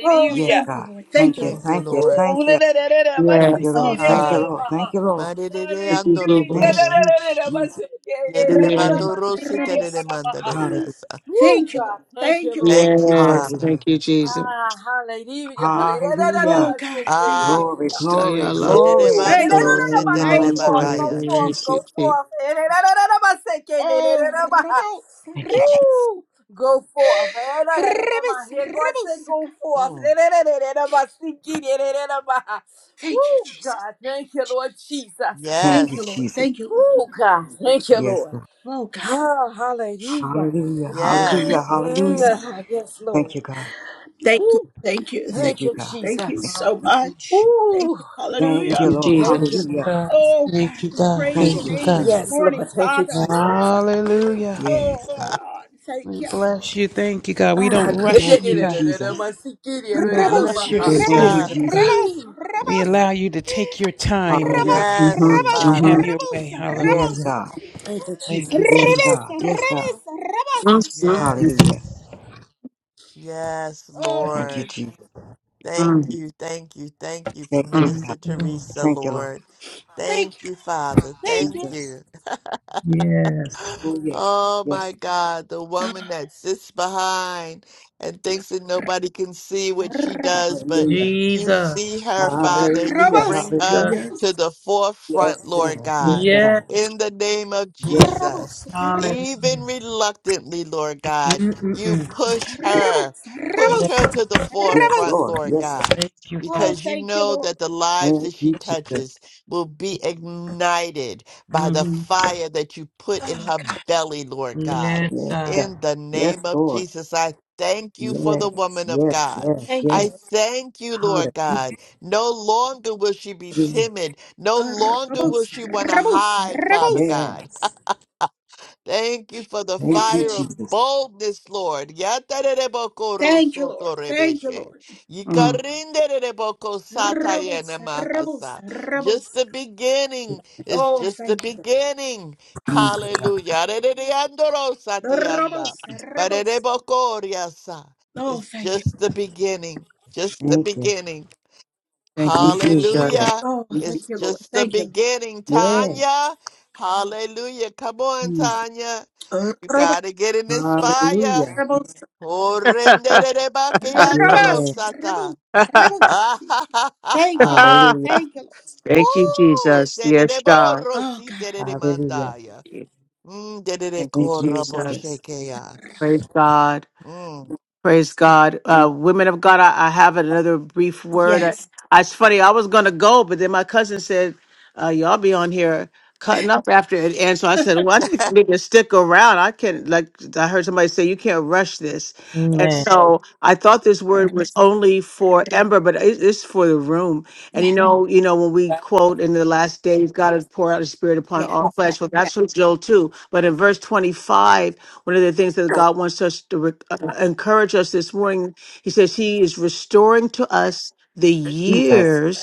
S1: Oh,
S10: Yes,
S1: thank you,
S10: God.
S1: Lord. Thank
S10: Thank
S1: you,
S10: you.
S1: Lord.
S8: Thank you,
S10: Thank you.
S8: Lord.
S2: Ooh,
S10: Thank
S2: la,
S10: you.
S2: la, la, la, la, ba,
S10: Thank
S2: si,
S10: you,
S3: Yes,
S1: Oh,
S2: ki,
S10: Lord.
S2: da,
S10: Thank
S2: da,
S1: thank
S10: you,
S1: you.
S8: Ah.
S2: da, ba,
S10: Lord. Thank
S2: ha.
S10: you, Lord.
S8: Madidide
S3: thank you,
S2: Hallelujah. La, la,
S8: andoroboshe.
S3: Jesus.
S10: Thank
S2: la,
S10: you,
S2: la, la, la, ba,
S10: Jesus.
S2: si, ki, da, da,
S8: Yedide
S2: da, da,
S1: Rebels,
S3: Yes,
S2: ba, si, ki,
S8: matorosite de
S2: da, da,
S1: rebels.
S2: da, ba, ha.
S10: Hallelujah.
S8: tedidemandadiriyasa.
S2: Ooh,
S1: Thank you, Lord.
S2: God, thank
S1: Thank
S2: you,
S1: you, Lord.
S2: Lord.
S8: Thank you,
S3: yes,
S8: Father.
S3: thank
S10: Hallelujah.
S3: you, Jesus.
S2: Ah, hallelujah. Hallelujah. Da, da, da,
S1: Oh
S10: Hallelujah.
S2: ba, si,
S1: God, I thank
S2: ki,
S8: Ah.
S1: you.
S2: da,
S10: Glory,
S2: da, da.
S10: glory,
S3: Staya la bo
S2: Woo!
S3: shata
S10: glory.
S3: ya
S1: Thank you,
S8: Zerebandoro
S1: Lord.
S2: Erererereba, Go
S1: Thank you.
S2: forth,
S10: Hallelujah.
S3: namatoya
S2: go
S8: seterebakaya.
S3: deve
S2: forth,
S10: Jesus.
S2: go
S3: shiti.
S2: forth. Erererereba,
S1: Oh,
S2: sekeleleleleba.
S1: robots,
S10: Thank you, Jesus.
S1: robots.
S2: Woo! Go forth. Erererereba. Here God said, go forth.
S8: Mm.
S2: Erererereba, sekeleleleleba. Woo, God, thank you, Lord Jesus.
S10: Thank you,
S8: Yes.
S10: Jesus.
S2: Woo, God, thank you,
S10: Yes,
S2: Lord.
S10: God.
S1: Oh,
S2: Ah, hallelujah.
S10: Hallelujah. Hallelujah.
S8: Yes.
S10: Hallelujah.
S2: Mm-mm. Yes,
S10: Thank
S2: Lord.
S10: you, God.
S1: thank,
S2: Woo,
S1: thank, thank
S10: Thank
S2: thank
S10: you,
S2: you,
S1: you.
S10: God.
S1: Thank you
S2: Jesus.
S1: so much. Thank
S2: Woo,
S1: you.
S10: Thank
S3: Thank
S1: Hallelujah.
S10: you,
S3: you,
S10: Lord.
S2: thank you,
S3: Jesus.
S10: Hallelujah.
S5: God,
S2: God.
S1: Oh
S5: thank
S1: God,
S5: you,
S1: we
S5: God.
S1: praise
S10: Thank
S1: your
S5: Thank
S10: you,
S5: you,
S1: name
S5: God.
S1: this
S10: Jesus.
S2: Yes, Lord.
S1: morning,
S2: Thank you,
S1: Father.
S2: Jesus.
S5: Hallelujah.
S1: Oh,
S10: Yes, God.
S5: We bless you. Thank you,
S2: Ah,
S5: God. We don't rush
S10: Thank
S5: you,
S10: you,
S5: God.
S10: Jesus.
S5: We don't rush your
S10: Thank you,
S8: Hallelujah.
S5: spirit, oh
S10: Jesus.
S5: God.
S2: Woo.
S5: We allow you to take your time, oh
S10: Hallelujah.
S5: God,
S3: Mm-hmm.
S8: Yes,
S10: Hallelujah.
S5: and
S3: Mm-hmm.
S5: have
S8: Father.
S5: your way.
S10: Yes,
S5: Hallelujah.
S10: God.
S2: Thank you,
S5: Thank you,
S2: Jesus.
S10: Yes,
S5: Jesus.
S8: Mm.
S10: God. Yes, God.
S3: Mm-hmm.
S10: Hallelujah.
S8: Yes. Yes,
S1: oh
S10: Thank you,
S8: Lord.
S10: Jesus.
S8: Thank
S3: Mm,
S8: you. Thank you. Thank you for
S10: Thank you,
S3: mm,
S5: Thank
S10: God.
S8: Minister
S5: you, Lord.
S8: Teresa,
S10: Thank you, Lord.
S8: Lord. Thank you, Father.
S1: thank
S8: Thank
S1: you.
S10: Jesus.
S8: you.
S10: Oh, yes.
S8: Oh my
S10: Yes.
S8: God, the woman that sits behind and thinks that nobody can see what she
S1: Robots,
S8: does, but
S10: Hallelujah.
S8: you
S5: Jesus.
S8: see her, Father, and you
S10: Hallelujah.
S1: robots,
S8: bring her
S5: God.
S10: Hallelujah.
S8: to the forefront,
S10: Yes,
S8: Lord
S10: Lord. Yes,
S8: God,
S10: God.
S5: Yes.
S8: in the name of
S10: Yes, Lord.
S8: Jesus.
S1: robots,
S5: Hallelujah.
S8: Even reluctantly, Lord God, you push her,
S1: robots,
S8: push her
S1: robots.
S8: to the
S10: Yes,
S8: forefront,
S1: robots.
S10: Lord.
S8: Lord
S10: Yes, Lord.
S8: God,
S5: Thank you,
S1: Oh,
S5: Father.
S8: because you
S1: thank you,
S8: know
S1: Lord.
S8: that the lives that
S10: Thank
S8: she
S10: you, Jesus.
S8: touches will be ignited by the
S5: Mhm.
S8: fire that you put in
S1: Oh
S8: her
S1: God,
S8: belly, Lord God.
S5: Yes,
S10: Yes, God.
S5: God.
S8: In the
S10: Yes,
S8: name of
S10: Lord.
S8: Jesus, I thank you for the
S10: Yes,
S8: woman of
S10: yes,
S8: God.
S10: yes,
S1: thank you,
S8: I
S10: yes.
S1: Lord.
S8: thank you, Lord
S10: Hallelujah.
S8: God. No longer will she be timid. No
S1: Uh,
S8: longer will
S1: Robots,
S8: she want to
S1: robots,
S8: hide, Father
S1: robots.
S8: God
S10: Yes.
S8: Thank you for the
S10: Thank
S1: Thank
S10: you,
S1: you,
S8: fire
S1: Lord.
S8: of
S10: Jesus.
S8: boldness, Lord.
S1: Thank you, Lord. Thank you,
S8: Yatarerebokorosotorebeshe.
S1: Lord.
S3: mm.
S8: Yikarindererebokosatayenamahasa. Just the beginning. It's just the beginning. Hallelujah. Arerereandorosatianda.
S1: That's,
S8: Barerebokoriasa.
S1: oh,
S8: It's
S1: thank you.
S8: just the beginning. Just the
S10: Thank you.
S8: beginning.
S3: Thank you, Jesus.
S8: Hallelujah.
S1: Oh, thank
S3: Thank you,
S8: It's just the
S1: you.
S8: beginning,
S10: Yes.
S8: Tanya. Hallelujah. Come on,
S10: Mm.
S8: Tanya.
S1: Uh,
S8: You gotta get in this fire.
S10: Hallelujah.
S1: rebels,
S8: Oh, rendere bakeandolo
S1: us,
S10: Yes.
S8: sata.
S1: rebels, rebels.
S8: Ah, ha, ha, ha,
S1: Thank you,
S8: ha.
S1: Lord.
S10: Hallelujah.
S1: Thank you, Lord.
S3: Thank you,
S8: Ooh,
S3: Jesus. Yes,
S8: sedere
S3: God.
S8: borro
S1: Oh,
S8: si
S1: God.
S8: terere
S10: Hallelujah.
S3: Thank
S8: mandaya.
S3: you,
S8: Mm, dedere
S3: Thank you,
S10: Thank you,
S8: corra
S3: Jesus.
S10: Jesus.
S8: poshekeya.
S3: Praise God.
S8: Mm.
S3: Praise God. Uh, women of God, I, I have another brief word. I,
S1: Yes,
S3: I- it's funny, I was going to go, but then my cousin said, uh, Y'all be on here cutting up after it. And so I said, Well, I think I need to stick around. I can't, like, I heard somebody say, You can't rush this. And
S5: Amen.
S3: so I thought this word was only for Ember, but it, it's for the room. And you
S1: yes,
S3: know, you know, when we quote in the last days, God has poured out his spirit upon
S1: yes,
S3: all
S1: yes,
S3: flesh. Well,
S1: yes.
S3: that's from Joel too. But in verse 25, one of the things that God wants us to re- uh, encourage us this morning, He says He is restoring to us the
S10: Jesus.
S3: years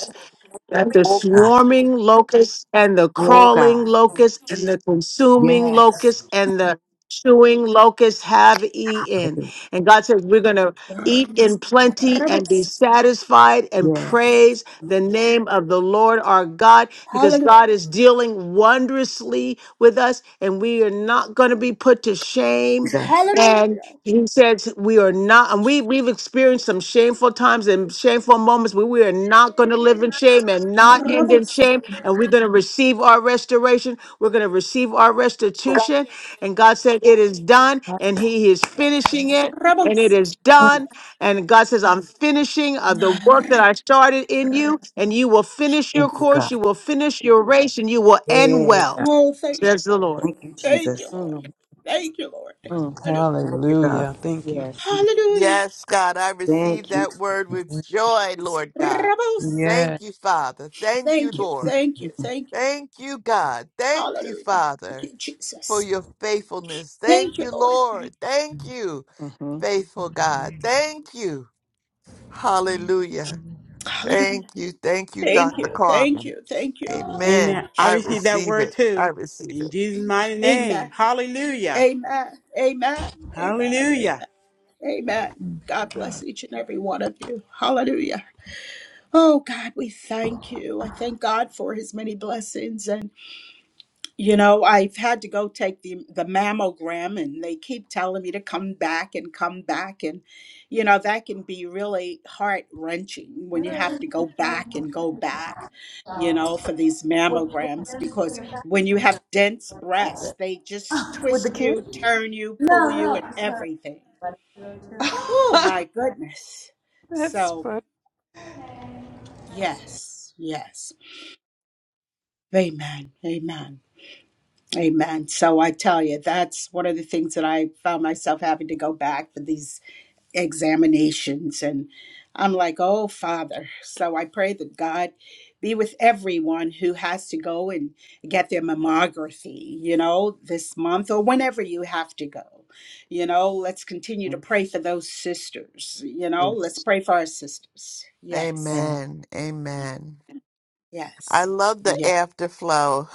S3: that the
S10: Oh, God.
S3: swarming locust and the
S10: Oh,
S3: crawling
S10: God.
S3: locust and the consuming
S10: Yes.
S3: locust and the chewing locust have eaten.
S10: Hallelujah.
S3: And God says, We're going to eat in plenty and be
S1: Rebels.
S3: satisfied and
S10: Yes,
S3: praise the name of the Lord our God because
S1: Hallelujah.
S3: God is dealing wondrously with us and we are not going to be put to shame
S10: Jesus.
S1: Hallelujah.
S3: he says we are not, and we we've experienced some shameful times and shameful moments where we are not going to live in shame and not end in
S1: Rebels.
S3: shame, and we're going to receive our restoration. We're going to receive our restitution, and God said it is done, and He is finishing it, and it is done, and God says I'm finishing uh, the work that I started in you, and you will finish your
S10: Thank you,
S3: course,
S10: God.
S3: you will finish your race, and you will end
S10: Yes,
S3: well,
S10: God.
S3: says the Lord.
S10: Thank you, Jesus.
S3: Mm,
S10: Thank you, God.
S5: Hallelujah. Thank you,
S3: mm,
S5: Jesus.
S8: Yes, God, I receive
S10: Thank you,
S8: that word with joy, Lord God. Thank
S5: Yes.
S8: you, Father. Thank you,
S1: Thank you,
S8: Lord.
S1: thank you,
S3: Mm.
S1: thank you.
S8: Thank you, God. Thank you,
S1: Hallelujah. Thank
S8: Father,
S1: you,
S8: for
S1: Jesus.
S8: your faithfulness. Thank
S1: Thank you,
S8: you,
S1: Lord.
S8: Lord. Thank you.
S3: Uh-huh.
S8: faithful God. Thank you. Hallelujah. Thank
S1: Hallelujah.
S8: you. Thank you,
S1: Thank
S8: Dr.
S1: you, thank
S8: Carmen.
S1: you, thank you.
S9: Amen.
S8: Amen.
S9: I
S8: I
S9: received that
S8: receive
S9: word
S8: it. I
S9: too.
S8: receive
S9: In
S8: it.
S9: Jesus' mighty
S1: Amen.
S9: name. Hallelujah.
S1: Amen. Amen. Amen. Amen.
S9: Hallelujah.
S1: Amen. God bless each and every one of you. Hallelujah. Oh God, we thank you. I thank God for his many blessings. And you know, I've had to go take the the mammogram and they keep telling me to come back and come back. And you know, that can be really heart wrenching when you have to go back and go back, you know, for these mammograms because when you have dense breasts, they just twist you, turn you, pull you, and everything. Oh my goodness.
S5: That's
S1: So
S5: fun.
S1: yes, yes. Amen. Amen. Amen. So I tell you, that's one of the things that I found myself having to go back for these examinations. And I'm like, oh, Father. So I pray that God be with everyone who has to go and get their mammography, you know, this month or whenever you have to go. You know, let's continue to
S3: Mm.
S1: pray for those sisters. You know, let's
S3: Yes.
S1: pray for our sisters. Yes.
S3: Yeah.
S8: Amen. Amen. I
S1: Yes.
S8: love the
S1: Yeah.
S8: afterflow.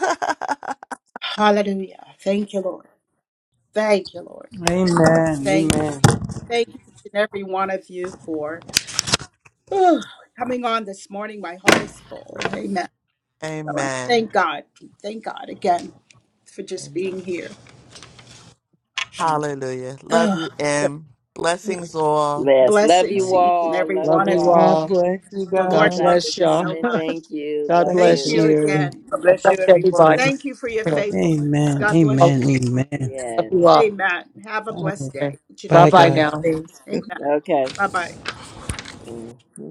S1: Hallelujah. Thank you, Lord. Thank you, Lord.
S5: Amen.
S1: Thank you.
S5: Amen.
S1: Thank each and every one of you for oh, coming on this morning. My heart is full. Amen. So I
S8: Amen.
S1: thank God. Thank God again for just
S8: Amen.
S1: being here.
S3: And
S8: Hallelujah. Love you,
S1: Ugh.
S8: M. Blessings all.
S2: Yes. Love
S1: blessings
S2: you
S3: Love
S1: to each and
S2: all.
S1: every
S2: Love
S1: one
S3: love
S2: you
S1: of
S3: you
S1: you.
S2: all.
S5: God
S3: all.
S5: bless you
S1: The
S3: God
S1: Lord
S5: guys.
S2: Dr.
S1: loves
S3: bless
S1: you
S3: y'all.
S1: so
S2: Carmen,
S1: much.
S2: thank you.
S3: God
S2: Love
S5: Such a
S1: Thank
S3: bless
S2: you.
S1: you
S3: you.
S5: blessing.
S1: again.
S4: God
S3: God
S4: bless you,
S3: bless
S4: everyone.
S3: everybody.
S1: Thank you for your
S3: Yeah.
S1: faithfulness.
S5: Amen.
S1: God bless you.
S5: Amen.
S3: Okay.
S5: Amen.
S3: Love
S2: Yes.
S3: you all.
S1: Amen. Have a
S5: All right.
S1: blessed day, each and
S3: Bye
S5: Bye,
S1: every
S3: bye
S1: one.
S5: guys.
S3: now.
S1: Amen.
S2: Okay.
S1: Bye bye.
S2: Mm-hmm.